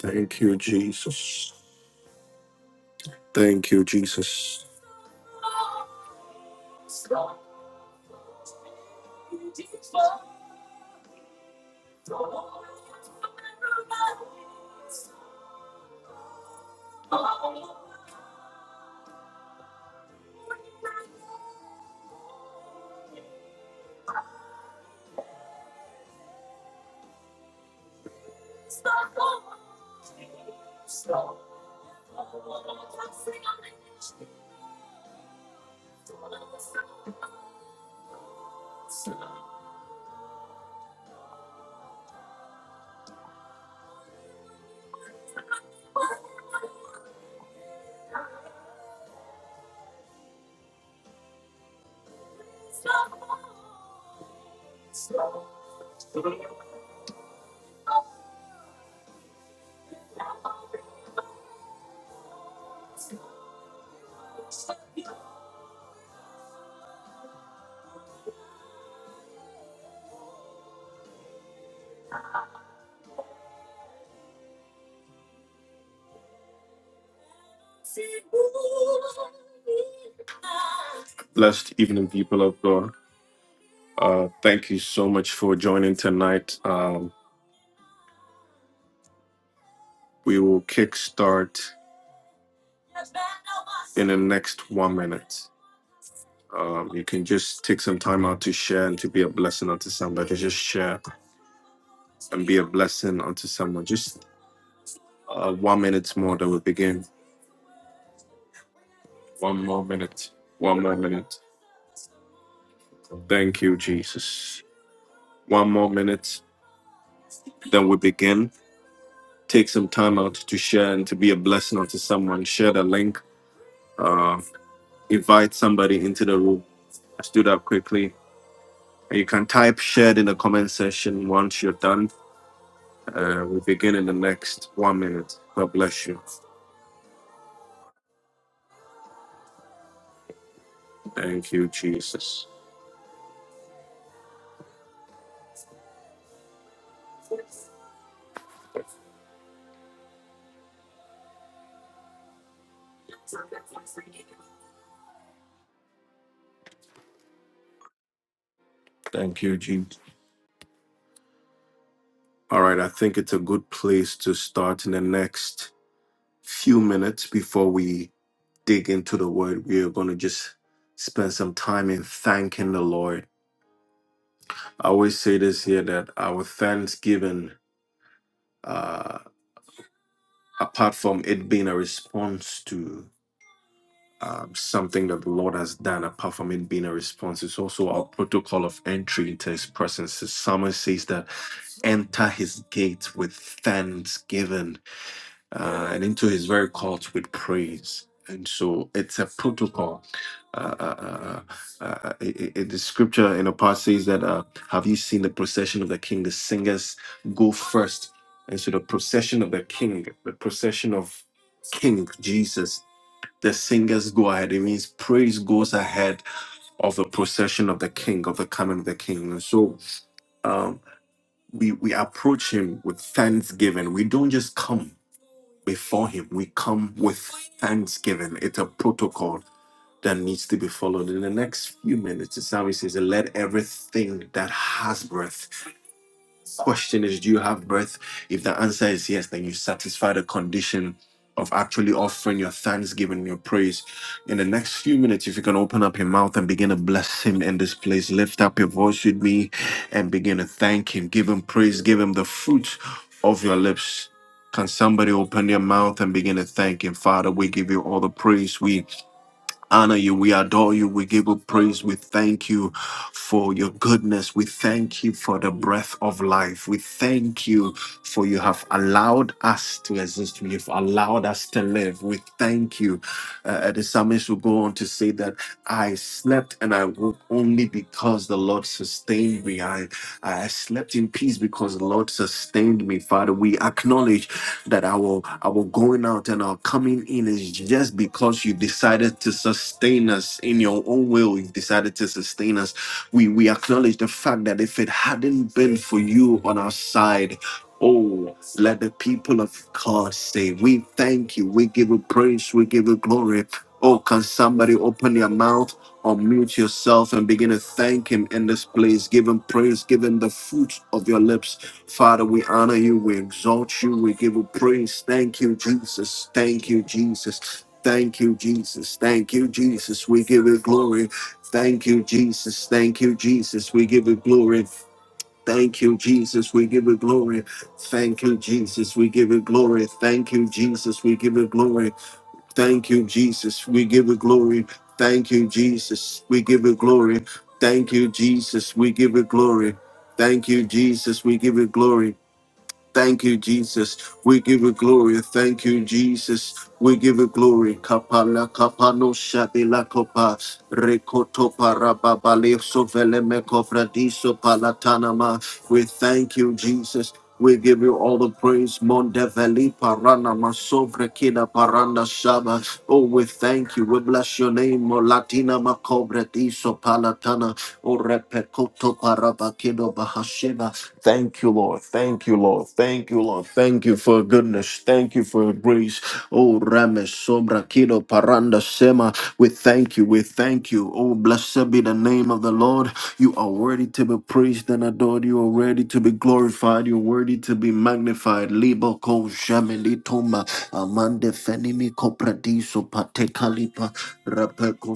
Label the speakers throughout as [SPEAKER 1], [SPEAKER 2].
[SPEAKER 1] Thank you, Jesus. Thank you, Jesus. Blessed evening, people of God. Uh, thank you so much for joining tonight. Um, we will kickstart the next one minute. Um, you can just take some time out to share and to be a blessing unto somebody. Just share and be a blessing unto someone. Just uh, one minute more that we begin. One more minute. One more minute. Thank you, Jesus. One more minute, then we begin. take some time out to share and to be a blessing unto someone. Share the link, uh, invite somebody into the room. I stood up quickly. And You can type shared in the comment section once you're done. Uh, we begin in the next one minute. God bless you. Thank you, Jesus. Thank you, Jesus. All right, I think it's a good place to start in the next few minutes before we dig into the word. We are going to just spend some time in thanking the Lord I always say this here that our thanksgiving, uh, apart from it being a response to um, something that the Lord has done, apart from it being a response, it's also our protocol of entry into His presence. The psalmist says that enter His gates with thanksgiving uh, and into his very court with praise. And so it's a protocol. Uh, uh, uh, uh, uh, uh, it, it, the scripture in the past says that, uh, Have you seen the procession of the king? The singers go first. And so the procession of the king, the procession of King Jesus, the singers go ahead. It means praise goes ahead of the procession of the king, of the coming of the king. And so um, we, we approach him with thanksgiving. We don't just come before him. We come with thanksgiving. It's a protocol that needs to be followed. In the next few minutes, the psalmist says, Let everything that has breath Question is, do you have breath? If the answer is yes, then you satisfy the condition of actually offering your thanksgiving, your praise. In the next few minutes, if you can open up your mouth and begin to bless him in this place, lift up your voice with me and begin to thank him, give him praise, give him the fruit of your lips. Can somebody open their mouth and begin to thank him? Father, we give you all the praise. We honor you. We adore you. We give you praise. We thank you for your goodness. We thank you for the breath of life. We thank you for you have allowed us to exist. You've allowed us to live. We thank you. Uh, the psalmist will go on to say that I slept and I woke only because the Lord sustained me. I, I slept in peace because the Lord sustained me. Father, we acknowledge that our our going out and our coming in is just because you decided to sustain us in your own will. You decided to sustain us. We we acknowledge the fact that if it hadn't been for you on our side. oh, let the people of God say, We thank you. We give you praise. We give you glory. Oh, can somebody open your mouth or mute yourself and begin to thank Him in this place? Give Him praise. Give Him the fruit of your lips. Father, we honor you. We exalt you. We give you praise. Thank you, Jesus. Thank you, Jesus. Thank you, Jesus. Thank you, Jesus. We give you glory. Thank you, Jesus. Thank you, Jesus. We give you glory. Thank you, Jesus. We give it glory. Thank you, Jesus. We give it glory. Thank you, Jesus. We give it glory. Thank you, Jesus. We give it glory. Thank you, Jesus. We give it glory. Thank you, Jesus. We give it glory. Thank you, Jesus. We give it glory. Thank you, Jesus. We give you glory. Thank you, Jesus. We give you glory. Kapala kapano shabila kopa rekoto parababale sovele mekovradiso palatanama. We thank you, Jesus. We give you all the praise. Mondeveli parana masovre kina paranda shaba. Oh, we thank you. We bless your name. Molatina makobre diso palatana. O repekoto Rabakido Bahashina. Thank you, Lord. Thank you, Lord. Thank you, Lord. Thank you for your goodness. Thank you for your grace. Oh, Rame Sobra Kido Paranda Sema. We thank you. We thank you. Oh, blessed be the name of the Lord. You are worthy to be praised and adored. You are worthy to be glorified. You're worthy to be magnified. Libo Ko Jamili Toma. Amande Fenimi Kopradiso Patekalipa. Rapeko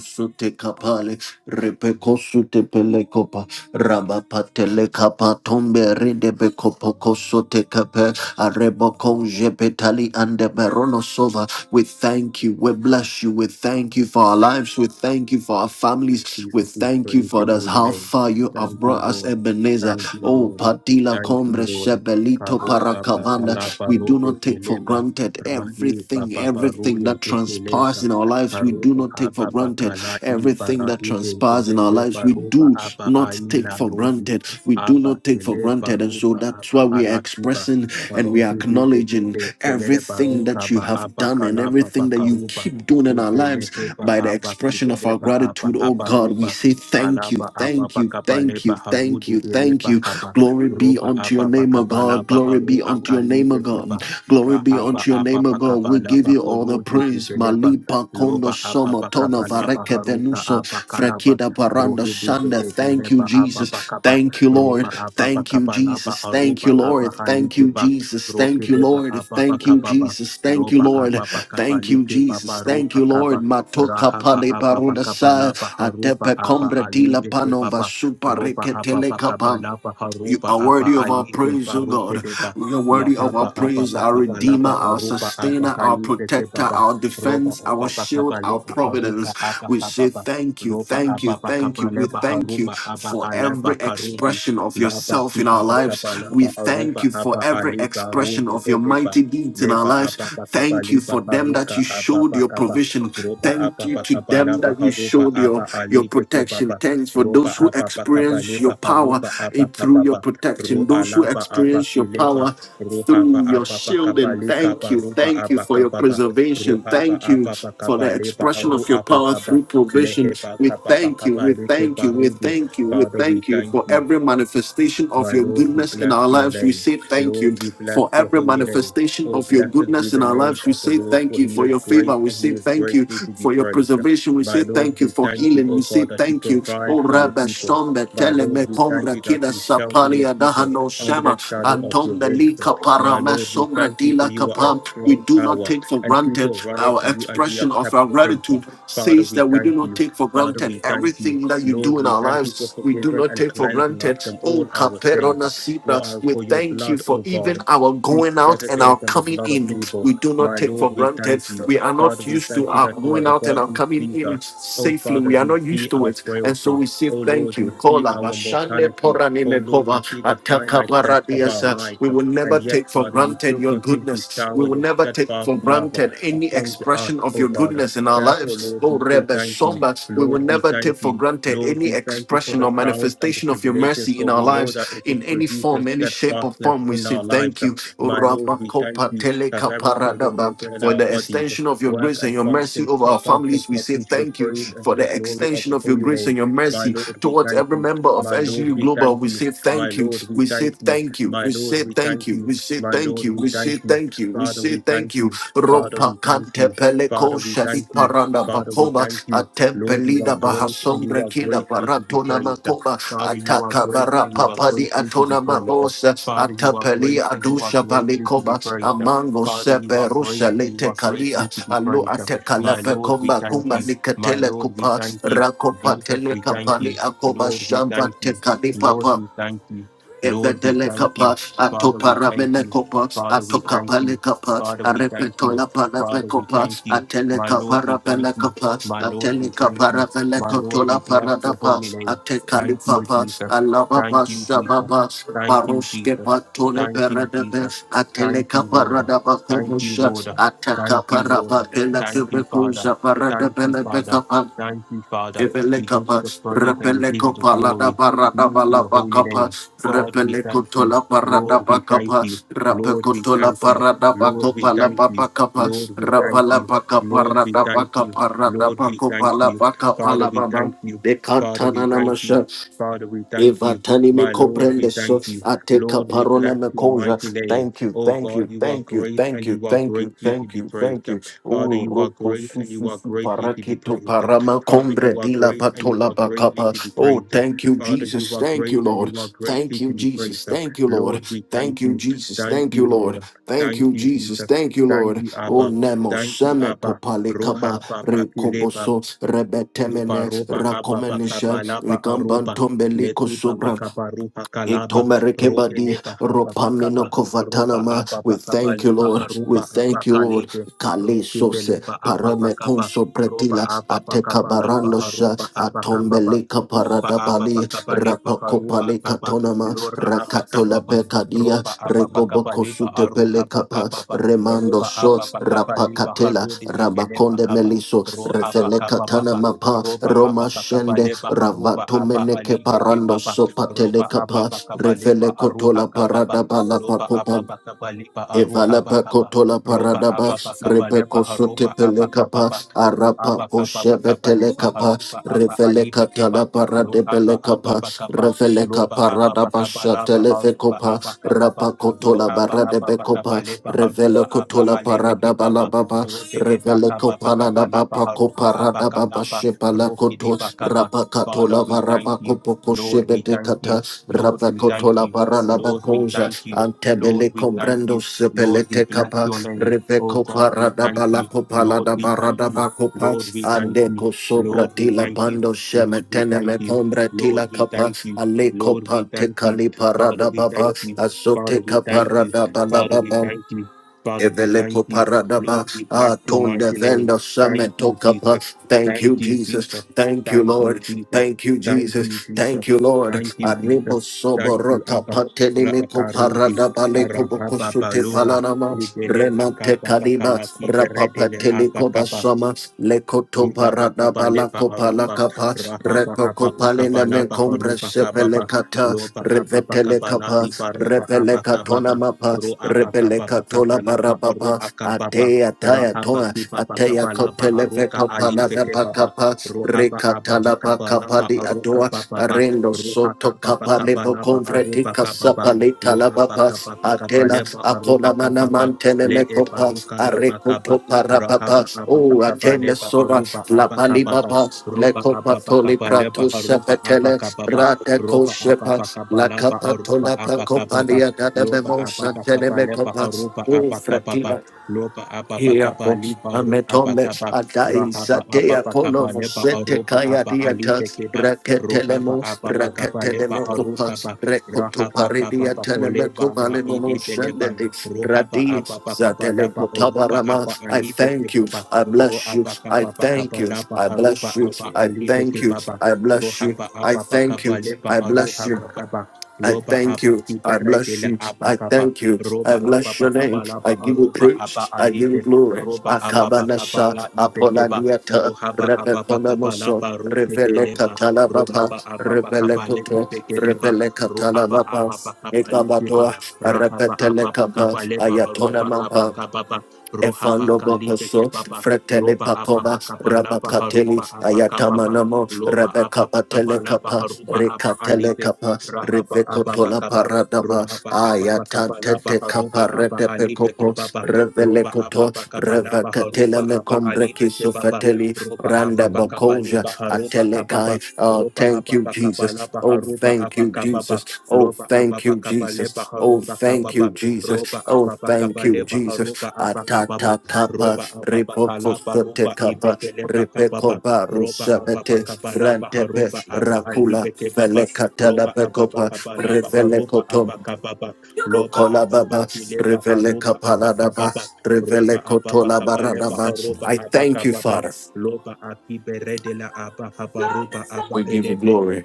[SPEAKER 1] kapale repeko sute pele kopa rabapatele kapa tombe rede bekopoko sote kape areboko jepetali ande berono sova. We thank you. We bless you. We thank you for our lives. We thank you for our families. We
[SPEAKER 2] Jesus, we
[SPEAKER 1] thank you
[SPEAKER 2] praise
[SPEAKER 1] for
[SPEAKER 2] your
[SPEAKER 1] us.
[SPEAKER 2] holy
[SPEAKER 1] How
[SPEAKER 2] name.
[SPEAKER 1] far you have
[SPEAKER 2] Thank you,
[SPEAKER 1] brought us,
[SPEAKER 2] Lord.
[SPEAKER 1] Ebenezer.
[SPEAKER 2] Thank you,
[SPEAKER 1] Oh,
[SPEAKER 2] Lord.
[SPEAKER 1] Padilla
[SPEAKER 2] Thank you,
[SPEAKER 1] Combre
[SPEAKER 2] Lord.
[SPEAKER 1] Shebelito
[SPEAKER 2] Karo baba
[SPEAKER 1] Paracavanda.
[SPEAKER 2] ala
[SPEAKER 1] We
[SPEAKER 2] baro
[SPEAKER 1] do not take for
[SPEAKER 2] bekeleba
[SPEAKER 1] granted
[SPEAKER 2] rahi
[SPEAKER 1] everything,
[SPEAKER 2] baba
[SPEAKER 1] everything
[SPEAKER 2] barule
[SPEAKER 1] everything that transpires
[SPEAKER 2] bekeleka
[SPEAKER 1] in our lives, we do
[SPEAKER 2] karuba
[SPEAKER 1] not take for
[SPEAKER 2] aba
[SPEAKER 1] granted.
[SPEAKER 2] bakala
[SPEAKER 1] Everything
[SPEAKER 2] ibara
[SPEAKER 1] that transpires in our
[SPEAKER 2] idelbeleke
[SPEAKER 1] lives, we
[SPEAKER 2] baruba
[SPEAKER 1] do
[SPEAKER 2] aba
[SPEAKER 1] not take
[SPEAKER 2] aila
[SPEAKER 1] for
[SPEAKER 2] rudi
[SPEAKER 1] granted. We do
[SPEAKER 2] aba
[SPEAKER 1] not take for
[SPEAKER 2] kele
[SPEAKER 1] granted. And so
[SPEAKER 2] baruba
[SPEAKER 1] that's
[SPEAKER 2] aba
[SPEAKER 1] why we are
[SPEAKER 2] halakiba
[SPEAKER 1] expressing and we are
[SPEAKER 2] baruti di
[SPEAKER 1] acknowledging
[SPEAKER 2] bebe belele
[SPEAKER 1] everything
[SPEAKER 2] baruka
[SPEAKER 1] that you
[SPEAKER 2] ba
[SPEAKER 1] have
[SPEAKER 2] aba
[SPEAKER 1] done and everything that you
[SPEAKER 2] karuba.
[SPEAKER 1] keep doing in our lives
[SPEAKER 2] Kubeleba
[SPEAKER 1] by the
[SPEAKER 2] aba
[SPEAKER 1] expression of our
[SPEAKER 2] kubeleba aba
[SPEAKER 1] gratitude. Oh
[SPEAKER 2] aba
[SPEAKER 1] God, we
[SPEAKER 2] ruba
[SPEAKER 1] say thank you,
[SPEAKER 2] palaba aba
[SPEAKER 1] thank you,
[SPEAKER 2] bakaba
[SPEAKER 1] thank you,
[SPEAKER 2] leba
[SPEAKER 1] thank
[SPEAKER 2] harudu
[SPEAKER 1] you, thank
[SPEAKER 2] eleba
[SPEAKER 1] you.
[SPEAKER 2] kaba
[SPEAKER 1] Glory be
[SPEAKER 2] ruba
[SPEAKER 1] unto your
[SPEAKER 2] aba
[SPEAKER 1] name, O
[SPEAKER 2] bakaba
[SPEAKER 1] God.
[SPEAKER 2] laba
[SPEAKER 1] Glory be
[SPEAKER 2] aru
[SPEAKER 1] unto your name
[SPEAKER 2] akali
[SPEAKER 1] name, O God.
[SPEAKER 2] bekeba
[SPEAKER 1] Glory be
[SPEAKER 2] rahaba
[SPEAKER 1] unto your
[SPEAKER 2] aba
[SPEAKER 1] name, O God. We
[SPEAKER 2] bakaba
[SPEAKER 1] give
[SPEAKER 2] laba
[SPEAKER 1] you all the
[SPEAKER 2] horodu
[SPEAKER 1] praise.
[SPEAKER 2] ibeleba
[SPEAKER 1] Malipa kondo
[SPEAKER 2] loba aba
[SPEAKER 1] somo tono
[SPEAKER 2] bakaba laba
[SPEAKER 1] vareke
[SPEAKER 2] haruta
[SPEAKER 1] venuso
[SPEAKER 2] aba kalaba
[SPEAKER 1] frakida baranda
[SPEAKER 2] rohibu de
[SPEAKER 1] shanda. Thank you,
[SPEAKER 2] ebeleba aba
[SPEAKER 1] Jesus.
[SPEAKER 2] bakaba
[SPEAKER 1] Thank you,
[SPEAKER 2] roba
[SPEAKER 1] Lord.
[SPEAKER 2] aba
[SPEAKER 1] Thank you,
[SPEAKER 2] bakaba
[SPEAKER 1] Jesus.
[SPEAKER 2] laba
[SPEAKER 1] Thank
[SPEAKER 2] aruba
[SPEAKER 1] you,
[SPEAKER 2] aba
[SPEAKER 1] Lord. Thank you,
[SPEAKER 2] halikeba
[SPEAKER 1] Jesus. Thank you,
[SPEAKER 2] rokebeba
[SPEAKER 1] Lord.
[SPEAKER 2] aba
[SPEAKER 1] Thank you,
[SPEAKER 2] bakaba
[SPEAKER 1] Jesus. Thank you,
[SPEAKER 2] Loba
[SPEAKER 1] Lord.
[SPEAKER 2] ababa
[SPEAKER 1] Thank you,
[SPEAKER 2] kabalike
[SPEAKER 1] Jesus.
[SPEAKER 2] babaru
[SPEAKER 1] Thank you, Lord.
[SPEAKER 2] akaba.
[SPEAKER 1] Matoka
[SPEAKER 2] Rahaba
[SPEAKER 1] pane
[SPEAKER 2] ababa
[SPEAKER 1] barunda sa
[SPEAKER 2] kabalaba
[SPEAKER 1] atepe
[SPEAKER 2] haruba aba
[SPEAKER 1] kombre dila
[SPEAKER 2] alibe ke
[SPEAKER 1] panova
[SPEAKER 2] baba.
[SPEAKER 1] supa
[SPEAKER 2] Roba ababa
[SPEAKER 1] reketele
[SPEAKER 2] kabalaba
[SPEAKER 1] you
[SPEAKER 2] haruba
[SPEAKER 1] are
[SPEAKER 2] aba
[SPEAKER 1] worthy of our
[SPEAKER 2] alibe
[SPEAKER 1] praise, O
[SPEAKER 2] baruke
[SPEAKER 1] God.
[SPEAKER 2] deba.
[SPEAKER 1] We are worthy of our
[SPEAKER 2] Lahaba
[SPEAKER 1] praise,
[SPEAKER 2] ababa
[SPEAKER 1] our Redeemer,
[SPEAKER 2] kabalaba
[SPEAKER 1] our
[SPEAKER 2] aruba aba
[SPEAKER 1] Sustainer, our
[SPEAKER 2] alibe ke
[SPEAKER 1] Protector,
[SPEAKER 2] baba.
[SPEAKER 1] our
[SPEAKER 2] Roba
[SPEAKER 1] Defense, our
[SPEAKER 2] ababa
[SPEAKER 1] Shield, our
[SPEAKER 2] kabaleba aruka
[SPEAKER 1] Providence.
[SPEAKER 2] aba
[SPEAKER 1] We say
[SPEAKER 2] kababa.
[SPEAKER 1] thank you,
[SPEAKER 2] Loba
[SPEAKER 1] thank you,
[SPEAKER 2] ababa
[SPEAKER 1] thank you. We
[SPEAKER 2] kabaleba
[SPEAKER 1] thank you
[SPEAKER 2] haruba aba
[SPEAKER 1] for every
[SPEAKER 2] alaba karubi.
[SPEAKER 1] expression of
[SPEAKER 2] Laba
[SPEAKER 1] yourself
[SPEAKER 2] ki
[SPEAKER 1] in our
[SPEAKER 2] kibaba
[SPEAKER 1] lives. We
[SPEAKER 2] kabalaba
[SPEAKER 1] thank
[SPEAKER 2] aruba
[SPEAKER 1] you for
[SPEAKER 2] aba
[SPEAKER 1] every
[SPEAKER 2] aliba
[SPEAKER 1] expression
[SPEAKER 2] rudi
[SPEAKER 1] of your
[SPEAKER 2] edeba.
[SPEAKER 1] mighty deeds in our
[SPEAKER 2] Leba
[SPEAKER 1] lives.
[SPEAKER 2] apa apa kapa
[SPEAKER 1] Thank you
[SPEAKER 2] liba
[SPEAKER 1] for them that
[SPEAKER 2] haruka
[SPEAKER 1] you
[SPEAKER 2] apa
[SPEAKER 1] showed
[SPEAKER 2] apa
[SPEAKER 1] your
[SPEAKER 2] kapa
[SPEAKER 1] provision.
[SPEAKER 2] roba
[SPEAKER 1] Thank
[SPEAKER 2] apa
[SPEAKER 1] you
[SPEAKER 2] apa
[SPEAKER 1] to
[SPEAKER 2] kapa
[SPEAKER 1] them
[SPEAKER 2] laba
[SPEAKER 1] that you
[SPEAKER 2] haruba
[SPEAKER 1] showed your,
[SPEAKER 2] apa
[SPEAKER 1] your
[SPEAKER 2] ali beke
[SPEAKER 1] protection.
[SPEAKER 2] baba
[SPEAKER 1] Thanks for those
[SPEAKER 2] roba
[SPEAKER 1] who
[SPEAKER 2] apa apa kapa
[SPEAKER 1] experience your
[SPEAKER 2] leba
[SPEAKER 1] power
[SPEAKER 2] haruba
[SPEAKER 1] eh,
[SPEAKER 2] apa
[SPEAKER 1] through
[SPEAKER 2] kapa
[SPEAKER 1] your
[SPEAKER 2] ba ru
[SPEAKER 1] protection, those who
[SPEAKER 2] alaba apa
[SPEAKER 1] experience your
[SPEAKER 2] kileba
[SPEAKER 1] power
[SPEAKER 2] ru apa
[SPEAKER 1] through your
[SPEAKER 2] apa apa
[SPEAKER 1] shield.
[SPEAKER 2] kapa
[SPEAKER 1] And
[SPEAKER 2] lika
[SPEAKER 1] thank you.
[SPEAKER 2] baruba
[SPEAKER 1] Thank you
[SPEAKER 2] apa
[SPEAKER 1] for your
[SPEAKER 2] kapa ba ru
[SPEAKER 1] preservation.
[SPEAKER 2] apa
[SPEAKER 1] Thank
[SPEAKER 2] apa
[SPEAKER 1] you
[SPEAKER 2] apa
[SPEAKER 1] for
[SPEAKER 2] kapa
[SPEAKER 1] the
[SPEAKER 2] leba
[SPEAKER 1] expression
[SPEAKER 2] aru
[SPEAKER 1] of your
[SPEAKER 2] apa
[SPEAKER 1] power
[SPEAKER 2] kapa
[SPEAKER 1] through provision.
[SPEAKER 2] leheba
[SPEAKER 1] We
[SPEAKER 2] kapa apa
[SPEAKER 1] thank you.
[SPEAKER 2] kapa
[SPEAKER 1] We
[SPEAKER 2] leke
[SPEAKER 1] thank you. We
[SPEAKER 2] barubi
[SPEAKER 1] thank you. We
[SPEAKER 2] Father we
[SPEAKER 1] thank you
[SPEAKER 2] thank
[SPEAKER 1] for
[SPEAKER 2] you
[SPEAKER 1] every manifestation of
[SPEAKER 2] my
[SPEAKER 1] your
[SPEAKER 2] Lord, we
[SPEAKER 1] goodness in
[SPEAKER 2] bless
[SPEAKER 1] our
[SPEAKER 2] your
[SPEAKER 1] lives. We
[SPEAKER 2] name.
[SPEAKER 1] say thank
[SPEAKER 2] Lord,
[SPEAKER 1] you.
[SPEAKER 2] we bless
[SPEAKER 1] For
[SPEAKER 2] your
[SPEAKER 1] every
[SPEAKER 2] holy name.
[SPEAKER 1] manifestation
[SPEAKER 2] Oh,
[SPEAKER 1] of your
[SPEAKER 2] blessed be
[SPEAKER 1] goodness in
[SPEAKER 2] the
[SPEAKER 1] our
[SPEAKER 2] name
[SPEAKER 1] lives. We
[SPEAKER 2] of the
[SPEAKER 1] say
[SPEAKER 2] Lord,
[SPEAKER 1] thank
[SPEAKER 2] for
[SPEAKER 1] you
[SPEAKER 2] he
[SPEAKER 1] for
[SPEAKER 2] is
[SPEAKER 1] your
[SPEAKER 2] great
[SPEAKER 1] favor. We
[SPEAKER 2] and he
[SPEAKER 1] say
[SPEAKER 2] is
[SPEAKER 1] thank you
[SPEAKER 2] greatly to be
[SPEAKER 1] for your
[SPEAKER 2] praised.
[SPEAKER 1] preservation. We say
[SPEAKER 2] My Lord,
[SPEAKER 1] thank you
[SPEAKER 2] we
[SPEAKER 1] for
[SPEAKER 2] thank you,
[SPEAKER 1] healing.
[SPEAKER 2] O
[SPEAKER 1] We say
[SPEAKER 2] God, that you
[SPEAKER 1] thank you.
[SPEAKER 2] provide
[SPEAKER 1] Oh,
[SPEAKER 2] for your
[SPEAKER 1] Rabbi
[SPEAKER 2] people.
[SPEAKER 1] Shombe,
[SPEAKER 2] My Lord,
[SPEAKER 1] Teleme,
[SPEAKER 2] we thank
[SPEAKER 1] Kombra,
[SPEAKER 2] you that
[SPEAKER 1] Kida,
[SPEAKER 2] you shelter your
[SPEAKER 1] Sapalia,
[SPEAKER 2] people
[SPEAKER 1] Dahano,
[SPEAKER 2] under
[SPEAKER 1] Shema,
[SPEAKER 2] the shadow of your
[SPEAKER 1] Antombe,
[SPEAKER 2] wings.
[SPEAKER 1] Lika,
[SPEAKER 2] My
[SPEAKER 1] Parame,
[SPEAKER 2] Lord, we
[SPEAKER 1] Sombra,
[SPEAKER 2] thank you for
[SPEAKER 1] Dila,
[SPEAKER 2] you are a
[SPEAKER 1] Kapam. We
[SPEAKER 2] strong
[SPEAKER 1] do not
[SPEAKER 2] power
[SPEAKER 1] take for
[SPEAKER 2] and
[SPEAKER 1] granted
[SPEAKER 2] people run
[SPEAKER 1] our
[SPEAKER 2] into you and we are
[SPEAKER 1] expression of
[SPEAKER 2] kept
[SPEAKER 1] our
[SPEAKER 2] safe.
[SPEAKER 1] gratitude
[SPEAKER 2] Father,
[SPEAKER 1] says
[SPEAKER 2] we
[SPEAKER 1] that we do
[SPEAKER 2] thank
[SPEAKER 1] not
[SPEAKER 2] you.
[SPEAKER 1] take for
[SPEAKER 2] Father,
[SPEAKER 1] granted
[SPEAKER 2] we thank you.
[SPEAKER 1] everything that you
[SPEAKER 2] Lord,
[SPEAKER 1] do in
[SPEAKER 2] we
[SPEAKER 1] our
[SPEAKER 2] thank you for
[SPEAKER 1] lives. We do
[SPEAKER 2] forgiving
[SPEAKER 1] not
[SPEAKER 2] and
[SPEAKER 1] take for for
[SPEAKER 2] cleansing us
[SPEAKER 1] granted.
[SPEAKER 2] from
[SPEAKER 1] Oh,
[SPEAKER 2] all our sins.
[SPEAKER 1] Caperona Sibra,
[SPEAKER 2] For, our,
[SPEAKER 1] we
[SPEAKER 2] for your
[SPEAKER 1] thank you
[SPEAKER 2] blood, O
[SPEAKER 1] for even
[SPEAKER 2] God,
[SPEAKER 1] our
[SPEAKER 2] speaks
[SPEAKER 1] going out
[SPEAKER 2] better
[SPEAKER 1] and
[SPEAKER 2] things
[SPEAKER 1] our
[SPEAKER 2] than the
[SPEAKER 1] coming
[SPEAKER 2] blood of
[SPEAKER 1] in.
[SPEAKER 2] Abel.
[SPEAKER 1] We do not
[SPEAKER 2] My
[SPEAKER 1] take
[SPEAKER 2] Lord,
[SPEAKER 1] for
[SPEAKER 2] we
[SPEAKER 1] granted.
[SPEAKER 2] thank you.
[SPEAKER 1] We are
[SPEAKER 2] Father,
[SPEAKER 1] not
[SPEAKER 2] we
[SPEAKER 1] used to
[SPEAKER 2] thank you
[SPEAKER 1] our
[SPEAKER 2] that you are
[SPEAKER 1] going
[SPEAKER 2] the
[SPEAKER 1] out and
[SPEAKER 2] God
[SPEAKER 1] our
[SPEAKER 2] who
[SPEAKER 1] coming
[SPEAKER 2] sees us.
[SPEAKER 1] in
[SPEAKER 2] Oh
[SPEAKER 1] safely.
[SPEAKER 2] Father,
[SPEAKER 1] We are
[SPEAKER 2] you
[SPEAKER 1] not used
[SPEAKER 2] see
[SPEAKER 1] to
[SPEAKER 2] our
[SPEAKER 1] it. And so
[SPEAKER 2] frailty.
[SPEAKER 1] we say
[SPEAKER 2] Oh
[SPEAKER 1] thank
[SPEAKER 2] Lord,
[SPEAKER 1] you.
[SPEAKER 2] you see
[SPEAKER 1] Kola
[SPEAKER 2] our
[SPEAKER 1] Bashande
[SPEAKER 2] mortality. Oh Lord, you
[SPEAKER 1] Poranimekova,
[SPEAKER 2] see the
[SPEAKER 1] Ataka
[SPEAKER 2] finiteness of our
[SPEAKER 1] Paradiasa.
[SPEAKER 2] lives.
[SPEAKER 1] We will never
[SPEAKER 2] And yet,
[SPEAKER 1] take for
[SPEAKER 2] Father, you
[SPEAKER 1] granted
[SPEAKER 2] still
[SPEAKER 1] your
[SPEAKER 2] continue to
[SPEAKER 1] goodness. We
[SPEAKER 2] shower
[SPEAKER 1] will
[SPEAKER 2] your
[SPEAKER 1] never take
[SPEAKER 2] steadfast
[SPEAKER 1] for
[SPEAKER 2] love
[SPEAKER 1] granted any
[SPEAKER 2] upon us,
[SPEAKER 1] expression of
[SPEAKER 2] oh
[SPEAKER 1] your
[SPEAKER 2] God.
[SPEAKER 1] goodness in our
[SPEAKER 2] Therefore,
[SPEAKER 1] lives.
[SPEAKER 2] Lord,
[SPEAKER 1] Oh,
[SPEAKER 2] we say
[SPEAKER 1] Rebbe
[SPEAKER 2] thank you.
[SPEAKER 1] Somba, we will
[SPEAKER 2] Lord, we
[SPEAKER 1] never
[SPEAKER 2] thank
[SPEAKER 1] take for
[SPEAKER 2] you.
[SPEAKER 1] granted
[SPEAKER 2] Lord,
[SPEAKER 1] any
[SPEAKER 2] we thank you for
[SPEAKER 1] expression
[SPEAKER 2] the
[SPEAKER 1] or
[SPEAKER 2] trials and the
[SPEAKER 1] manifestation of your
[SPEAKER 2] tribulations,
[SPEAKER 1] mercy
[SPEAKER 2] for
[SPEAKER 1] in our
[SPEAKER 2] we know
[SPEAKER 1] lives
[SPEAKER 2] that it is
[SPEAKER 1] in any
[SPEAKER 2] producing
[SPEAKER 1] form, any shape or
[SPEAKER 2] steadfastness
[SPEAKER 1] form. We
[SPEAKER 2] in
[SPEAKER 1] say
[SPEAKER 2] our lives.
[SPEAKER 1] thank you Oh,
[SPEAKER 2] My Lord,
[SPEAKER 1] Rabba
[SPEAKER 2] we thank
[SPEAKER 1] Kopa
[SPEAKER 2] you that
[SPEAKER 1] Teleka
[SPEAKER 2] every single
[SPEAKER 1] Paradaba,
[SPEAKER 2] organ in
[SPEAKER 1] for
[SPEAKER 2] our
[SPEAKER 1] the
[SPEAKER 2] bodies
[SPEAKER 1] extension of your
[SPEAKER 2] work
[SPEAKER 1] grace
[SPEAKER 2] and
[SPEAKER 1] and your mercy
[SPEAKER 2] functions
[SPEAKER 1] over our
[SPEAKER 2] function
[SPEAKER 1] families. We say
[SPEAKER 2] properly to the
[SPEAKER 1] thank you
[SPEAKER 2] praise and to
[SPEAKER 1] for
[SPEAKER 2] the
[SPEAKER 1] the
[SPEAKER 2] glory of
[SPEAKER 1] extension
[SPEAKER 2] the
[SPEAKER 1] of your
[SPEAKER 2] holy
[SPEAKER 1] grace
[SPEAKER 2] name.
[SPEAKER 1] and your
[SPEAKER 2] My
[SPEAKER 1] mercy
[SPEAKER 2] Lord, we
[SPEAKER 1] towards
[SPEAKER 2] thank
[SPEAKER 1] every
[SPEAKER 2] you.
[SPEAKER 1] member of
[SPEAKER 2] My Lord,
[SPEAKER 1] SGU
[SPEAKER 2] we
[SPEAKER 1] Global.
[SPEAKER 2] thank
[SPEAKER 1] We
[SPEAKER 2] you.
[SPEAKER 1] say
[SPEAKER 2] My
[SPEAKER 1] thank you.
[SPEAKER 2] Lord, we
[SPEAKER 1] We say
[SPEAKER 2] thank you.
[SPEAKER 1] thank you.
[SPEAKER 2] My
[SPEAKER 1] We
[SPEAKER 2] Lord,
[SPEAKER 1] say
[SPEAKER 2] we
[SPEAKER 1] thank
[SPEAKER 2] thank
[SPEAKER 1] you.
[SPEAKER 2] you.
[SPEAKER 1] We say
[SPEAKER 2] My
[SPEAKER 1] thank
[SPEAKER 2] Lord,
[SPEAKER 1] you.
[SPEAKER 2] we
[SPEAKER 1] We say
[SPEAKER 2] thank you.
[SPEAKER 1] thank you thank you. We
[SPEAKER 2] Father,
[SPEAKER 1] say
[SPEAKER 2] we thank
[SPEAKER 1] thank you.
[SPEAKER 2] you. Father,
[SPEAKER 1] Ropa
[SPEAKER 2] we thank
[SPEAKER 1] kante
[SPEAKER 2] you.
[SPEAKER 1] peleko
[SPEAKER 2] Father, we
[SPEAKER 1] shadi
[SPEAKER 2] thank you.
[SPEAKER 1] paranda
[SPEAKER 2] Father, we
[SPEAKER 1] bakoma
[SPEAKER 2] thank you. Lord, you are
[SPEAKER 1] atempelida
[SPEAKER 2] great and you
[SPEAKER 1] bahasombre
[SPEAKER 2] are
[SPEAKER 1] kida
[SPEAKER 2] greatly to be
[SPEAKER 1] baratona
[SPEAKER 2] praised.
[SPEAKER 1] makoma
[SPEAKER 2] Father, you are
[SPEAKER 1] ataka
[SPEAKER 2] great
[SPEAKER 1] bara
[SPEAKER 2] and you are
[SPEAKER 1] papadi
[SPEAKER 2] greatly to be
[SPEAKER 1] atona
[SPEAKER 2] praised.
[SPEAKER 1] marosa
[SPEAKER 2] Father, you are
[SPEAKER 1] atapeli
[SPEAKER 2] great and you are
[SPEAKER 1] adusha
[SPEAKER 2] greatly to be
[SPEAKER 1] balikoma
[SPEAKER 2] praised.
[SPEAKER 1] amango
[SPEAKER 2] Father, you
[SPEAKER 1] sepe
[SPEAKER 2] are great
[SPEAKER 1] rusa
[SPEAKER 2] and you
[SPEAKER 1] lete
[SPEAKER 2] are greatly
[SPEAKER 1] kalia
[SPEAKER 2] to be
[SPEAKER 1] alu
[SPEAKER 2] praised.
[SPEAKER 1] atekala
[SPEAKER 2] My Lord, we
[SPEAKER 1] pekomba
[SPEAKER 2] thank
[SPEAKER 1] kumba
[SPEAKER 2] you. My
[SPEAKER 1] nikatele
[SPEAKER 2] Lord, we
[SPEAKER 1] kupa
[SPEAKER 2] thank you.
[SPEAKER 1] rakopa
[SPEAKER 2] Jesus,
[SPEAKER 1] tele
[SPEAKER 2] we thank
[SPEAKER 1] kapani
[SPEAKER 2] you.
[SPEAKER 1] akoba
[SPEAKER 2] Lord, we
[SPEAKER 1] shamba
[SPEAKER 2] thank you.
[SPEAKER 1] tekali
[SPEAKER 2] Lord,
[SPEAKER 1] papa
[SPEAKER 2] we thank you. Lord, we
[SPEAKER 1] Evedele
[SPEAKER 2] thank you.
[SPEAKER 1] kapa, ato
[SPEAKER 2] Father, we thank
[SPEAKER 1] paramene
[SPEAKER 2] you.
[SPEAKER 1] kopa,
[SPEAKER 2] Father,
[SPEAKER 1] ato
[SPEAKER 2] we thank
[SPEAKER 1] kapale
[SPEAKER 2] you.
[SPEAKER 1] kapa,
[SPEAKER 2] Father, we thank
[SPEAKER 1] arepeto
[SPEAKER 2] you.
[SPEAKER 1] la parame
[SPEAKER 2] Father, we
[SPEAKER 1] kopa,
[SPEAKER 2] thank you.
[SPEAKER 1] atele
[SPEAKER 2] My
[SPEAKER 1] kapa
[SPEAKER 2] Lord, we thank
[SPEAKER 1] rabele
[SPEAKER 2] you.
[SPEAKER 1] kapa,
[SPEAKER 2] My Lord,
[SPEAKER 1] atele
[SPEAKER 2] we thank
[SPEAKER 1] kapa
[SPEAKER 2] you.
[SPEAKER 1] rabele
[SPEAKER 2] My
[SPEAKER 1] koto
[SPEAKER 2] Lord, we
[SPEAKER 1] la
[SPEAKER 2] bless your
[SPEAKER 1] paradapa,
[SPEAKER 2] holy name.
[SPEAKER 1] ate kali
[SPEAKER 2] Thank you,
[SPEAKER 1] papa,
[SPEAKER 2] Jesus.
[SPEAKER 1] alaba
[SPEAKER 2] Thank you,
[SPEAKER 1] basa
[SPEAKER 2] Jesus.
[SPEAKER 1] baba,
[SPEAKER 2] Thank you,
[SPEAKER 1] baroske
[SPEAKER 2] Jesus.
[SPEAKER 1] patole
[SPEAKER 2] Thank you, Jesus.
[SPEAKER 1] peredebe, atele
[SPEAKER 2] Thank you,
[SPEAKER 1] kapa
[SPEAKER 2] Lord.
[SPEAKER 1] radaba
[SPEAKER 2] Thank you,
[SPEAKER 1] kobusha,
[SPEAKER 2] Lord.
[SPEAKER 1] ate
[SPEAKER 2] Thank
[SPEAKER 1] kapa
[SPEAKER 2] you, Lord.
[SPEAKER 1] rabele
[SPEAKER 2] Thank
[SPEAKER 1] kebe
[SPEAKER 2] you, Father.
[SPEAKER 1] kuza
[SPEAKER 2] Thank
[SPEAKER 1] paradebe
[SPEAKER 2] you, Father.
[SPEAKER 1] lebe
[SPEAKER 2] Thank you, Father. We give you
[SPEAKER 1] Ebelekapa,
[SPEAKER 2] the praise and we give you
[SPEAKER 1] Repeleko
[SPEAKER 2] the
[SPEAKER 1] Palada
[SPEAKER 2] glory.
[SPEAKER 1] Barada
[SPEAKER 2] Be to your
[SPEAKER 1] Balaba
[SPEAKER 2] holy
[SPEAKER 1] Kappa,
[SPEAKER 2] name. God, we
[SPEAKER 1] Repeleko
[SPEAKER 2] thank you.
[SPEAKER 1] Tola Barada
[SPEAKER 2] Lord, we thank
[SPEAKER 1] Bakapa,
[SPEAKER 2] you. Lord,
[SPEAKER 1] Rapeko
[SPEAKER 2] we
[SPEAKER 1] Tola
[SPEAKER 2] thank you.
[SPEAKER 1] Barada
[SPEAKER 2] Lord, we
[SPEAKER 1] Bakopa La
[SPEAKER 2] thank
[SPEAKER 1] Baba
[SPEAKER 2] you.
[SPEAKER 1] Kappa,
[SPEAKER 2] Lord, we thank
[SPEAKER 1] Rapala
[SPEAKER 2] you.
[SPEAKER 1] Bakapa
[SPEAKER 2] Lord, we
[SPEAKER 1] Rada
[SPEAKER 2] thank you.
[SPEAKER 1] Bakapa Rada
[SPEAKER 2] Lord, we thank
[SPEAKER 1] Bakopa La
[SPEAKER 2] you.
[SPEAKER 1] Bakapa
[SPEAKER 2] Father,
[SPEAKER 1] La
[SPEAKER 2] we
[SPEAKER 1] Baba.
[SPEAKER 2] thank you.
[SPEAKER 1] the
[SPEAKER 2] Father, we thank you.
[SPEAKER 1] Cantana
[SPEAKER 2] Father, we thank you.
[SPEAKER 1] Evatani me
[SPEAKER 2] My Lord, we
[SPEAKER 1] comprende so
[SPEAKER 2] thank you.
[SPEAKER 1] ateka
[SPEAKER 2] Lord, we
[SPEAKER 1] parona
[SPEAKER 2] bless
[SPEAKER 1] me
[SPEAKER 2] your
[SPEAKER 1] conja.
[SPEAKER 2] mighty name.
[SPEAKER 1] Thank you,
[SPEAKER 2] Oh
[SPEAKER 1] thank you,
[SPEAKER 2] God, you are
[SPEAKER 1] thank you,
[SPEAKER 2] great
[SPEAKER 1] thank
[SPEAKER 2] and
[SPEAKER 1] you,
[SPEAKER 2] you are
[SPEAKER 1] thank you,
[SPEAKER 2] greatly to
[SPEAKER 1] thank
[SPEAKER 2] be
[SPEAKER 1] you, thank
[SPEAKER 2] praised.
[SPEAKER 1] you.
[SPEAKER 2] Father,
[SPEAKER 1] Oh,
[SPEAKER 2] you are
[SPEAKER 1] roko
[SPEAKER 2] great and you
[SPEAKER 1] susu
[SPEAKER 2] are
[SPEAKER 1] su
[SPEAKER 2] greatly to be
[SPEAKER 1] parakito
[SPEAKER 2] praised.
[SPEAKER 1] parama
[SPEAKER 2] Father, you
[SPEAKER 1] combre
[SPEAKER 2] are
[SPEAKER 1] di la
[SPEAKER 2] great and you
[SPEAKER 1] patola
[SPEAKER 2] are greatly
[SPEAKER 1] bakapa.
[SPEAKER 2] to be
[SPEAKER 1] Oh,
[SPEAKER 2] praised.
[SPEAKER 1] thank you,
[SPEAKER 2] Father, you
[SPEAKER 1] Jesus.
[SPEAKER 2] are
[SPEAKER 1] Thank
[SPEAKER 2] great
[SPEAKER 1] you,
[SPEAKER 2] and
[SPEAKER 1] Lord.
[SPEAKER 2] you are greatly
[SPEAKER 1] Thank
[SPEAKER 2] to
[SPEAKER 1] you,
[SPEAKER 2] be
[SPEAKER 1] Jesus.
[SPEAKER 2] praised.
[SPEAKER 1] Thank you,
[SPEAKER 2] Lord,
[SPEAKER 1] Lord.
[SPEAKER 2] we thank
[SPEAKER 1] Thank you,
[SPEAKER 2] you.
[SPEAKER 1] Jesus.
[SPEAKER 2] Thank
[SPEAKER 1] Thank you,
[SPEAKER 2] you, Lord.
[SPEAKER 1] Lord. Thank
[SPEAKER 2] Thank
[SPEAKER 1] you,
[SPEAKER 2] you,
[SPEAKER 1] Jesus.
[SPEAKER 2] Jesus.
[SPEAKER 1] Thank you,
[SPEAKER 2] Thank
[SPEAKER 1] Lord.
[SPEAKER 2] you,
[SPEAKER 1] Oh,
[SPEAKER 2] Abba.
[SPEAKER 1] nemo
[SPEAKER 2] Thank you,
[SPEAKER 1] seme
[SPEAKER 2] Abba.
[SPEAKER 1] popale kaba
[SPEAKER 2] Roha Baba Kile
[SPEAKER 1] rekoboso rebetemene
[SPEAKER 2] Iparopa apapa
[SPEAKER 1] rakomenisha
[SPEAKER 2] kapalapa
[SPEAKER 1] Mikamban
[SPEAKER 2] aropa.
[SPEAKER 1] tombeliko
[SPEAKER 2] Leti papa
[SPEAKER 1] sobra.
[SPEAKER 2] kapa rupa kalaba. Ro
[SPEAKER 1] Itomerekebadi
[SPEAKER 2] elepa hapa
[SPEAKER 1] ropamino
[SPEAKER 2] pakapa. Ropa
[SPEAKER 1] kovatanama. We
[SPEAKER 2] apapa
[SPEAKER 1] thank you,
[SPEAKER 2] kapalipa
[SPEAKER 1] Lord. We
[SPEAKER 2] harupa
[SPEAKER 1] thank
[SPEAKER 2] apa
[SPEAKER 1] you, Lord.
[SPEAKER 2] kalibe.
[SPEAKER 1] Kali
[SPEAKER 2] Roki
[SPEAKER 1] sose
[SPEAKER 2] belepa
[SPEAKER 1] parame
[SPEAKER 2] apapa kapa.
[SPEAKER 1] konso
[SPEAKER 2] Ropa
[SPEAKER 1] pretila
[SPEAKER 2] apapa
[SPEAKER 1] ateka
[SPEAKER 2] kapalapa
[SPEAKER 1] barandosha
[SPEAKER 2] harupa apa kapapa.
[SPEAKER 1] atombelika
[SPEAKER 2] Ropa
[SPEAKER 1] paradabali
[SPEAKER 2] apapa kapalepa haru
[SPEAKER 1] Rapakopale
[SPEAKER 2] akapa.
[SPEAKER 1] Katonama,
[SPEAKER 2] Lora apa
[SPEAKER 1] Rakatola
[SPEAKER 2] kapapa.
[SPEAKER 1] Becadia,
[SPEAKER 2] Ropa apapa
[SPEAKER 1] Regoboko
[SPEAKER 2] kapalipa
[SPEAKER 1] Sute
[SPEAKER 2] aruha
[SPEAKER 1] Pelekapa,
[SPEAKER 2] pakapapa.
[SPEAKER 1] Remando
[SPEAKER 2] Ropa
[SPEAKER 1] so
[SPEAKER 2] apapa kapalipa
[SPEAKER 1] Rapakatela,
[SPEAKER 2] harudi ipelepa
[SPEAKER 1] Rabakonde
[SPEAKER 2] kapa.
[SPEAKER 1] Meliso,
[SPEAKER 2] Ro apa
[SPEAKER 1] Revele Katana
[SPEAKER 2] kapapa
[SPEAKER 1] Mapa,
[SPEAKER 2] Roba
[SPEAKER 1] Roma
[SPEAKER 2] aba bakaba
[SPEAKER 1] Shende,
[SPEAKER 2] leba haruba aba
[SPEAKER 1] Ravatumeneke
[SPEAKER 2] ali beke
[SPEAKER 1] Parando
[SPEAKER 2] baba.
[SPEAKER 1] Sopa
[SPEAKER 2] Roba aba
[SPEAKER 1] Telekapa,
[SPEAKER 2] bakaba leba
[SPEAKER 1] Revele
[SPEAKER 2] aruha
[SPEAKER 1] Kotola
[SPEAKER 2] kababa.
[SPEAKER 1] Parada bala
[SPEAKER 2] Loba aba
[SPEAKER 1] Balapakopan.
[SPEAKER 2] bakaba leba aruha
[SPEAKER 1] Evala
[SPEAKER 2] bakaba.
[SPEAKER 1] pakotola
[SPEAKER 2] Roba
[SPEAKER 1] paradaba,
[SPEAKER 2] aba bakaba leba
[SPEAKER 1] rebeko sote
[SPEAKER 2] haruba aba
[SPEAKER 1] pelekapa,
[SPEAKER 2] kababa. Ru
[SPEAKER 1] arapa
[SPEAKER 2] aba kaba
[SPEAKER 1] oshebe
[SPEAKER 2] bakaba leba
[SPEAKER 1] telekapa,
[SPEAKER 2] haruba aba
[SPEAKER 1] revele
[SPEAKER 2] ali beke
[SPEAKER 1] katala
[SPEAKER 2] ba. Ru
[SPEAKER 1] parade
[SPEAKER 2] aba aba
[SPEAKER 1] belekapa,
[SPEAKER 2] bakaba.
[SPEAKER 1] revele
[SPEAKER 2] Loba aba
[SPEAKER 1] kaparada
[SPEAKER 2] bakaba
[SPEAKER 1] basha
[SPEAKER 2] laba haruba
[SPEAKER 1] televekopa,
[SPEAKER 2] aba kababa.
[SPEAKER 1] rapa kotola
[SPEAKER 2] Lohaba
[SPEAKER 1] barade
[SPEAKER 2] aba bakaba
[SPEAKER 1] bekopa,
[SPEAKER 2] leba haruba
[SPEAKER 1] revele
[SPEAKER 2] aba
[SPEAKER 1] kotola
[SPEAKER 2] ale
[SPEAKER 1] parada
[SPEAKER 2] beke baba.
[SPEAKER 1] balababa,
[SPEAKER 2] Robe eba
[SPEAKER 1] revele
[SPEAKER 2] kaba
[SPEAKER 1] kopala
[SPEAKER 2] bakaba laba
[SPEAKER 1] nabapa
[SPEAKER 2] haruba aba
[SPEAKER 1] koparada baba
[SPEAKER 2] kalaba.
[SPEAKER 1] shepala koto,
[SPEAKER 2] Rokidibakaba. Father,
[SPEAKER 1] Rapakatola
[SPEAKER 2] we thank you.
[SPEAKER 1] varabakopoko
[SPEAKER 2] Lord, we thank you.
[SPEAKER 1] shebedekata
[SPEAKER 2] Lord, we thank
[SPEAKER 1] rapakotola
[SPEAKER 2] you. Lord, we
[SPEAKER 1] paralabakoja
[SPEAKER 2] thank you. Lord,
[SPEAKER 1] antebele
[SPEAKER 2] we thank
[SPEAKER 1] comprendo
[SPEAKER 2] you. Lord, we
[SPEAKER 1] sepelete
[SPEAKER 2] bless
[SPEAKER 1] kapa
[SPEAKER 2] your name. Oh
[SPEAKER 1] repeco
[SPEAKER 2] God, we thank you. Lord, we
[SPEAKER 1] paradabalacopaladaba
[SPEAKER 2] thank you.
[SPEAKER 1] baradabacopa
[SPEAKER 2] Lord, we thank you.
[SPEAKER 1] andeko
[SPEAKER 2] Lord, we
[SPEAKER 1] sobratila
[SPEAKER 2] thank you.
[SPEAKER 1] bando
[SPEAKER 2] Lord, we
[SPEAKER 1] shemetene
[SPEAKER 2] thank
[SPEAKER 1] me
[SPEAKER 2] you.
[SPEAKER 1] combratila
[SPEAKER 2] Lord, we
[SPEAKER 1] kapa
[SPEAKER 2] thank you.
[SPEAKER 1] aleko
[SPEAKER 2] Lord, we
[SPEAKER 1] parada
[SPEAKER 2] thank you.
[SPEAKER 1] kali
[SPEAKER 2] Father, we
[SPEAKER 1] paradababa
[SPEAKER 2] thank you. Father,
[SPEAKER 1] azote
[SPEAKER 2] we thank you. Father, we
[SPEAKER 1] kaparadabala
[SPEAKER 2] thank you. Father, we thank
[SPEAKER 1] Eveleko
[SPEAKER 2] you.
[SPEAKER 1] paradaba
[SPEAKER 2] Lord, we bless your
[SPEAKER 1] atonde
[SPEAKER 2] mighty name.
[SPEAKER 1] venda
[SPEAKER 2] Thank you, Jesus.
[SPEAKER 1] sametokapa. Thank you,
[SPEAKER 2] Thank you,
[SPEAKER 1] Jesus.
[SPEAKER 2] Jesus.
[SPEAKER 1] Thank you,
[SPEAKER 2] Thank you,
[SPEAKER 1] Lord.
[SPEAKER 2] Jesus.
[SPEAKER 1] Thank you,
[SPEAKER 2] Thank
[SPEAKER 1] Jesus.
[SPEAKER 2] you, Jesus.
[SPEAKER 1] Thank you, Lord.
[SPEAKER 2] Thank you, Jesus.
[SPEAKER 1] Arribo
[SPEAKER 2] Thank you,
[SPEAKER 1] soborota
[SPEAKER 2] Abba. La
[SPEAKER 1] patelimeko
[SPEAKER 2] akarodi
[SPEAKER 1] paradaba
[SPEAKER 2] arafaba
[SPEAKER 1] lekobokosute
[SPEAKER 2] balora.
[SPEAKER 1] palanama
[SPEAKER 2] Idele
[SPEAKER 1] remate
[SPEAKER 2] akaba
[SPEAKER 1] kaliba
[SPEAKER 2] bakala kiberedele
[SPEAKER 1] rapapateliko basama lekoto
[SPEAKER 2] Ibaba kaba
[SPEAKER 1] bala
[SPEAKER 2] leba
[SPEAKER 1] kopa la
[SPEAKER 2] aruba
[SPEAKER 1] kapa
[SPEAKER 2] rahaba
[SPEAKER 1] repo kopa
[SPEAKER 2] ababa
[SPEAKER 1] le ne
[SPEAKER 2] kaba
[SPEAKER 1] me
[SPEAKER 2] laba
[SPEAKER 1] kombre
[SPEAKER 2] aruba
[SPEAKER 1] sepele
[SPEAKER 2] kababa
[SPEAKER 1] kata
[SPEAKER 2] loba ababa
[SPEAKER 1] revetele
[SPEAKER 2] kabala la
[SPEAKER 1] kapa
[SPEAKER 2] ibaruba
[SPEAKER 1] repele
[SPEAKER 2] aba
[SPEAKER 1] katona
[SPEAKER 2] kababa
[SPEAKER 1] mapa
[SPEAKER 2] ro aba
[SPEAKER 1] repele
[SPEAKER 2] kababa kaba
[SPEAKER 1] katola
[SPEAKER 2] laba
[SPEAKER 1] barababa
[SPEAKER 2] aru
[SPEAKER 1] ate
[SPEAKER 2] akababa
[SPEAKER 1] ataya
[SPEAKER 2] rahaba
[SPEAKER 1] toa
[SPEAKER 2] kibaba
[SPEAKER 1] ateya
[SPEAKER 2] kaba laba
[SPEAKER 1] kopele fe
[SPEAKER 2] aruka
[SPEAKER 1] kopa
[SPEAKER 2] ali
[SPEAKER 1] la da
[SPEAKER 2] beke
[SPEAKER 1] ba
[SPEAKER 2] baba
[SPEAKER 1] kapa
[SPEAKER 2] rohaba
[SPEAKER 1] rekata la
[SPEAKER 2] ababa
[SPEAKER 1] ba
[SPEAKER 2] kaba
[SPEAKER 1] kapa
[SPEAKER 2] laba
[SPEAKER 1] di
[SPEAKER 2] aruka
[SPEAKER 1] adoa
[SPEAKER 2] bababa
[SPEAKER 1] arendo
[SPEAKER 2] roha
[SPEAKER 1] soto
[SPEAKER 2] kababa
[SPEAKER 1] kapa le
[SPEAKER 2] kaba laba aruba
[SPEAKER 1] Compretica
[SPEAKER 2] kababa
[SPEAKER 1] sapalita
[SPEAKER 2] lo aba
[SPEAKER 1] labapas,
[SPEAKER 2] kababa kaba
[SPEAKER 1] Atela,
[SPEAKER 2] leba aruha
[SPEAKER 1] Acola
[SPEAKER 2] kababa
[SPEAKER 1] manamantene
[SPEAKER 2] le e
[SPEAKER 1] mecopas,
[SPEAKER 2] baruka laba kaba
[SPEAKER 1] Arecoto
[SPEAKER 2] Rahaba
[SPEAKER 1] parapapas, O
[SPEAKER 2] Abakaba
[SPEAKER 1] Atene
[SPEAKER 2] Leba
[SPEAKER 1] sova,
[SPEAKER 2] Aruba
[SPEAKER 1] La
[SPEAKER 2] Abakababa
[SPEAKER 1] palibabas,
[SPEAKER 2] Roba
[SPEAKER 1] Lecopatoli
[SPEAKER 2] Abakaba Leba
[SPEAKER 1] prato
[SPEAKER 2] Haruba
[SPEAKER 1] sepetele,
[SPEAKER 2] Abakababa
[SPEAKER 1] Rateco
[SPEAKER 2] Roba
[SPEAKER 1] shepas,
[SPEAKER 2] Abakaba
[SPEAKER 1] La
[SPEAKER 2] leba Aruba
[SPEAKER 1] capatola
[SPEAKER 2] Abakababa
[SPEAKER 1] pacopalia da de
[SPEAKER 2] Loba
[SPEAKER 1] memon santene
[SPEAKER 2] Abakaba Leba
[SPEAKER 1] mecopas,
[SPEAKER 2] Haruba
[SPEAKER 1] O
[SPEAKER 2] Abakababa
[SPEAKER 1] Fratila
[SPEAKER 2] Loba Abakaba
[SPEAKER 1] Iyako,
[SPEAKER 2] leba Ru
[SPEAKER 1] ametome,
[SPEAKER 2] Abakaba
[SPEAKER 1] adai,
[SPEAKER 2] Rahaba
[SPEAKER 1] satea, kolo,
[SPEAKER 2] Abakaba Leba
[SPEAKER 1] mosete,
[SPEAKER 2] Aruba
[SPEAKER 1] kaya,
[SPEAKER 2] Aba Ali
[SPEAKER 1] diata,
[SPEAKER 2] Bekeba Rohaba
[SPEAKER 1] raketelemo,
[SPEAKER 2] Abakaba Leba
[SPEAKER 1] raketelemo, kupa,
[SPEAKER 2] Arukaba
[SPEAKER 1] rekoto,
[SPEAKER 2] Rahaba
[SPEAKER 1] paridia,
[SPEAKER 2] Kababa
[SPEAKER 1] telemeko,
[SPEAKER 2] Koleba
[SPEAKER 1] balemo,
[SPEAKER 2] Raidi
[SPEAKER 1] shendedi,
[SPEAKER 2] Roha ba
[SPEAKER 1] radi,
[SPEAKER 2] aba ba kaba
[SPEAKER 1] zatele,
[SPEAKER 2] laba oruba
[SPEAKER 1] kotabarama.
[SPEAKER 2] aba
[SPEAKER 1] I
[SPEAKER 2] ali beke
[SPEAKER 1] thank you,
[SPEAKER 2] baba.
[SPEAKER 1] I
[SPEAKER 2] Ro
[SPEAKER 1] bless you,
[SPEAKER 2] aba
[SPEAKER 1] I
[SPEAKER 2] kaba ba
[SPEAKER 1] thank
[SPEAKER 2] kaba
[SPEAKER 1] you,
[SPEAKER 2] laba
[SPEAKER 1] I
[SPEAKER 2] haruba
[SPEAKER 1] bless you,
[SPEAKER 2] aba
[SPEAKER 1] I
[SPEAKER 2] ali beke
[SPEAKER 1] thank you,
[SPEAKER 2] baba.
[SPEAKER 1] I bless
[SPEAKER 2] Roha
[SPEAKER 1] you,
[SPEAKER 2] ba
[SPEAKER 1] I
[SPEAKER 2] aba ba
[SPEAKER 1] thank
[SPEAKER 2] kaba
[SPEAKER 1] you,
[SPEAKER 2] leba
[SPEAKER 1] I bless
[SPEAKER 2] aruha
[SPEAKER 1] you,
[SPEAKER 2] ba kaba.
[SPEAKER 1] I
[SPEAKER 2] Loba
[SPEAKER 1] thank
[SPEAKER 2] aba
[SPEAKER 1] you. I
[SPEAKER 2] kibere
[SPEAKER 1] bless
[SPEAKER 2] dele
[SPEAKER 1] you.
[SPEAKER 2] aba
[SPEAKER 1] I
[SPEAKER 2] kaba.
[SPEAKER 1] thank you. I
[SPEAKER 2] Roba aba
[SPEAKER 1] bless
[SPEAKER 2] ba
[SPEAKER 1] your name.
[SPEAKER 2] kaba laba
[SPEAKER 1] I give you
[SPEAKER 2] aruba aba
[SPEAKER 1] praise. I
[SPEAKER 2] ali
[SPEAKER 1] give you
[SPEAKER 2] be.
[SPEAKER 1] glory.
[SPEAKER 2] Roba aba ba kaba
[SPEAKER 1] Akabanasha
[SPEAKER 2] la ibeke ba.
[SPEAKER 1] Apolaniata
[SPEAKER 2] Roha ba aba ba kaba
[SPEAKER 1] Repekonamoso
[SPEAKER 2] laba rupe
[SPEAKER 1] Revele
[SPEAKER 2] beleba. Roha
[SPEAKER 1] Catalababa
[SPEAKER 2] ba aba ba
[SPEAKER 1] Revele
[SPEAKER 2] kaba le
[SPEAKER 1] Koto
[SPEAKER 2] ibeke
[SPEAKER 1] Revele
[SPEAKER 2] Roha ba
[SPEAKER 1] Catalababa
[SPEAKER 2] aba ba kaba
[SPEAKER 1] Egabatoa
[SPEAKER 2] Rahaba
[SPEAKER 1] Repetele
[SPEAKER 2] Ababa
[SPEAKER 1] Kaba
[SPEAKER 2] Kabaleba
[SPEAKER 1] Ayatona
[SPEAKER 2] Haruba
[SPEAKER 1] Mamba
[SPEAKER 2] Abakababa Rohaba Kalibe
[SPEAKER 1] Efanobokoso,
[SPEAKER 2] Kebaba
[SPEAKER 1] Fretele
[SPEAKER 2] Roba
[SPEAKER 1] Pacoma,
[SPEAKER 2] Ababa Kabalaba
[SPEAKER 1] Rabacateli,
[SPEAKER 2] Haruba Abakababa
[SPEAKER 1] Ayatamanamo,
[SPEAKER 2] Loba
[SPEAKER 1] Rebecca
[SPEAKER 2] Ababa Kabalaba
[SPEAKER 1] Patelecapa,
[SPEAKER 2] Haruba Aba Alibe
[SPEAKER 1] Recatelecapa,
[SPEAKER 2] Rahaba Ababa
[SPEAKER 1] Revecotola
[SPEAKER 2] Kaba Ro
[SPEAKER 1] Paradaba,
[SPEAKER 2] Abakababa Kabalaba
[SPEAKER 1] Ayatante
[SPEAKER 2] Haruba Aba
[SPEAKER 1] Caparete
[SPEAKER 2] Alibe
[SPEAKER 1] Pecopo,
[SPEAKER 2] Kebaba Roba
[SPEAKER 1] Revelecoto,
[SPEAKER 2] Ababa Kabalaba
[SPEAKER 1] Revacatela
[SPEAKER 2] Haruba Aba
[SPEAKER 1] Mecombrequi
[SPEAKER 2] Alibe Kebaba
[SPEAKER 1] Sufeteli,
[SPEAKER 2] Roba
[SPEAKER 1] Randa
[SPEAKER 2] Ababa
[SPEAKER 1] Bocoja,
[SPEAKER 2] Kabaliba
[SPEAKER 1] Ate.
[SPEAKER 2] Haruba Kababa
[SPEAKER 1] Elekai. Oh,
[SPEAKER 2] Roba
[SPEAKER 1] thank you,
[SPEAKER 2] Ababa
[SPEAKER 1] Jesus.
[SPEAKER 2] Kabalaba
[SPEAKER 1] Oh,
[SPEAKER 2] Haruba
[SPEAKER 1] thank you,
[SPEAKER 2] Abakababa
[SPEAKER 1] Jesus. Oh,
[SPEAKER 2] Loba
[SPEAKER 1] thank
[SPEAKER 2] ababa
[SPEAKER 1] you,
[SPEAKER 2] kabale
[SPEAKER 1] Jesus.
[SPEAKER 2] leba
[SPEAKER 1] Oh,
[SPEAKER 2] haroba
[SPEAKER 1] thank you,
[SPEAKER 2] kababa.
[SPEAKER 1] Jesus.
[SPEAKER 2] Roba
[SPEAKER 1] Oh,
[SPEAKER 2] ababa
[SPEAKER 1] thank
[SPEAKER 2] kabale
[SPEAKER 1] you,
[SPEAKER 2] leba
[SPEAKER 1] Jesus.
[SPEAKER 2] haroba
[SPEAKER 1] Atata
[SPEAKER 2] abakababa.
[SPEAKER 1] kapa,
[SPEAKER 2] Roba ababa
[SPEAKER 1] ripoko
[SPEAKER 2] kalaba
[SPEAKER 1] sote
[SPEAKER 2] roba
[SPEAKER 1] kapa,
[SPEAKER 2] ibekeleba
[SPEAKER 1] ripeko
[SPEAKER 2] kababa.
[SPEAKER 1] baru
[SPEAKER 2] Roba ababa
[SPEAKER 1] shabete,
[SPEAKER 2] kaba laba
[SPEAKER 1] rantepe,
[SPEAKER 2] haroba aba
[SPEAKER 1] rakula,
[SPEAKER 2] alibeke baba.
[SPEAKER 1] veleka
[SPEAKER 2] Roba ababa
[SPEAKER 1] talapekopa,
[SPEAKER 2] kaba laba
[SPEAKER 1] revele
[SPEAKER 2] haroba
[SPEAKER 1] kotom
[SPEAKER 2] abakababa. Loba ababa
[SPEAKER 1] kolababa,
[SPEAKER 2] kileba
[SPEAKER 1] revele
[SPEAKER 2] haroba
[SPEAKER 1] kapaladaba,
[SPEAKER 2] abakababa.
[SPEAKER 1] revele
[SPEAKER 2] Roba ababa kaba leba
[SPEAKER 1] kotolabaradaba.
[SPEAKER 2] haroba
[SPEAKER 1] I thank you,
[SPEAKER 2] abakababa.
[SPEAKER 1] Father.
[SPEAKER 2] Loba akiberede la aba habaroba aba
[SPEAKER 1] We give you
[SPEAKER 2] elebe
[SPEAKER 1] glory.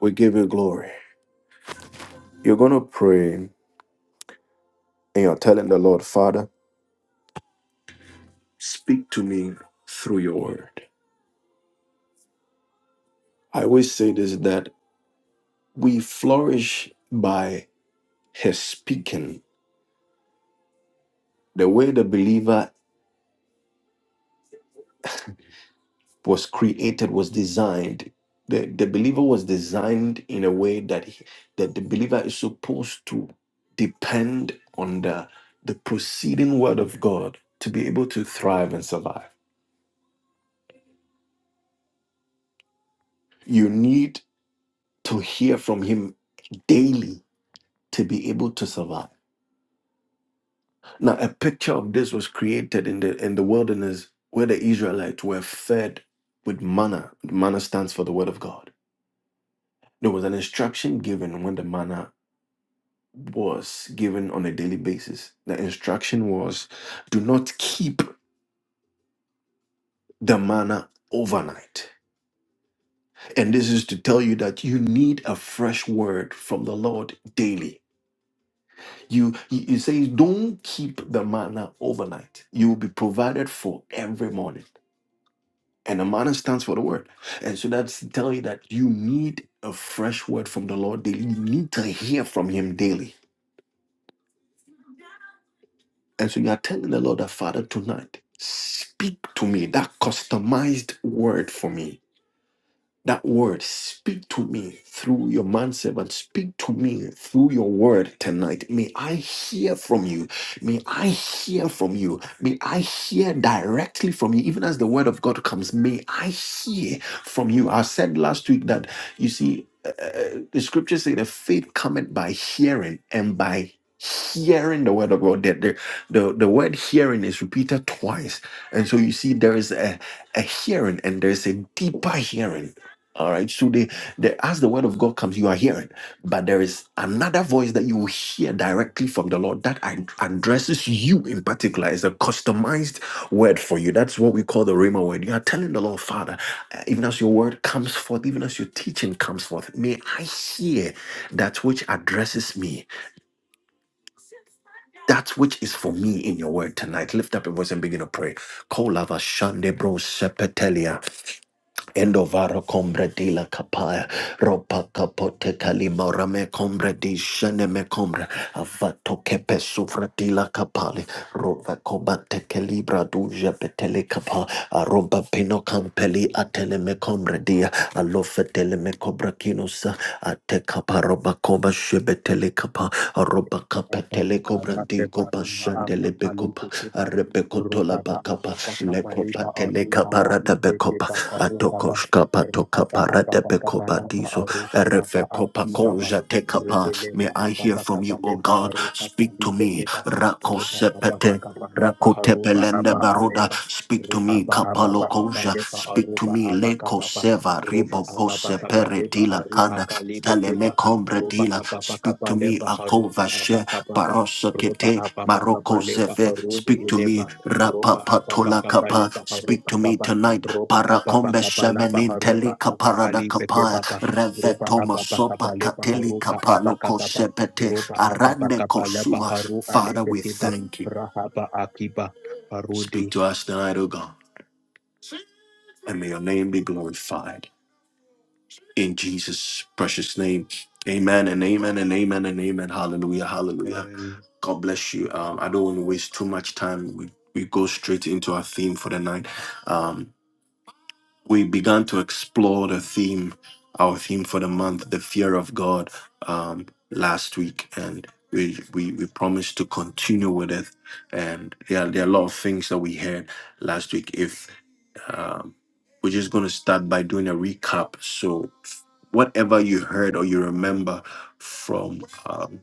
[SPEAKER 1] We give you glory. You're going to pray and you're telling the Lord, Father, speak to me through your word. I always say this that we flourish by his speaking. The way the believer was created was designed. The, the believer was designed in a way that, he- that the believer is supposed to depend on the, the proceeding word of God to be able to thrive and survive. You need to hear from him daily to be able to survive. Now, a picture of this was created in the in the wilderness where the Israelites were fed with manna. Manna stands for the word of God. There was an instruction given when the manna was given on a daily basis. The instruction was do not keep the manna overnight. And this is to tell you that you need a fresh word from the Lord daily. You you say don't keep the manna overnight. You will be provided for every morning. And Amana stands for the word. And so that's telling you that you need a fresh word from the Lord daily. You need to hear from Him daily. And so you are telling the Lord that, Father, tonight, speak to me that customized word for me that word. Speak to me through your manservant. Speak to me through your word tonight. May I hear from you. May I hear from you. May I hear directly from you. Even as the word of God comes, may I hear from you. I said last week that, you see, uh, uh, the scriptures say the faith cometh by hearing and by hearing the word of God. The, the, the, the word hearing is repeated twice. And so you see, there is a, a hearing and there's a deeper hearing all right. So they, they as the word of God comes, you are hearing. But there is another voice that you will hear directly from the Lord that ad- addresses you in particular. It's a customized word for you. That's what we call the Rhema word. You are telling the Lord, Father, uh, even as your word comes forth, even as your teaching comes forth, may I hear that which addresses me, that which is for me in your word tonight. Lift up your voice and begin to pray. Kolava shande bro sepetelia. Endovaro combre di la capaya, ropa capote calimora me combre di shene me combre, avato kepe sufra di la capali, rova comate calibra duja petele capa, aromba pino campeli atele me combre dia, alofe tele me cobra quinosa, ate capa roba coba shebetele capa, aroba
[SPEAKER 2] Roba
[SPEAKER 1] capetele cobra Mandigo Bashandele Becopa, Arebecotola
[SPEAKER 2] apa
[SPEAKER 1] Bacapa,
[SPEAKER 2] apa kapa
[SPEAKER 1] Lecopa
[SPEAKER 2] lepa
[SPEAKER 1] Telecaparada Becopa, Atokoshka Patoka Becopa Dizo, Arefecopa Conja Tecapa. May I hear from you, O God? Speak to me. Rakosepete. Rakote pelende baruda. Speak to me, kapalo koja. Speak to me, leko seva ribo pose peretila
[SPEAKER 2] aruha
[SPEAKER 1] kanda.
[SPEAKER 2] kalipe keba
[SPEAKER 1] Daleme combre
[SPEAKER 2] Roba
[SPEAKER 1] dila.
[SPEAKER 2] apapa
[SPEAKER 1] Speak to
[SPEAKER 2] kapale
[SPEAKER 1] me, akova
[SPEAKER 2] baharuba
[SPEAKER 1] she
[SPEAKER 2] apakapapa.
[SPEAKER 1] barosa
[SPEAKER 2] Roba
[SPEAKER 1] kete
[SPEAKER 2] apapa
[SPEAKER 1] maroko
[SPEAKER 2] kapale
[SPEAKER 1] zeve.
[SPEAKER 2] baharude
[SPEAKER 1] Speak to me,
[SPEAKER 2] ileba. Roba
[SPEAKER 1] rapa
[SPEAKER 2] apapa
[SPEAKER 1] patola
[SPEAKER 2] kapale
[SPEAKER 1] kapa. Speak
[SPEAKER 2] baharuba
[SPEAKER 1] to me
[SPEAKER 2] papa.
[SPEAKER 1] tonight.
[SPEAKER 2] Roba apapa
[SPEAKER 1] Parakombe
[SPEAKER 2] kapala
[SPEAKER 1] shemenin
[SPEAKER 2] baharuba
[SPEAKER 1] telika
[SPEAKER 2] apa
[SPEAKER 1] parada
[SPEAKER 2] ali peke
[SPEAKER 1] kapa.
[SPEAKER 2] papa. Roba
[SPEAKER 1] Revetoma
[SPEAKER 2] apapa
[SPEAKER 1] sopa
[SPEAKER 2] kapale
[SPEAKER 1] kateli
[SPEAKER 2] baharuka
[SPEAKER 1] kapalo
[SPEAKER 2] apakapapa.
[SPEAKER 1] kosepete.
[SPEAKER 2] Roba apapa
[SPEAKER 1] Arande
[SPEAKER 2] kapale
[SPEAKER 1] kosuva.
[SPEAKER 2] baharu ale
[SPEAKER 1] Father, we
[SPEAKER 2] peke papa.
[SPEAKER 1] thank you.
[SPEAKER 2] Rahaba akiba
[SPEAKER 1] Speak
[SPEAKER 2] harudi.
[SPEAKER 1] to us tonight, O God, and may your name be glorified. In Jesus' precious name, amen and amen and amen and amen. Hallelujah, hallelujah.
[SPEAKER 2] And
[SPEAKER 1] God bless you. Um, I don't want to waste too much time. We, we go straight into our theme for the night. Um, we began to explore the theme, our theme for the month, the fear of God, um, last week. And we, we, we promised to continue with it. And yeah, there are a lot of things that we heard last week. If Um, we're just going to start by doing a recap. So, whatever you heard or you remember from um,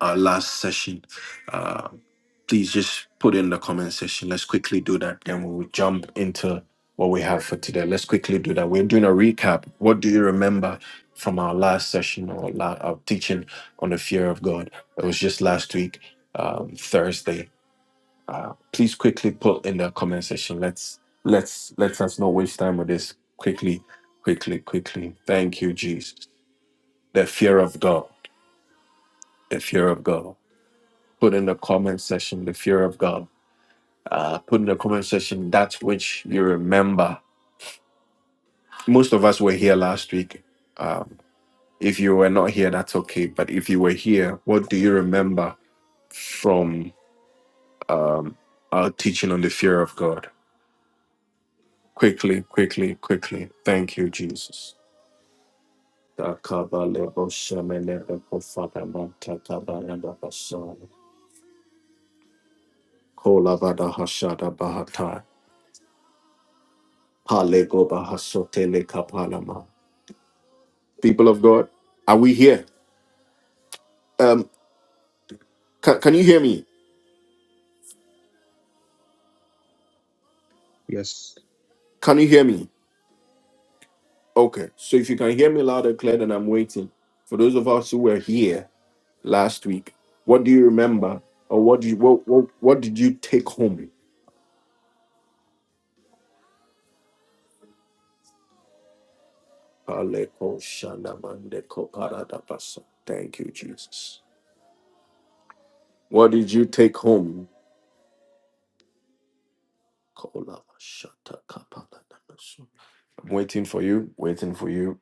[SPEAKER 1] our last session, uh, please just put in the comment section. Let's quickly do that. Then we'll jump into what we have for today. Let's quickly do that. We're doing a recap. What do you remember from our last session or la- our teaching on the fear of God? It was just last week, um, Thursday uh, please quickly put in the comment section. Let's let's let us not waste time with this. Quickly, quickly, quickly. Thank you, Jesus. The fear of God. The fear of God. Put in the comment section the fear of God. Uh, put in the comment section that which you remember. Most of us were here last week. Um, if you were not here, that's okay. But if you were here, what do you remember from um, our teaching on the fear of God? Quickly, quickly, quickly. Thank you, Jesus. Takabale Boshamele Kofadama Takabaranda Basan Kolabada Hashada Bahata Palego Bahasotele Kapalama. People of God, are we here? Um can, can you hear me?
[SPEAKER 2] yes,
[SPEAKER 1] Can you hear me? Okay. So if you can hear me loud and clear, then I'm waiting. For those of us who were here last week, what do you remember? Or what do you what what, what did you take home? Paleko Shandamande Koparada Basan. Thank you, Jesus. What did you take home? so. I'm waiting for you, waiting for you.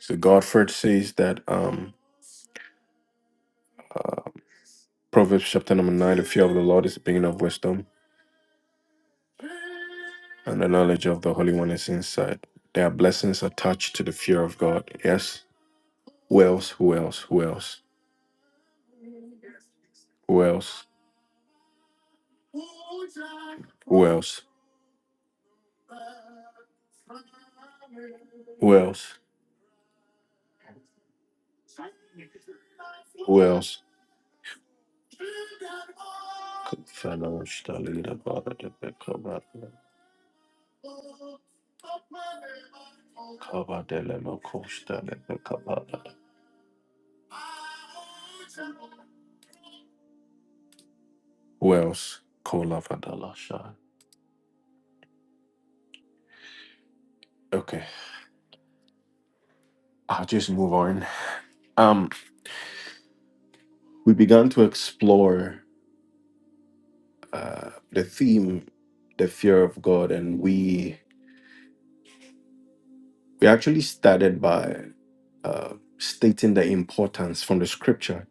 [SPEAKER 1] So Godford says that um Proverbs chapter number nine, the fear of the Lord is the beginning of wisdom, and the knowledge of the Holy One is insight. There are blessings attached to the fear of God. Yes. Who else? Who else? Who else? Who else? Who else? else? else? Fellow Stalin about the Becca Baba Delemo Costa Who else? Kola Vadala Shah. Okay, I'll just move on. Um, we began to explore uh, the theme, the fear of God, and we we actually started by uh, stating the importance from the scripture,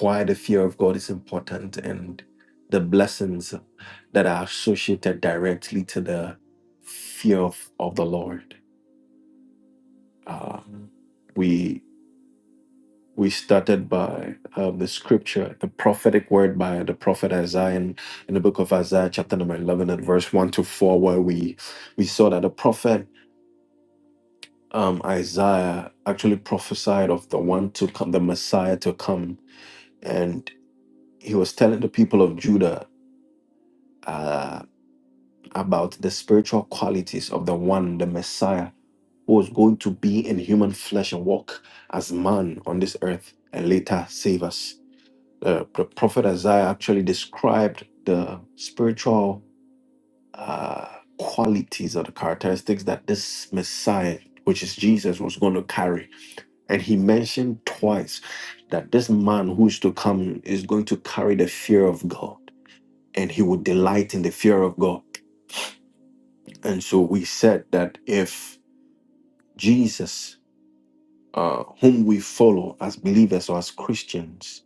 [SPEAKER 1] why the fear of God is important, and the blessings that are associated directly to the fear of, of the Lord. Uh, we we started by um, the scripture, the prophetic word by the prophet Isaiah in, in the book of Isaiah, chapter number 11, and verse 1 to 4, where we, we saw that the prophet um, Isaiah actually prophesied of the one to come, the Messiah to come. And he was telling the people of Judah uh, about the spiritual qualities of the one, the Messiah, who was going to be in human flesh and walk as man on this earth and later save us. uh, the prophet Isaiah actually described the spiritual uh, qualities or the characteristics that this Messiah, which is Jesus, was going to carry. And he mentioned twice that this man who is to come is going to carry the fear of God and he would delight in the fear of God. And so we said that if Jesus, uh, whom we follow as believers or as Christians,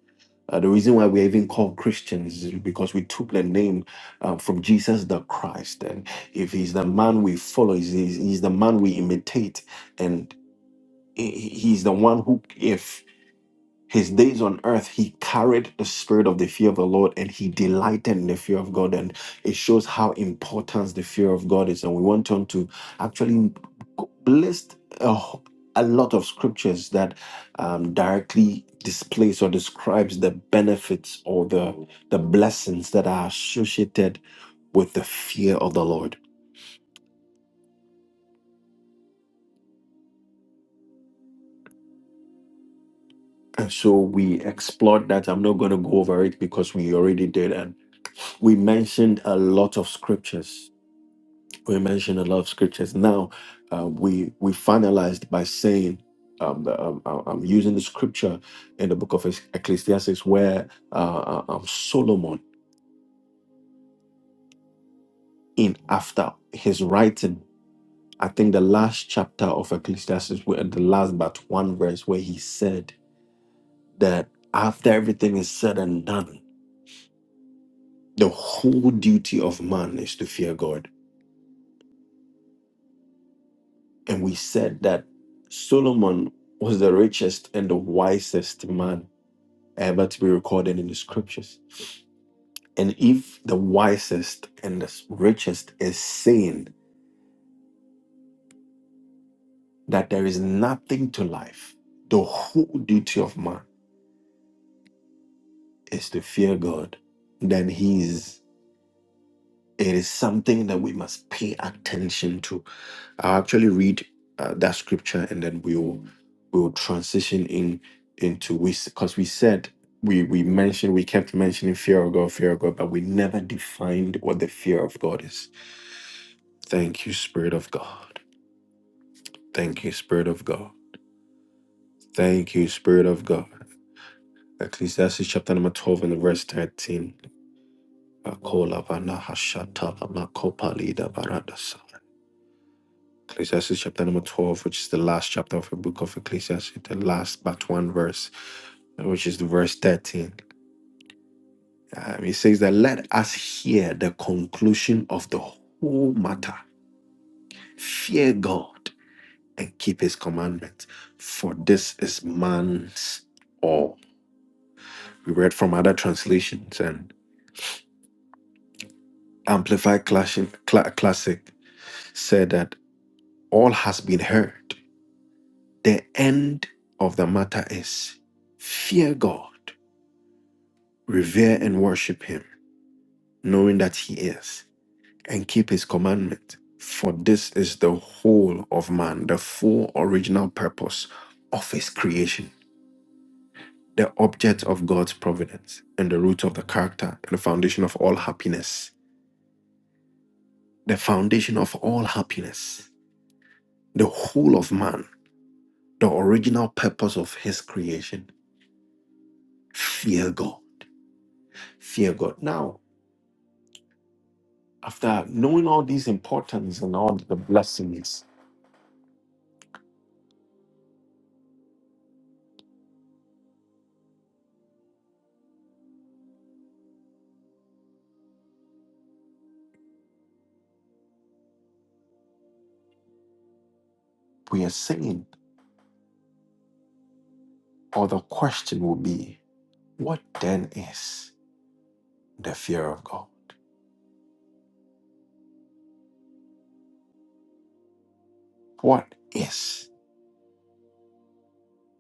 [SPEAKER 1] Uh, the reason why we're even called Christians is because we took the name uh, from Jesus the Christ. And if he's the man we follow, he's, he's he's the man we imitate. And he- he's the one who, if his days on earth, he carried the spirit of the fear of the Lord and he delighted in the fear of God. And it shows how important the fear of God is. And we want on to actually list a, wh- a lot of scriptures that um, directly displays or describes the benefits or the, the blessings that are associated with the fear of the Lord. And so we explored that. I'm not going to go over it because we already did. And we mentioned a lot of scriptures. We mentioned a lot of scriptures. Now, uh, we we finalized by saying, um, the, um, I- I'm using the scripture in the book of Ecc- Ecclesiastes where uh, uh, um, Solomon, in after his writing, I think the last chapter of Ecclesiastes, where- the last but one verse, where he said that after everything is said and done, The whole duty of man is to fear God. And we said that Solomon was the richest and the wisest man ever to be recorded in the scriptures. And if the wisest and the richest is saying that there is nothing to life, the whole duty of man is to fear God, then he is it is something that we must pay attention to I'll actually read uh, that scripture and then we'll we'll transition in into we because we said we we mentioned we kept mentioning fear of God, fear of God, but we never defined what the fear of God is. Thank you, Spirit of God. Thank you, Spirit of God. Thank you, Spirit of God. Ecclesiastes chapter number 12 and verse 13. Akola vana hashata lama kopali da barada sa. Ecclesiastes chapter number 12, which is the last chapter of the book of Ecclesiastes, the last but one verse, which is the verse 13. Um, it says that let us hear the conclusion of the whole matter. Fear God and keep his commandments, for this is man's all. We read from other translations, and Amplified Classic, Cla- Classic said that all has been heard. The end of the matter is fear God Revere and worship him, knowing that he is, and keep his commandment. For this is the whole of man, the full original purpose of his creation, the object of God's providence, and the root of the character and the foundation of all happiness. The foundation of all happiness, the whole of man, the original purpose of his creation. Fear God. Fear God. Now, after knowing all these importance and all the blessings We are saying, or the question will be, what then is the fear of God? What is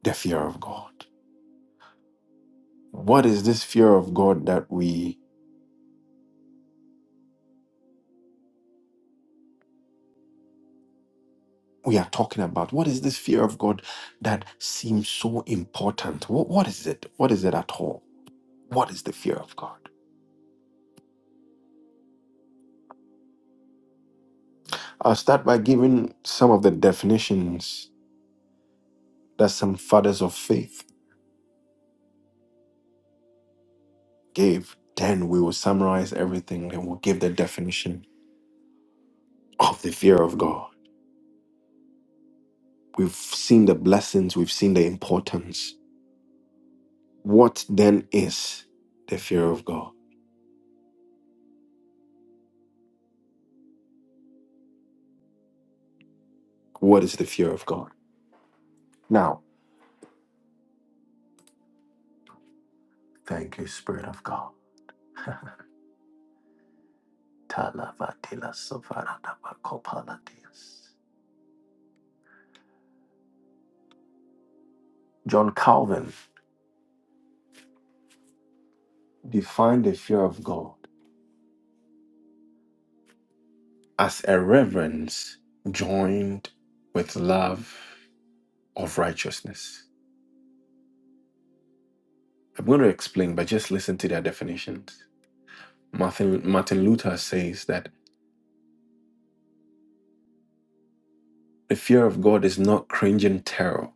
[SPEAKER 1] the fear of God? What is this fear of God that we we are talking about. What is this fear of God that seems so important? Wh- what is it? What is it at all? What is the fear of God? I'll start by giving some of the definitions that some fathers of faith gave. Then we will summarize everything and we'll give the definition of the fear of God. We've seen the blessings, we've seen the importance. What then is the fear of God? What is the fear of God? Now, thank you, Spirit of God. Talavatila Savaradaba Kopalatias. John Calvin defined the fear of God as a reverence joined with love of righteousness. I'm going to explain, but just listen to their definitions. Martin, Martin Luther says that the fear of God is not cringing terror,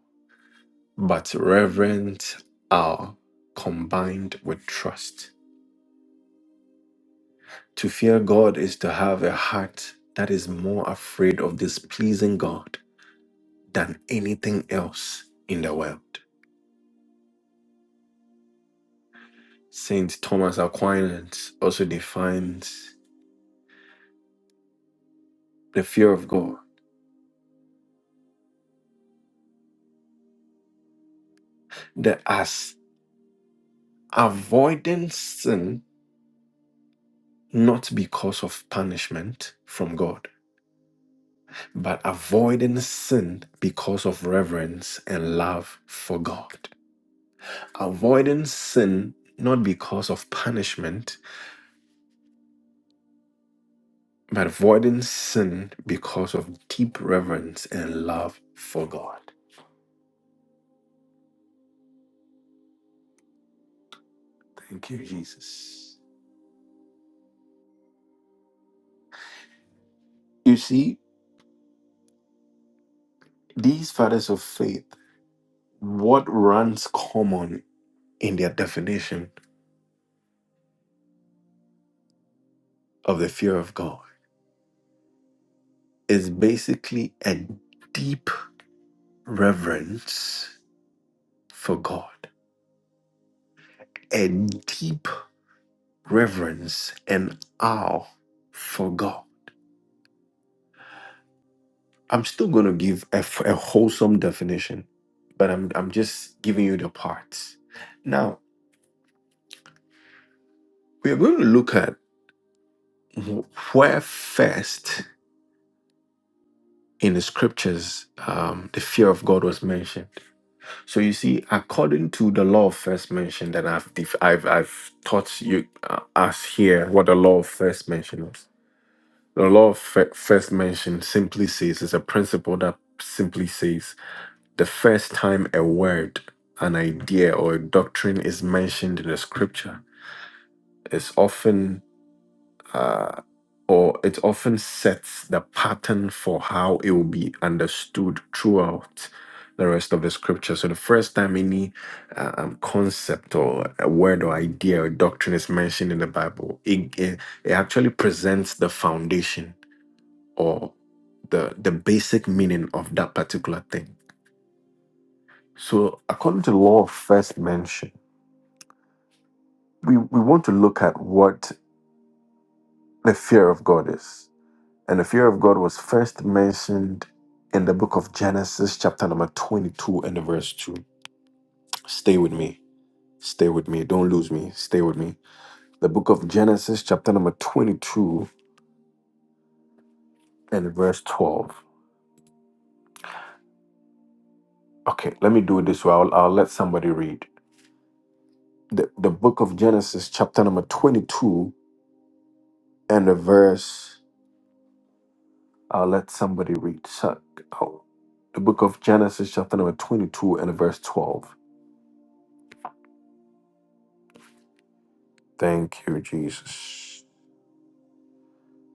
[SPEAKER 1] but reverent awe combined with trust. To fear God is to have a heart that is more afraid of displeasing God than anything else in the world. Saint Thomas Aquinas also defines the fear of God that as avoiding sin not because of punishment from God, but avoiding sin because of reverence and love for God. Avoiding sin not because of punishment, but avoiding sin because of deep reverence and love for God. Thank you, Jesus. You see, these fathers of faith, what runs common in their definition of the fear of God is basically a deep reverence for God, a deep reverence and awe for God. I'm still going to give a, f- a wholesome definition, but I'm, I'm just giving you the parts. Now, we are going to look at wh- where first in the scriptures, um, the fear of God was mentioned. So you see, according to the law of first mention that I've def- I've I've taught you uh, us here, what the law of first mention is. The law of fir- first mention simply says is a principle that simply says the first time a word, an idea, or a doctrine is mentioned in the scripture, is often uh, or it often sets the pattern for how it will be understood throughout the rest of the scripture. So the first time any um, concept or a word or idea or doctrine is mentioned in the Bible, it, it, it actually presents the foundation or the the basic meaning of that particular thing. So according to the law of first mention, we, we want to look at what the fear of God is. And the fear of God was first mentioned in the book of Genesis, chapter number 22, and the verse 2. Stay with me. Stay with me. Don't lose me. Stay with me. The book of Genesis, chapter number 22, and verse 12. Okay, let me do it this way. I'll, I'll let somebody read. The, the book of Genesis, chapter number 22, and the verse. I'll let somebody read. So- oh, The book of Genesis, chapter number 22, and the verse 12. Thank you, Jesus.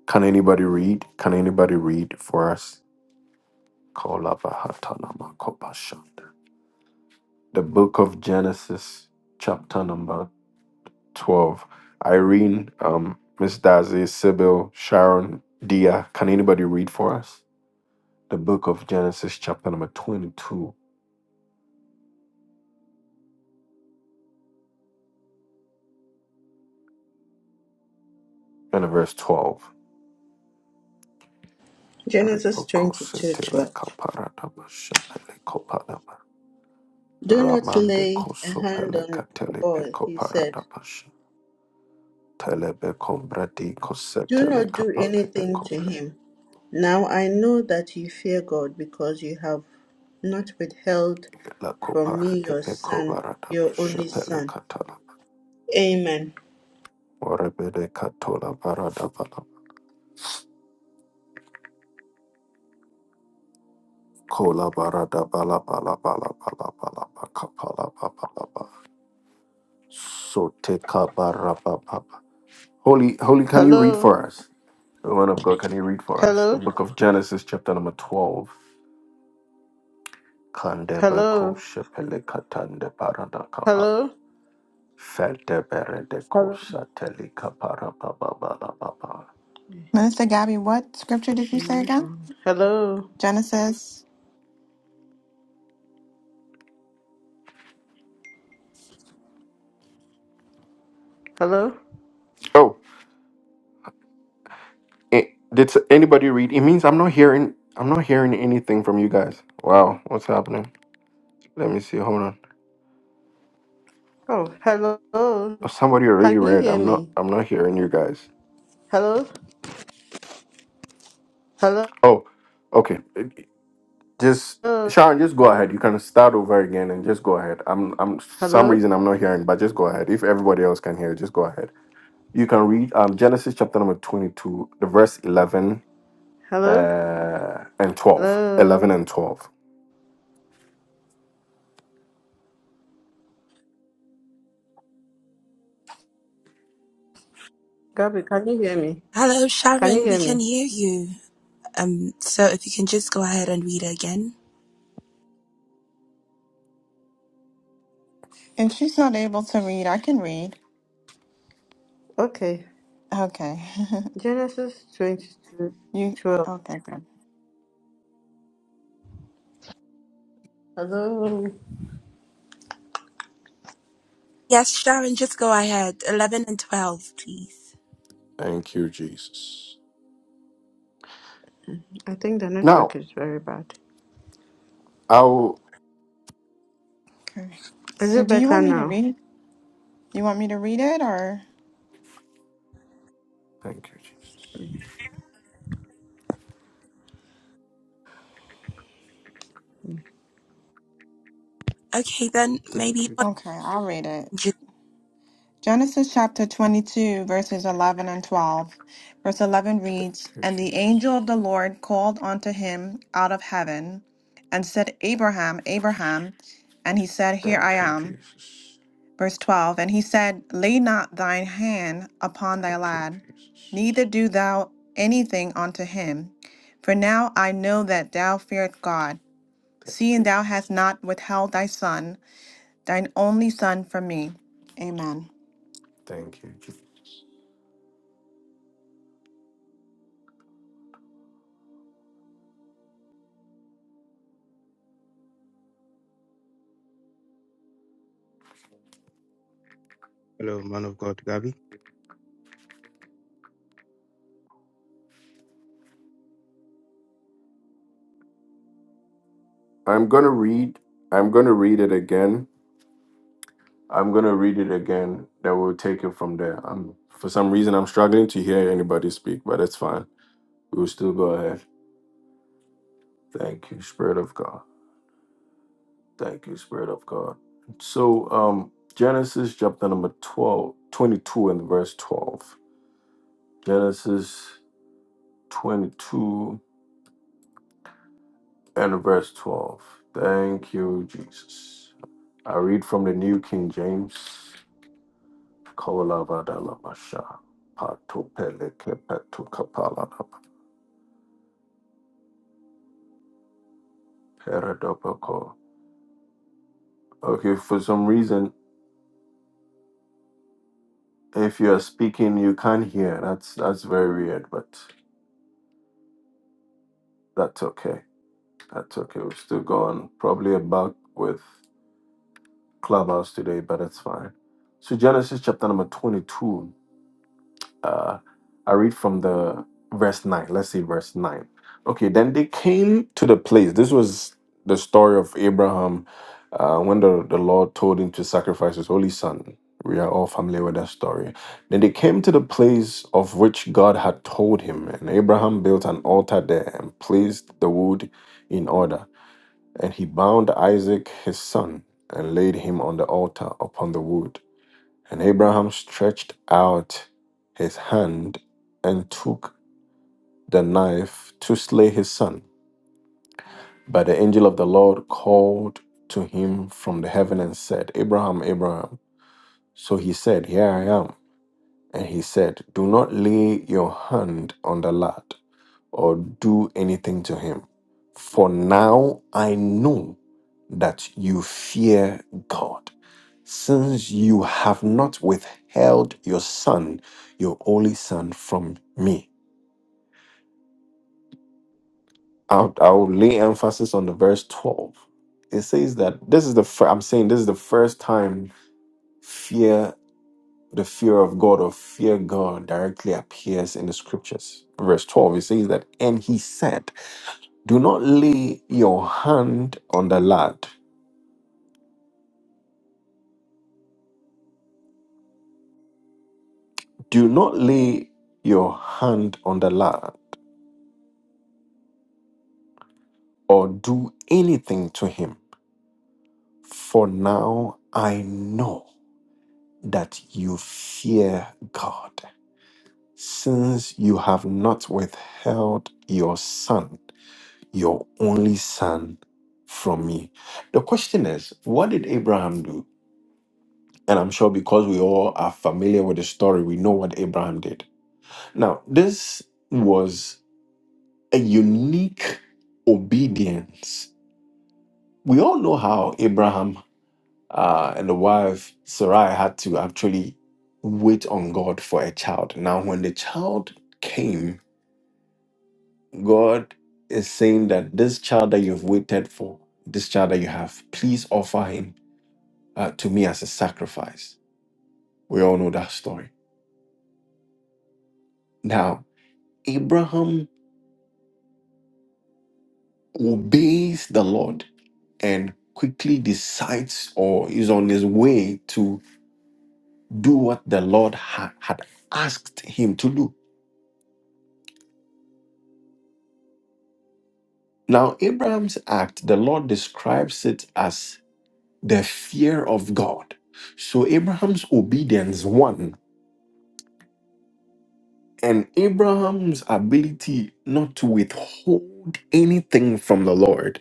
[SPEAKER 1] Can anybody read? Can anybody read for us? Kolavahatalamakopas. The book of Genesis, chapter number 12. Irene, um, Miss Dazzy, Sybil, Sharon, Dia, can anybody read for us? The book of Genesis, chapter number 22, and verse 12.
[SPEAKER 3] Genesis 22 12. Do not
[SPEAKER 1] Ramande
[SPEAKER 3] lay a hand
[SPEAKER 1] kosopele
[SPEAKER 3] on the
[SPEAKER 1] katele
[SPEAKER 3] boy,
[SPEAKER 1] peko
[SPEAKER 3] he said.
[SPEAKER 1] paradabasha. Telebe comprati
[SPEAKER 3] Do
[SPEAKER 1] cosetele
[SPEAKER 3] not do
[SPEAKER 1] capale
[SPEAKER 3] anything to
[SPEAKER 1] pecopra
[SPEAKER 3] him. Now I know that you fear God because you have not withheld
[SPEAKER 1] la
[SPEAKER 3] from
[SPEAKER 1] copara
[SPEAKER 3] me
[SPEAKER 1] de
[SPEAKER 3] your
[SPEAKER 1] peco
[SPEAKER 3] son,
[SPEAKER 1] barada
[SPEAKER 3] your only
[SPEAKER 1] bashapele
[SPEAKER 3] son.
[SPEAKER 1] catala
[SPEAKER 3] Amen.
[SPEAKER 1] orebede catola barada bala cola barada bala bala bala bala bala bacapala bala bala soteca baraba papa. Holy, holy, can you read
[SPEAKER 3] Hello,
[SPEAKER 1] for us? The one of God, can you read for us? The
[SPEAKER 3] hello,
[SPEAKER 1] book of Genesis, chapter number 12. Kandebe ko
[SPEAKER 3] hello,
[SPEAKER 1] shepele katande barada
[SPEAKER 3] hello,
[SPEAKER 1] Fete berede
[SPEAKER 3] hello.
[SPEAKER 1] kosa telika para ba ba ba ba ba ba.
[SPEAKER 4] Minister Gabby, what scripture did you say
[SPEAKER 3] My
[SPEAKER 4] again?
[SPEAKER 3] aunt. Hello,
[SPEAKER 4] Genesis.
[SPEAKER 3] hello.
[SPEAKER 1] Oh, it, did s- anybody read? It means I'm not hearing. I'm not hearing anything from you guys. Wow, what's happening? Let me see. Hold on.
[SPEAKER 3] Oh, hello.
[SPEAKER 1] Oh, somebody already
[SPEAKER 3] Can you
[SPEAKER 1] read.
[SPEAKER 3] hear
[SPEAKER 1] I'm not.
[SPEAKER 3] me?
[SPEAKER 1] I'm not hearing you guys.
[SPEAKER 3] Hello, hello.
[SPEAKER 1] Oh, okay. Just Sean, just go ahead. You can start over again and just go ahead. I'm. I'm. Some
[SPEAKER 3] Hello?
[SPEAKER 1] reason I'm not hearing, but just go ahead. If everybody else can hear, just go ahead. You can read um, Genesis chapter number twenty-two, the verse eleven
[SPEAKER 3] Hello?
[SPEAKER 1] uh, and 12, 11,
[SPEAKER 3] Hello?
[SPEAKER 1] and 12.
[SPEAKER 3] Gabby, can you hear me?
[SPEAKER 5] Hello,
[SPEAKER 3] Can you
[SPEAKER 5] Sharon. We
[SPEAKER 3] hear
[SPEAKER 5] can
[SPEAKER 3] me?
[SPEAKER 5] hear you. Um, so if you can just go ahead and read it again.
[SPEAKER 4] If she's not able to read, I can read.
[SPEAKER 3] Okay.
[SPEAKER 4] Okay.
[SPEAKER 3] Genesis 22
[SPEAKER 4] you
[SPEAKER 3] 12.
[SPEAKER 4] okay, good.
[SPEAKER 3] Hello?
[SPEAKER 5] Yes, Sharon, just go ahead. 11 and 12, please.
[SPEAKER 1] Thank you, Jesus.
[SPEAKER 3] I think the
[SPEAKER 1] Now,
[SPEAKER 3] network is very bad.
[SPEAKER 1] I'll.
[SPEAKER 4] Okay.
[SPEAKER 3] Is
[SPEAKER 4] So
[SPEAKER 3] it
[SPEAKER 4] do you
[SPEAKER 3] better
[SPEAKER 4] want me to
[SPEAKER 3] now?
[SPEAKER 4] read? You want me to read it or
[SPEAKER 1] Thank you, Jesus.
[SPEAKER 5] Okay, then
[SPEAKER 1] Thank
[SPEAKER 5] maybe
[SPEAKER 1] you,
[SPEAKER 5] Holly
[SPEAKER 4] okay, I'll
[SPEAKER 1] Jesus.
[SPEAKER 4] read it.
[SPEAKER 5] can
[SPEAKER 4] Genesis chapter 22, verses 11 and 12. Verse 11 reads,
[SPEAKER 1] Thank you,
[SPEAKER 4] And the
[SPEAKER 1] Jesus.
[SPEAKER 4] angel of the Lord called unto him out of heaven and said, Abraham, Abraham. And he said, Here I
[SPEAKER 1] Thank you,
[SPEAKER 4] am.
[SPEAKER 1] Jesus.
[SPEAKER 4] Verse 12 And he said, Lay not thine hand upon thy
[SPEAKER 1] Thank you,
[SPEAKER 4] lad,
[SPEAKER 1] Jesus.
[SPEAKER 4] neither do thou anything unto him. For now I know that thou feart God,
[SPEAKER 1] Thank
[SPEAKER 4] seeing
[SPEAKER 1] you,
[SPEAKER 4] thou hast
[SPEAKER 1] Jesus.
[SPEAKER 4] not withheld thy son, thine only son, from me. Amen.
[SPEAKER 1] Thank you, Jesus.
[SPEAKER 2] hello man of God, Gabi.
[SPEAKER 1] I'm going to read. I'm going to read it again. I'm going to read it again. Then we'll take it from there. Um, for some reason, I'm struggling to hear anybody speak, but it's fine. We'll still go ahead. Thank you, Spirit of God. Thank you, Spirit of God. So, um, Genesis chapter number 12, 22, and verse 12. Genesis 22 and verse 12. Thank you, Jesus. I read from the New King James. Kaulabadalamashah, patopelekepetokapalaba, peredopoko. Okay, for some reason, if you are speaking, you can't hear. That's that's very weird, but that's okay. That's okay. We're still going. Probably a bug with Clubhouse today, but it's fine. So Genesis chapter number 22. Uh, I read from the verse 9. Let's see verse 9. Okay, then they came to the place. This was the story of Abraham uh, when the, the Lord told him to sacrifice his only son. We are all familiar with that story. Then they came to the place of which God had told him, and Abraham built an altar there and placed the wood in order. And he bound Isaac his son and laid him on the altar upon the wood. And Abraham stretched out his hand and took the knife to slay his son. But the angel of the Lord called to him from the heaven and said, Abraham, Abraham. So he said, Here I am. And he said, Do not lay your hand on the lad, or do anything to him. For now I know that you fear God, since you have not withheld your son, your only son, from me. I'll, I'll lay emphasis on the verse 12. It says that this is the fir- I'm saying this is the first time fear the fear of God or fear God directly appears in the scriptures. Verse 12 it says that and he said Do not lay your hand on the lad. Do not lay your hand on the lad or do anything to him. For now I know that you fear God, since you have not withheld your son, your only son, from me. The question is, what did Abraham do? And I'm sure because we all are familiar with the story, we know what Abraham did. Now, this was a unique obedience. We all know how Abraham uh, and the wife Sarai had to actually wait on God for a child. Now, when the child came, God is saying that this child that you've waited for, this child that you have, please offer him uh, to me as a sacrifice. We all know that story. Now, Abraham obeys the Lord and quickly decides or is on his way to. do what the Lord ha- had asked him to do. Now, Abraham's act, the Lord describes it as the fear of God. So, Abraham's obedience, one, and Abraham's ability not to withhold anything from the Lord,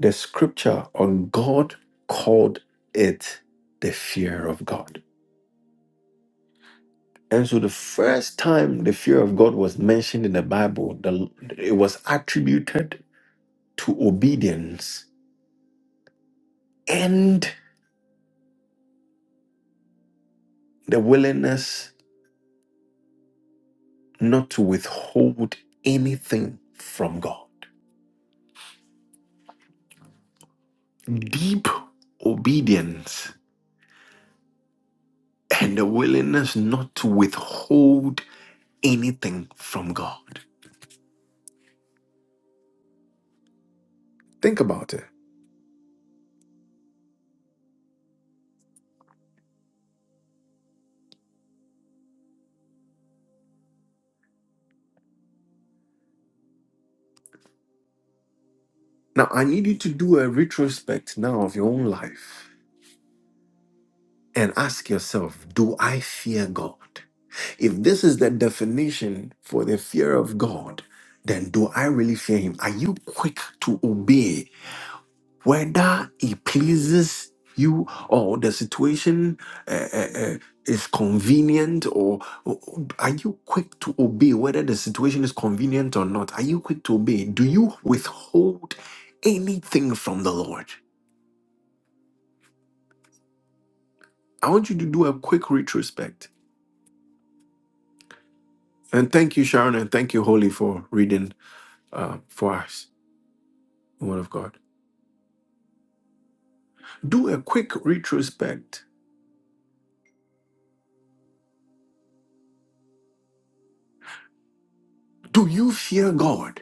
[SPEAKER 1] the scripture on God called it the fear of God. And so the first time the fear of God was mentioned in the Bible, the, it was attributed to obedience and the willingness not to withhold anything from God. Deep obedience and the willingness not to withhold anything from God. Think about it. Now, I need you to do a retrospect now of your own life and ask yourself Do I fear God? If this is the definition for the fear of God, then do I really fear Him? Are you quick to obey whether it pleases you or the situation uh, uh, uh, is convenient or or- or are you quick to obey whether the situation is convenient or not are you quick to obey do you withhold anything from the lord i want you to do a quick retrospect and thank you sharon and thank you holy for reading uh, for us the word of god do a quick retrospect do you fear god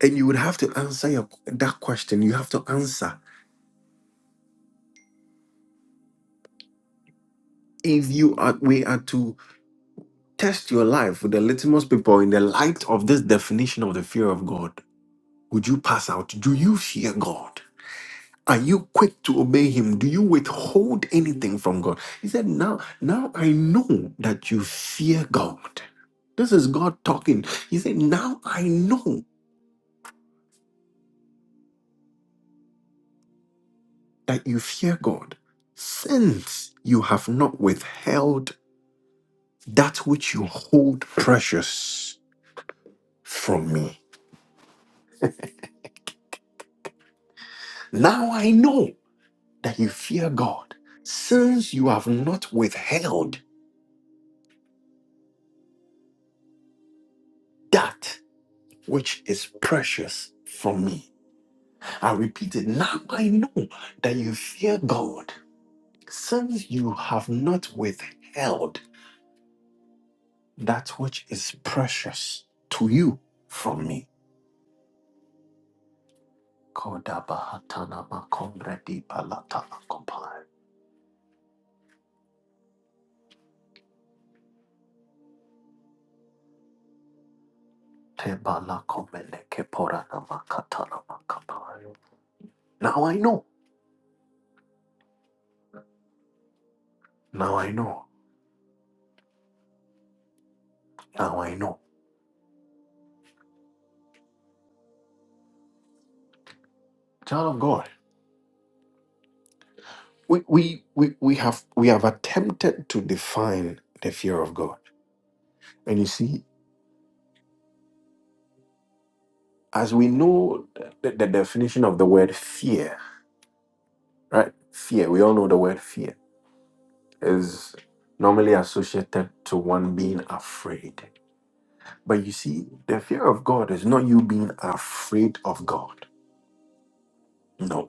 [SPEAKER 1] and you would have to answer your, that question you have to answer if you are we are to test your life with the litmus paper in the light of this definition of the fear of god would you pass out do you fear god are you quick to obey him do you withhold anything from god he said now now i know that you fear god this is god talking he said now i know that you fear god since you have not withheld that which you hold precious from me now i know that you fear God, since you have not withheld that which is precious from me. I repeat it. Now I know that you fear God, since you have not withheld that which is precious to you from me. Now I know. Now I know. Now I know. Child of God. we, we we we have we have attempted to define the fear of God. And you see, as we know the, the definition of the word fear, right? Fear, we all know the word fear is normally associated to one being afraid. But you see, the fear of God is not you being afraid of God. No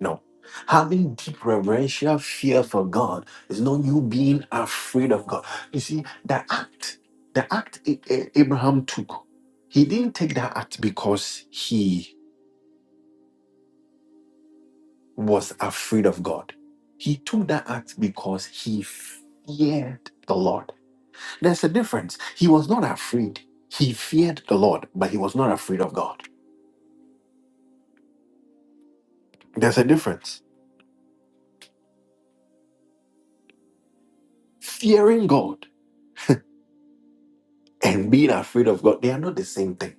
[SPEAKER 1] No. Having deep reverential fear for God is not you being afraid of God. You see, the act, the act A- A- Abraham took, he didn't take that act because he was afraid of God. He took that act because he feared the Lord. There's a difference. He was not afraid. He feared the Lord, but he was not afraid of God. There's a difference. Fearing God and being afraid of God, they are not the same thing.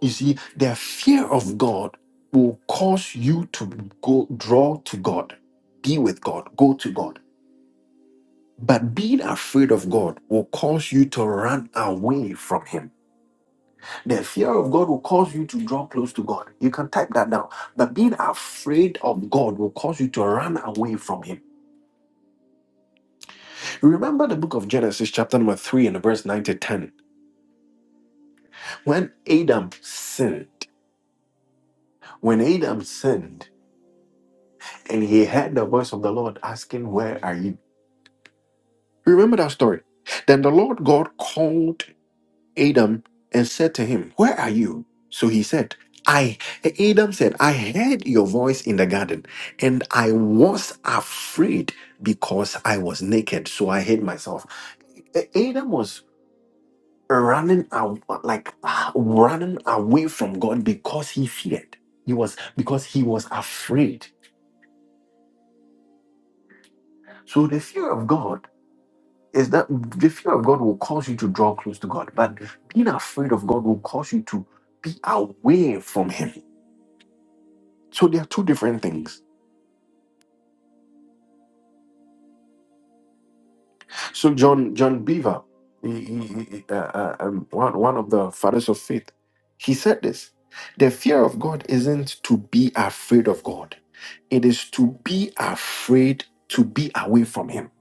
[SPEAKER 1] You see, the fear of God will cause you to go draw to God, be with God, go to God. But being afraid of God will cause you to run away from Him. The fear of God will cause you to draw close to God. You can type that down. But being afraid of God will cause you to run away from Him. Remember the book of Genesis, chapter number 3, and verse 9 to 10. When Adam sinned, when Adam sinned, and he heard the voice of the Lord asking, Where are you? You Remember that story. Then the Lord God called Adam and said to him, Where are you? So he said, I Adam said, I heard your voice in the garden, and I was afraid because I was naked, so I hid myself. A- Adam was running out, like ah, running away from God because he feared. He was because he was afraid. So the fear of God is that the fear of God will cause you to draw close to God, but being afraid of God will cause you to be away from Him. So they are two different things. So John John Beaver, he- he- he- uh, uh, um, one one of the fathers of faith, he said this: the fear of God isn't to be afraid of God; it is to be afraid to be away from Him.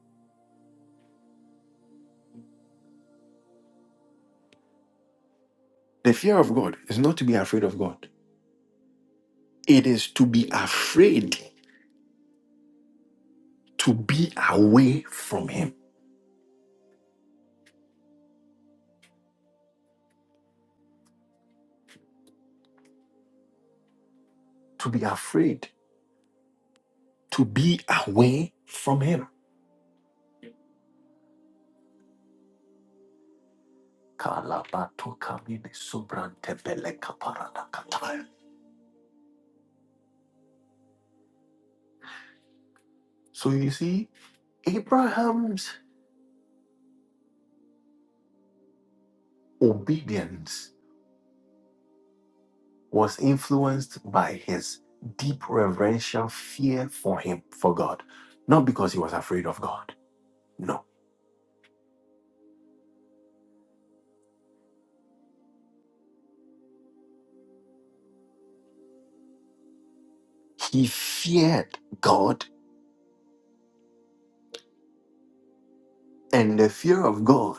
[SPEAKER 1] The fear of God is not to be afraid of God; it is to be afraid to be away from Him. to be afraid, to be away from him. So you see, Abraham's obedience was influenced by his deep reverential fear for him, for God, not because he was afraid of God. No, he feared God, and the fear of God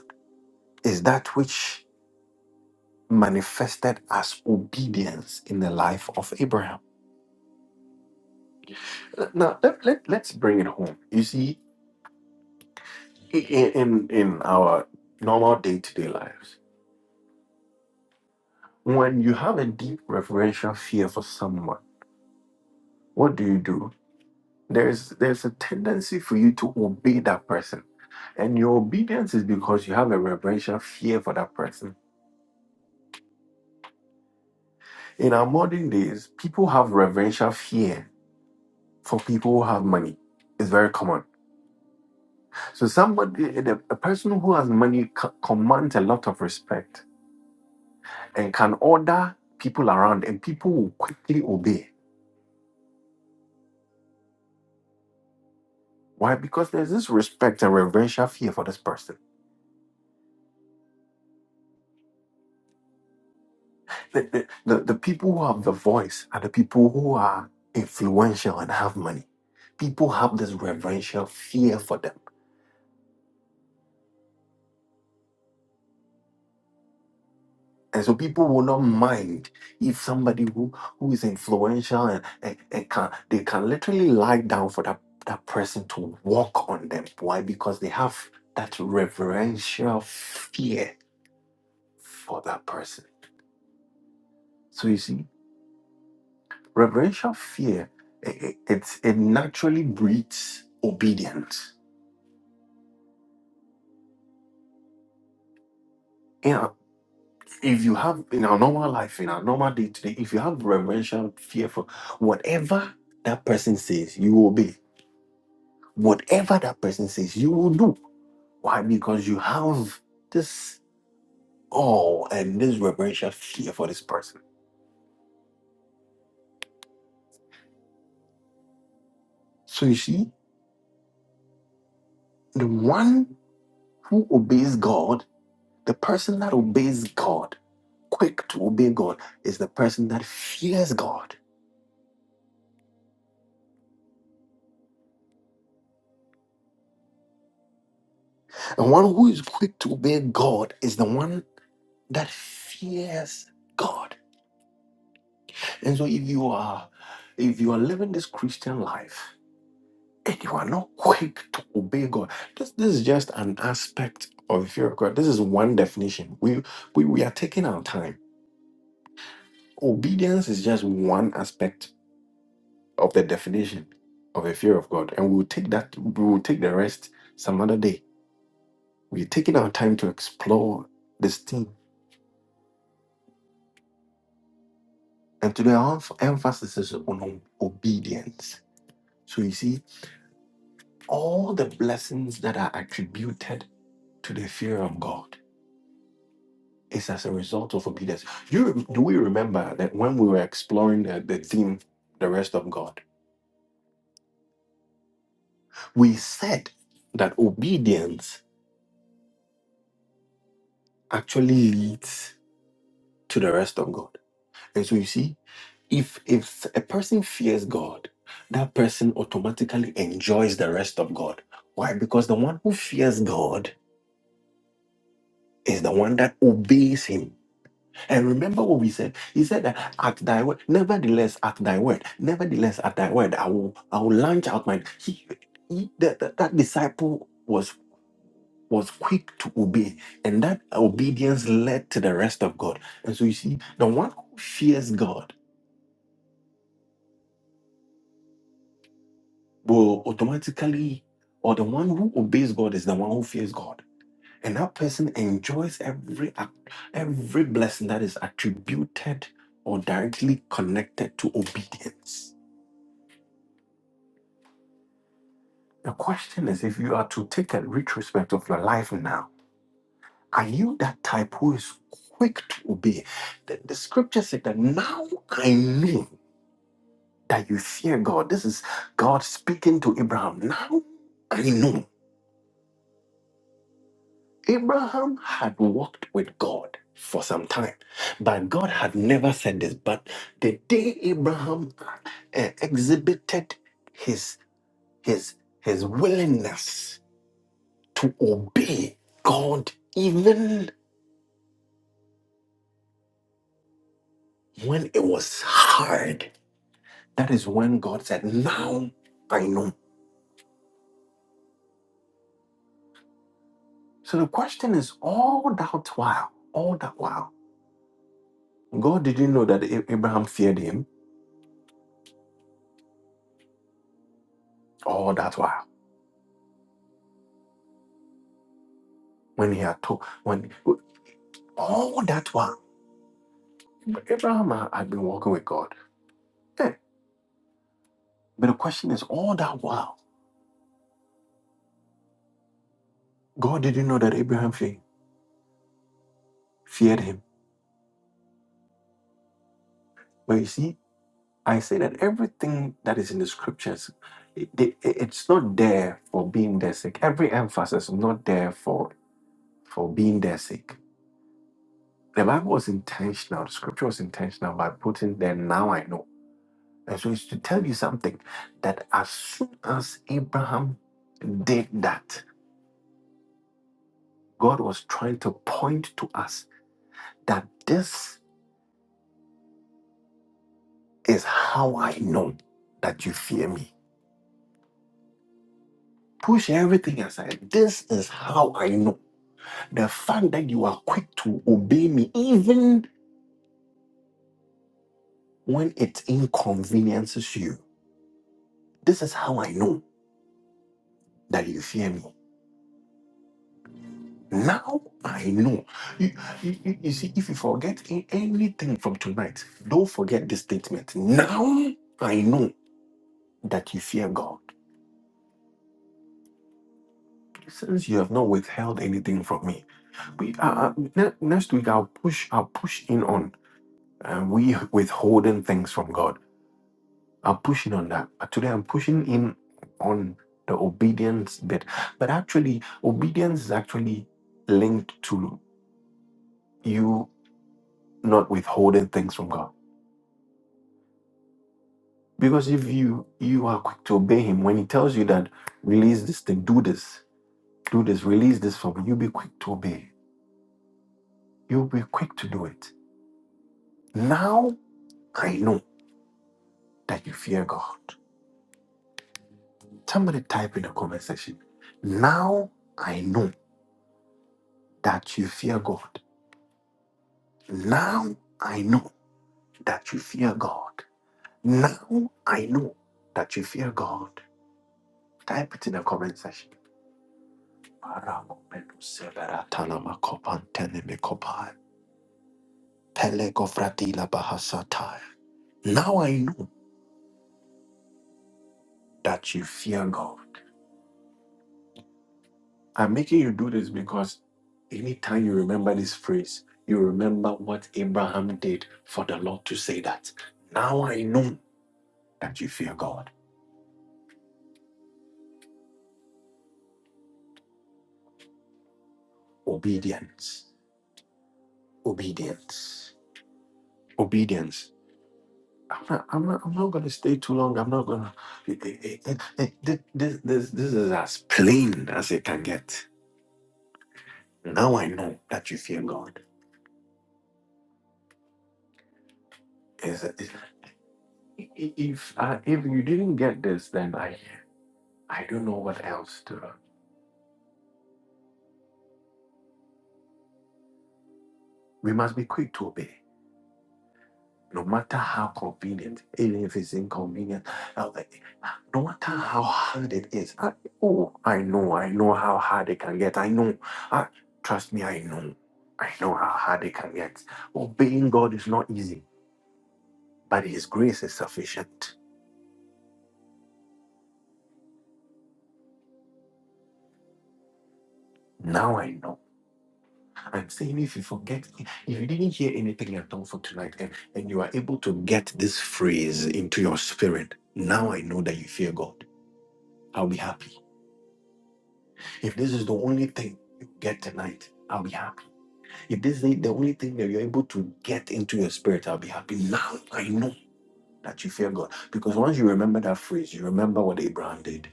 [SPEAKER 1] is that which manifested as obedience in the life of Abraham. Now, let, let, let's bring it home. You see, i- i- in, in our normal day to day lives, when you have a deep reverential fear for someone, what do you do? There's, there's a tendency for you to obey that person. And your obedience is because you have a reverential fear for that person. In our modern days, people have reverential fear for people who have money. It's very common So somebody, the, a person who has money c- commands a lot of respect and can order people around, and people will quickly obey. Why? Because there's this respect and reverential fear for this person. The, the, the, the people who have the voice are the people who are influential and have money. People have this reverential fear for them. And so people will not mind if somebody who, who is influential and, and, and can they can literally lie down for that, that person to walk on them. Why? Because they have that reverential fear for that person. So you see, reverential fear it, it, it's- it naturally breeds obedience. You know, if you have in our normal life, in our normal day to day, if you have reverential fear for whatever that person says, you obey Whatever that person says, you will do. Why? Because you have this awe and this reverential fear for this person. So you see, the one who obeys God, the person that obeys God, quick to obey God, is the person that fears God. And one who is quick to obey God is the one that fears God. And so if you are if you are living this Christian life and you are not quick to obey God. This, this is just an aspect of the fear of God. This is one definition. We, we we are taking our time. Obedience is just one aspect of the definition of the fear of God, and we'll take that. We will take the rest some other day. We're taking our time to explore this thing, and today our emph- emphasis is on ob- obedience. So you see, all the blessings that are attributed to the fear of God. It's as a result of obedience. You do we remember that when we were exploring the, the theme, the rest of God, we said that obedience actually leads to the rest of God. And so you see, if if a person fears God, that person automatically enjoys the rest of God. Why? Because the one who fears God is the one that obeys Him And remember what we said. He said that at thy word, nevertheless, at thy word, nevertheless, at thy word, I will I will launch out my he, he that, that, that disciple was was quick to obey, and that obedience led to the rest of God. And so you see, the one who fears God will automatically, or the one who obeys God is the one who fears God. And that person enjoys every act- every blessing that is attributed or directly connected to obedience. The question is if you are to take a retrospect of your life now, are you that type who is quick to obey? The, the scripture said that now I know that you fear God. This is God speaking to Abraham. Now I know. Abraham had walked with God for some time, but God had never said this. But the day Abraham uh, exhibited his his his willingness to obey God, even When it was hard, that is when God said, Now I know. So the question is all that while, all that while, God didn't know that A- Abraham feared him all that while. When he had told, when all that while, but Abraham had had been walking with God. Eh, But the question is all that while, God didn't know that Abraham fe- feared him. But you see, I say that everything that is in the scriptures, it, it- it's not there for being their sake. Every emphasis is not there for for being their sake. The Bible was intentional. The scripture was intentional by putting there. Now I know, and so it's to tell you something that as soon as Abraham did that, God was trying to point to us that this is how I know that you fear me. Push everything aside. This is how I know The fact that you are quick to obey me, even when it inconveniences you, this is how I know that you fear me. Now I know. You, you, you see, if you forget a- anything from tonight, don't forget this statement. Now I know that you fear God. Since you have not withheld anything from me, we uh, uh, ne- next week I'll push. I'll push in on uh, we withholding things from God. I'm pushing on that. Uh, Today I'm pushing in on the obedience bit. But actually, obedience is actually linked to you not withholding things from God. Because if you you are quick to obey him when he tells you that release this thing, do this, do this, release this from me, you'll be quick to obey. You'll be quick to do it. Now I know that you fear God. Somebody type in the comment section. Now I know that you fear God. Now I know that you fear God. Now I know that you fear God. Type it in the comment section. Now I know that you fear God. I'm making you do this because anytime you remember this phrase, you remember what Abraham did for the Lord to say that. Now I know that you fear God. Obedience. Obedience. Obedience I'm not, I'm not, I'm not gonna stay too long. I'm not gonna. It, it, it, it, it- this, this, this is as plain as it can get. Now I know that you fear God. Is it- i- if uh, if you didn't get this, then I I don't know what else to. We must be quick to obey. no matter how convenient, even if it's inconvenient, I was like, "Ah, no matter how hard it is, I, oh, I know, I know how hard it can get. I know, I, trust me, I know, I know how hard it can get. Obeying God is not easy, but His grace is sufficient. Now I know. I'm saying if you forget, if you didn't hear anything at all for tonight and, and you are able to get this phrase into your spirit, now I know that you fear God. I'll be happy. If this is the only thing you get tonight, I'll be happy. If this is the only thing that you're able to get into your spirit, I'll be happy. Now I know that you fear God. Because once you remember that phrase, you remember what Abraham did.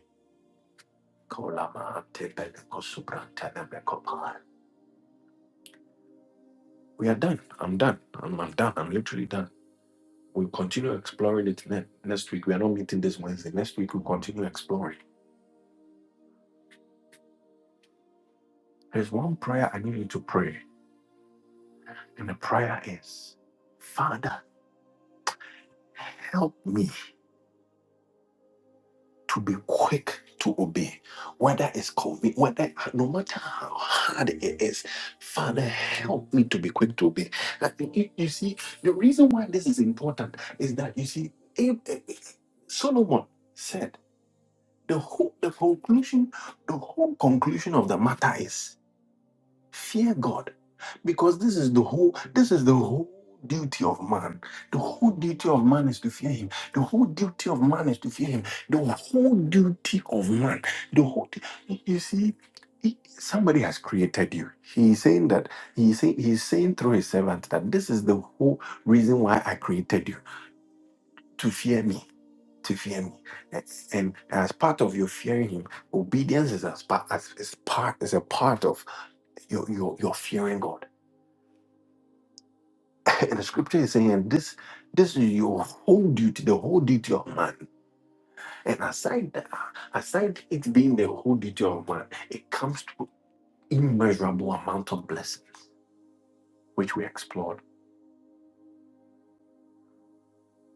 [SPEAKER 1] We are done. I'm done. I'm, I'm done. I'm literally done. We'll continue exploring it ne- next week. We are not meeting this Wednesday. Next week, we'll continue exploring. There's one prayer I need you to pray, and the prayer is Father, help me to be quick to obey, whether it's convenient, whether no matter how hard it is, Father, help me to be quick to obey. I think you, you see, the reason why this is important is that you see, Ab- Solomon said the whole the conclusion, the whole conclusion of the matter is. Fear God. Because this is the whole this is the whole duty of man. The whole duty of man is to fear him. The whole duty of man is to fear him. The whole duty of man. The whole du- you see he- somebody has created you. He's saying that he's saying he's saying through his servant that this is the whole reason why I created you to fear me, to fear me. And as part of your fearing him, obedience is as part as is part is a part of your your your fearing God. And the scripture is saying this this is your whole duty, the whole duty of man. And aside that, aside it being the whole duty of man, it comes to immeasurable amount of blessing, which we explored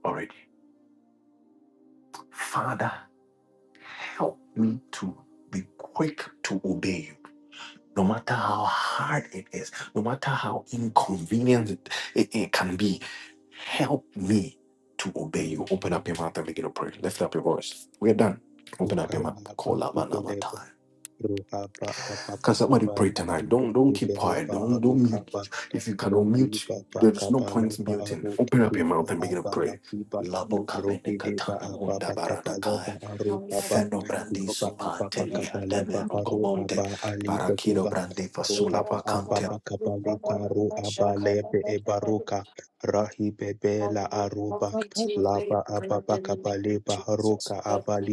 [SPEAKER 1] already. Father, help me to be quick to obey you no matter how hard it is, no matter how inconvenient it, it, it can be, help me to obey you. Open up your mouth and begin to pray. Lift up your voice. We're done. Open up your mouth. Call out my name.
[SPEAKER 2] Ruhaba apa
[SPEAKER 1] Can somebody pray
[SPEAKER 2] kapala
[SPEAKER 1] tonight?
[SPEAKER 2] kitu
[SPEAKER 1] Don't don't keep
[SPEAKER 2] kibele
[SPEAKER 1] quiet. Don't
[SPEAKER 2] baharu
[SPEAKER 1] don't
[SPEAKER 2] apa
[SPEAKER 1] mute. If you cannot
[SPEAKER 2] rohi
[SPEAKER 1] mute,
[SPEAKER 2] bapa
[SPEAKER 1] there is no
[SPEAKER 2] kapala
[SPEAKER 1] point in muting.
[SPEAKER 2] baharu
[SPEAKER 1] Open up
[SPEAKER 2] kibi
[SPEAKER 1] your
[SPEAKER 2] ba
[SPEAKER 1] mouth and begin to
[SPEAKER 2] apa
[SPEAKER 1] pray.
[SPEAKER 2] laki ba
[SPEAKER 1] Labo
[SPEAKER 2] rohi
[SPEAKER 1] kabene
[SPEAKER 2] de ba
[SPEAKER 1] katana
[SPEAKER 2] apa
[SPEAKER 1] munda
[SPEAKER 2] apa kapala
[SPEAKER 1] baradakaya.
[SPEAKER 2] baharu
[SPEAKER 6] Thank
[SPEAKER 2] apa
[SPEAKER 1] Feno
[SPEAKER 2] loba
[SPEAKER 1] brandiso
[SPEAKER 2] apa apa
[SPEAKER 1] pantelia
[SPEAKER 2] kapala
[SPEAKER 1] demero
[SPEAKER 2] baharu
[SPEAKER 1] comonte.
[SPEAKER 2] apa ali peke
[SPEAKER 1] Parakido
[SPEAKER 2] ba
[SPEAKER 1] brandi fasula
[SPEAKER 2] ruhaba apa
[SPEAKER 1] vacante.
[SPEAKER 2] apa kapale taru apa lebe e baruka rahi bebe la aruba laba apa apa kapale baharuka abalibe.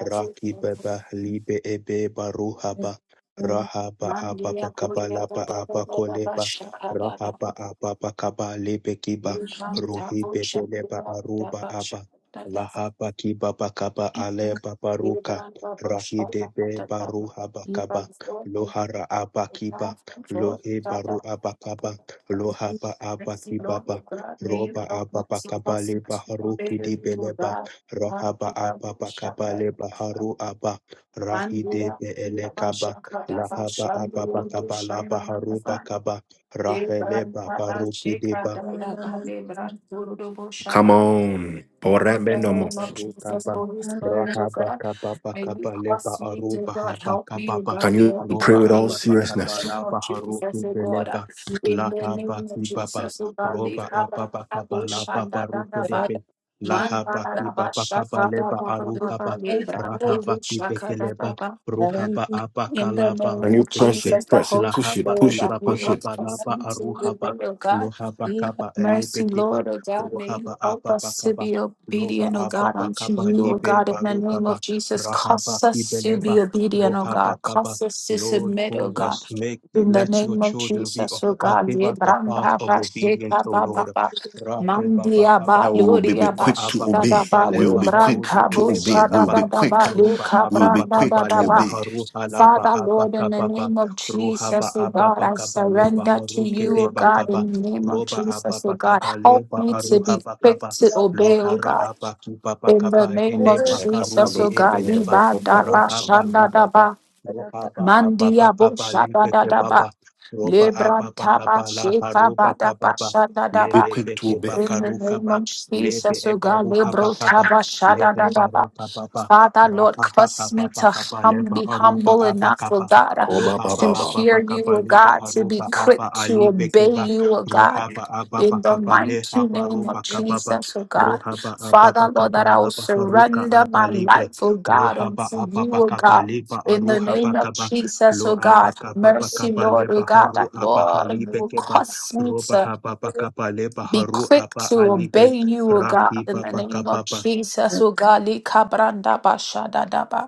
[SPEAKER 2] Raki Baba Libe Ebe Baruhaba Rahaba Ababa Kabalaba Aba Koleba Rahaba Ababa Kaba Lebe Kiba Ruhi Bebeleba Aruba Aba Lahaba Kibaba Kaba Aleba Baruka Rahi Debe Baruhaba Kaba Lohara Aba Kiba Lohe
[SPEAKER 6] you.
[SPEAKER 2] Baru Aba Kaba Lohaba Aba
[SPEAKER 6] Thanks, you Lord, oh
[SPEAKER 2] Kibaba
[SPEAKER 6] God, may you
[SPEAKER 2] Roba
[SPEAKER 6] help me
[SPEAKER 2] Ababa
[SPEAKER 6] to
[SPEAKER 2] Kaba
[SPEAKER 6] cause
[SPEAKER 2] Leba
[SPEAKER 6] to obey
[SPEAKER 2] Haruki
[SPEAKER 6] you, Lord
[SPEAKER 2] Dibeleba
[SPEAKER 6] God.
[SPEAKER 2] Rahaba
[SPEAKER 6] Haribabu
[SPEAKER 2] Abba
[SPEAKER 6] shaka.
[SPEAKER 2] Bakabale Baharu Abba Rahide
[SPEAKER 6] Mandia, we are
[SPEAKER 2] Beelekaba
[SPEAKER 6] Shaka, that's a
[SPEAKER 2] Lahaba Abba
[SPEAKER 6] Shandu,
[SPEAKER 2] Bakabala Baharu
[SPEAKER 6] Shanamasa.
[SPEAKER 2] Bakaba Rahele
[SPEAKER 6] Debran, Baba
[SPEAKER 2] Babaru
[SPEAKER 6] Shaka, Dada, Bale, Bran, Turu,
[SPEAKER 1] Come
[SPEAKER 6] Shaba.
[SPEAKER 1] on.
[SPEAKER 6] In the
[SPEAKER 1] Porebe no mo.
[SPEAKER 6] name of Jesus,
[SPEAKER 2] Barukaba,
[SPEAKER 6] Holy Spirit, oh
[SPEAKER 2] Rahaba
[SPEAKER 6] God.
[SPEAKER 2] Kaba
[SPEAKER 6] May you
[SPEAKER 2] Bakaba Leba
[SPEAKER 6] cause me, dear
[SPEAKER 2] Aruba
[SPEAKER 6] God,
[SPEAKER 2] Haba
[SPEAKER 6] help me, oh
[SPEAKER 2] Kababa,
[SPEAKER 1] Can
[SPEAKER 6] God,
[SPEAKER 1] you
[SPEAKER 6] Lord,
[SPEAKER 1] pray
[SPEAKER 2] Roba
[SPEAKER 6] help
[SPEAKER 1] with
[SPEAKER 6] me
[SPEAKER 1] all
[SPEAKER 2] Abba
[SPEAKER 6] in the
[SPEAKER 2] Bakaba
[SPEAKER 6] name
[SPEAKER 1] seriousness?
[SPEAKER 6] of
[SPEAKER 2] Laba
[SPEAKER 6] Jesus,
[SPEAKER 2] Haruku
[SPEAKER 6] oh God.
[SPEAKER 2] Beleba,
[SPEAKER 6] In the
[SPEAKER 2] Lahaba
[SPEAKER 6] name of
[SPEAKER 2] Kibaba,
[SPEAKER 6] Jesus, oh God, lead
[SPEAKER 2] Roba Abba
[SPEAKER 6] Abba, Abba,
[SPEAKER 2] Bakaba Laba
[SPEAKER 6] Shanda,
[SPEAKER 2] Baruku
[SPEAKER 6] Dadaba.
[SPEAKER 2] Debe,
[SPEAKER 6] Man,
[SPEAKER 2] Lahaba
[SPEAKER 6] Baraba,
[SPEAKER 2] Kibaba Kaba
[SPEAKER 6] Shaka,
[SPEAKER 2] Leba
[SPEAKER 6] Dadaba,
[SPEAKER 2] Arukaba,
[SPEAKER 6] Baba, Lebran,
[SPEAKER 2] Rahaba
[SPEAKER 6] Trubu, Shaka,
[SPEAKER 2] Kibekeleba,
[SPEAKER 6] Dadaba.
[SPEAKER 2] Ruhaba Abba
[SPEAKER 6] In the
[SPEAKER 2] Kalaba
[SPEAKER 1] Can
[SPEAKER 6] name
[SPEAKER 1] you
[SPEAKER 2] Ru
[SPEAKER 6] of
[SPEAKER 1] press it,
[SPEAKER 2] Edebe,
[SPEAKER 6] Jesus, the
[SPEAKER 1] press it,
[SPEAKER 6] Holy
[SPEAKER 1] push it,
[SPEAKER 2] Lahaba
[SPEAKER 6] Spirit,
[SPEAKER 1] push
[SPEAKER 6] that
[SPEAKER 1] it,
[SPEAKER 6] you
[SPEAKER 2] Kibaba
[SPEAKER 1] push
[SPEAKER 6] will
[SPEAKER 1] it?
[SPEAKER 2] Kaba
[SPEAKER 6] cause
[SPEAKER 2] Laba
[SPEAKER 6] me to live,
[SPEAKER 2] Aruhaba,
[SPEAKER 6] oh God.
[SPEAKER 2] Lohaba Kaba
[SPEAKER 6] Mercy,
[SPEAKER 2] Elebe Kiba,
[SPEAKER 6] Lord, oh God, may you
[SPEAKER 2] Ruhaba
[SPEAKER 6] help
[SPEAKER 2] Abba
[SPEAKER 6] us to
[SPEAKER 2] Bakaba
[SPEAKER 6] be
[SPEAKER 2] Loba
[SPEAKER 6] obedient, oh God,
[SPEAKER 2] ababa
[SPEAKER 6] unto
[SPEAKER 2] kaba
[SPEAKER 6] you, oh
[SPEAKER 2] libe
[SPEAKER 6] God, in the
[SPEAKER 2] baruka
[SPEAKER 6] name of Jesus. Cause
[SPEAKER 2] rahaba
[SPEAKER 6] us to be
[SPEAKER 2] ibeleba
[SPEAKER 6] obedient, oh
[SPEAKER 2] rohaba
[SPEAKER 6] God.
[SPEAKER 2] kaba.
[SPEAKER 6] Cause us to
[SPEAKER 2] Lord,
[SPEAKER 6] submit, oh
[SPEAKER 2] cause
[SPEAKER 6] God.
[SPEAKER 2] us make
[SPEAKER 6] In the
[SPEAKER 2] let your
[SPEAKER 6] name of
[SPEAKER 2] children be
[SPEAKER 6] Jesus, oh
[SPEAKER 2] uh,
[SPEAKER 6] God.
[SPEAKER 2] give
[SPEAKER 6] Ye
[SPEAKER 2] us the path
[SPEAKER 6] branda
[SPEAKER 2] of
[SPEAKER 6] ba
[SPEAKER 2] obedience,
[SPEAKER 6] sheka
[SPEAKER 2] O
[SPEAKER 6] ba
[SPEAKER 2] Lord.
[SPEAKER 6] ba ba.
[SPEAKER 2] Rake baba
[SPEAKER 6] Mandia
[SPEAKER 2] kaba
[SPEAKER 6] ba
[SPEAKER 1] that we will be, be
[SPEAKER 6] loria ba
[SPEAKER 2] loba
[SPEAKER 1] quick to
[SPEAKER 2] ababa
[SPEAKER 1] obey.
[SPEAKER 6] shada
[SPEAKER 2] kaba
[SPEAKER 6] ba
[SPEAKER 1] We will
[SPEAKER 6] le
[SPEAKER 2] leba
[SPEAKER 1] be quick
[SPEAKER 2] harudi
[SPEAKER 6] branda
[SPEAKER 1] to
[SPEAKER 6] bo
[SPEAKER 1] obey.
[SPEAKER 2] ileba
[SPEAKER 1] We
[SPEAKER 6] shada
[SPEAKER 1] will
[SPEAKER 2] kaba.
[SPEAKER 1] be
[SPEAKER 6] da da
[SPEAKER 1] quick.
[SPEAKER 6] ba le
[SPEAKER 2] Roba
[SPEAKER 6] ka
[SPEAKER 1] We will be
[SPEAKER 2] ababa
[SPEAKER 6] branda da
[SPEAKER 1] quick
[SPEAKER 2] kaba
[SPEAKER 6] da
[SPEAKER 1] to
[SPEAKER 2] leba
[SPEAKER 6] ba.
[SPEAKER 1] obey.
[SPEAKER 2] haruha laba
[SPEAKER 6] Father, Lord,
[SPEAKER 2] abaka
[SPEAKER 6] in the
[SPEAKER 2] baba
[SPEAKER 6] name of
[SPEAKER 2] ruhaba
[SPEAKER 6] Jesus, oh God,
[SPEAKER 2] ababa
[SPEAKER 6] I
[SPEAKER 2] kaba leba
[SPEAKER 6] surrender to
[SPEAKER 2] haruke
[SPEAKER 6] you,
[SPEAKER 5] just.
[SPEAKER 6] oh
[SPEAKER 2] deba
[SPEAKER 6] God,
[SPEAKER 2] kaba
[SPEAKER 6] in the name of
[SPEAKER 2] roba
[SPEAKER 6] Jesus, oh
[SPEAKER 2] ababa
[SPEAKER 6] God.
[SPEAKER 2] kaba
[SPEAKER 6] Help
[SPEAKER 2] leba
[SPEAKER 6] me to
[SPEAKER 2] aruha
[SPEAKER 6] be quick
[SPEAKER 2] bakaba
[SPEAKER 6] to obey, oh
[SPEAKER 2] Lohara
[SPEAKER 6] God.
[SPEAKER 2] apa kiba
[SPEAKER 6] In the
[SPEAKER 2] bakaba
[SPEAKER 6] name of
[SPEAKER 2] eleba
[SPEAKER 6] Jesus,
[SPEAKER 2] karudi
[SPEAKER 6] oh God.
[SPEAKER 2] ebeleba
[SPEAKER 6] Liba da ba
[SPEAKER 2] rahaba
[SPEAKER 6] shanda da
[SPEAKER 2] kibaba
[SPEAKER 6] ba.
[SPEAKER 2] rohaba ababa
[SPEAKER 6] Mandia bo
[SPEAKER 2] bakaba
[SPEAKER 6] shada da
[SPEAKER 2] lebeke
[SPEAKER 6] da ba.
[SPEAKER 2] baba roba apa
[SPEAKER 6] Lebranta ba
[SPEAKER 2] bakaba la
[SPEAKER 6] sheka
[SPEAKER 2] haruba
[SPEAKER 6] ba da ba
[SPEAKER 2] kababa
[SPEAKER 6] shanda da
[SPEAKER 1] We'll be
[SPEAKER 6] ba.
[SPEAKER 1] quick to
[SPEAKER 2] lehebeke
[SPEAKER 1] obey.
[SPEAKER 6] In the
[SPEAKER 2] bakaru
[SPEAKER 6] name
[SPEAKER 2] kaba
[SPEAKER 6] of
[SPEAKER 2] lebe
[SPEAKER 6] Jesus, oh God, we
[SPEAKER 2] ebaruha
[SPEAKER 6] brought
[SPEAKER 2] bakaba lehe
[SPEAKER 6] Tabashadadadaba.
[SPEAKER 2] baruka kababa
[SPEAKER 6] Father, Lord,
[SPEAKER 2] rahaba
[SPEAKER 6] cause
[SPEAKER 2] kaba
[SPEAKER 6] me to
[SPEAKER 2] bakaba
[SPEAKER 6] hum,
[SPEAKER 2] leba
[SPEAKER 6] be
[SPEAKER 2] aruba
[SPEAKER 6] humble enough, oh
[SPEAKER 2] abakaba kaba
[SPEAKER 6] God, uh,
[SPEAKER 1] Oh, ba, ba,
[SPEAKER 2] lohaba
[SPEAKER 6] to
[SPEAKER 1] ba,
[SPEAKER 2] apa
[SPEAKER 6] hear you,
[SPEAKER 2] bakaba
[SPEAKER 6] oh
[SPEAKER 2] leba
[SPEAKER 6] God, to be
[SPEAKER 2] haruba
[SPEAKER 6] quick
[SPEAKER 2] apa
[SPEAKER 6] to
[SPEAKER 2] ali
[SPEAKER 6] obey
[SPEAKER 2] bekeba
[SPEAKER 6] you, oh God.
[SPEAKER 2] rohaba apa
[SPEAKER 6] In the
[SPEAKER 2] bakaba
[SPEAKER 6] mighty
[SPEAKER 2] lehaba
[SPEAKER 6] name of
[SPEAKER 2] ruba kababa
[SPEAKER 6] Jesus, oh God.
[SPEAKER 2] Rohaba
[SPEAKER 6] Father,
[SPEAKER 2] ababa
[SPEAKER 6] Lord, that I
[SPEAKER 2] kabala
[SPEAKER 6] will
[SPEAKER 2] baharuka
[SPEAKER 6] surrender my
[SPEAKER 2] abalibe.
[SPEAKER 6] life, oh God,
[SPEAKER 2] Rohaba
[SPEAKER 6] unto you,
[SPEAKER 2] ababa
[SPEAKER 6] oh God.
[SPEAKER 2] kabaliba
[SPEAKER 6] In the
[SPEAKER 2] aruha
[SPEAKER 6] name of
[SPEAKER 2] bakaba.
[SPEAKER 6] Jesus, oh
[SPEAKER 2] Lo
[SPEAKER 6] God.
[SPEAKER 2] abaka baba
[SPEAKER 6] Mercy,
[SPEAKER 2] kabale
[SPEAKER 6] Lord, oh God, that
[SPEAKER 2] baharu
[SPEAKER 6] Lord, you
[SPEAKER 2] abahalibe
[SPEAKER 6] will
[SPEAKER 2] keba.
[SPEAKER 6] cause me
[SPEAKER 2] Roba
[SPEAKER 6] to
[SPEAKER 2] hababa kabale
[SPEAKER 6] be
[SPEAKER 2] baharu
[SPEAKER 6] quick
[SPEAKER 2] aba
[SPEAKER 6] to
[SPEAKER 2] alibe.
[SPEAKER 6] obey you, O God,
[SPEAKER 2] Raki
[SPEAKER 6] in the
[SPEAKER 2] baba
[SPEAKER 6] name of
[SPEAKER 2] kababa.
[SPEAKER 6] Jesus, O God. Lika branda basha da da ba.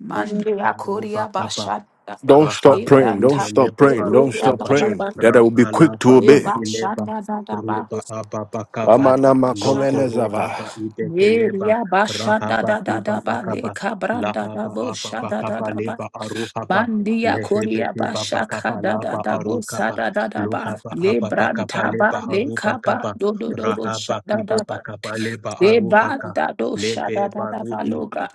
[SPEAKER 6] Mandria Korea
[SPEAKER 2] Aruba
[SPEAKER 6] Basha Daba
[SPEAKER 1] Don't stop
[SPEAKER 2] Rahaba
[SPEAKER 1] praying. Don't
[SPEAKER 6] Libranta
[SPEAKER 1] stop
[SPEAKER 2] Ibeleba
[SPEAKER 1] praying. Don't
[SPEAKER 6] Libria
[SPEAKER 1] stop
[SPEAKER 2] Harukaba,
[SPEAKER 1] praying.
[SPEAKER 6] Baba
[SPEAKER 1] That I will be quick to
[SPEAKER 2] Rahalaba
[SPEAKER 1] obey.
[SPEAKER 6] Eba
[SPEAKER 2] Bakileba,
[SPEAKER 6] Shanda Dadaba
[SPEAKER 2] Ruba Ababakaba,
[SPEAKER 1] Amana
[SPEAKER 6] Ala Basha Dadaba
[SPEAKER 2] Lokorohaba
[SPEAKER 1] komenezava.
[SPEAKER 2] Idekeleba,
[SPEAKER 6] Yeria Basha
[SPEAKER 2] Rahaba
[SPEAKER 6] Dadadaba
[SPEAKER 2] Ibabakaba,
[SPEAKER 6] Leka Branda
[SPEAKER 2] Lahaba
[SPEAKER 6] Dabo
[SPEAKER 2] Ababakaba
[SPEAKER 6] Shada
[SPEAKER 2] Leba Aruhaba,
[SPEAKER 6] Mandia Korea
[SPEAKER 2] Lehebeki
[SPEAKER 6] Bashaka
[SPEAKER 2] Babakaba
[SPEAKER 6] da da
[SPEAKER 2] Laba
[SPEAKER 6] da bo sa
[SPEAKER 2] Arukaba,
[SPEAKER 6] da da da ba
[SPEAKER 2] Lohaba
[SPEAKER 6] le
[SPEAKER 2] Ababakaba
[SPEAKER 6] branta
[SPEAKER 2] Leba
[SPEAKER 6] ba le kaba
[SPEAKER 2] Harubakaba,
[SPEAKER 6] do do do bo sha
[SPEAKER 2] Rahaba
[SPEAKER 6] da da ba
[SPEAKER 2] Kibabakaba Leba
[SPEAKER 6] le ba
[SPEAKER 2] Aruhaka,
[SPEAKER 6] da do sha da
[SPEAKER 2] Lebe
[SPEAKER 6] da da
[SPEAKER 2] Barudi
[SPEAKER 6] ba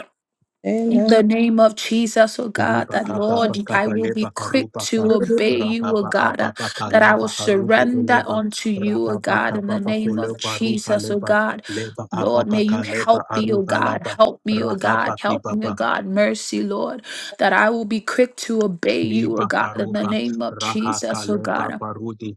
[SPEAKER 6] in the name of Jesus, oh God,
[SPEAKER 2] Liba
[SPEAKER 6] that Lord,
[SPEAKER 2] ababa
[SPEAKER 6] I
[SPEAKER 2] kaba
[SPEAKER 6] will be
[SPEAKER 2] leba
[SPEAKER 6] quick
[SPEAKER 2] haruba ka
[SPEAKER 6] to obey you, oh
[SPEAKER 2] rahaba
[SPEAKER 6] God, uh,
[SPEAKER 2] ababa
[SPEAKER 6] that I will
[SPEAKER 2] kalaba harube
[SPEAKER 6] surrender
[SPEAKER 2] eleba
[SPEAKER 6] unto you, oh
[SPEAKER 2] rahaba
[SPEAKER 6] God, in the
[SPEAKER 2] kababa
[SPEAKER 6] name of
[SPEAKER 2] koleba ruha
[SPEAKER 6] Jesus, oh
[SPEAKER 2] leba
[SPEAKER 6] God.
[SPEAKER 2] leba
[SPEAKER 6] Lord,
[SPEAKER 2] ababa
[SPEAKER 6] may you
[SPEAKER 2] kaleba
[SPEAKER 6] help me, oh
[SPEAKER 2] aruha
[SPEAKER 6] God.
[SPEAKER 2] laba
[SPEAKER 6] Help me, oh
[SPEAKER 2] rahaba
[SPEAKER 6] God. Help me,
[SPEAKER 2] kibaba
[SPEAKER 6] oh God. Mercy, Lord, that I will be quick to obey you, oh
[SPEAKER 2] Liba
[SPEAKER 6] God, in the
[SPEAKER 2] karuba
[SPEAKER 6] name of
[SPEAKER 2] raha
[SPEAKER 6] Jesus, oh
[SPEAKER 2] kaleba
[SPEAKER 6] God.
[SPEAKER 2] barudi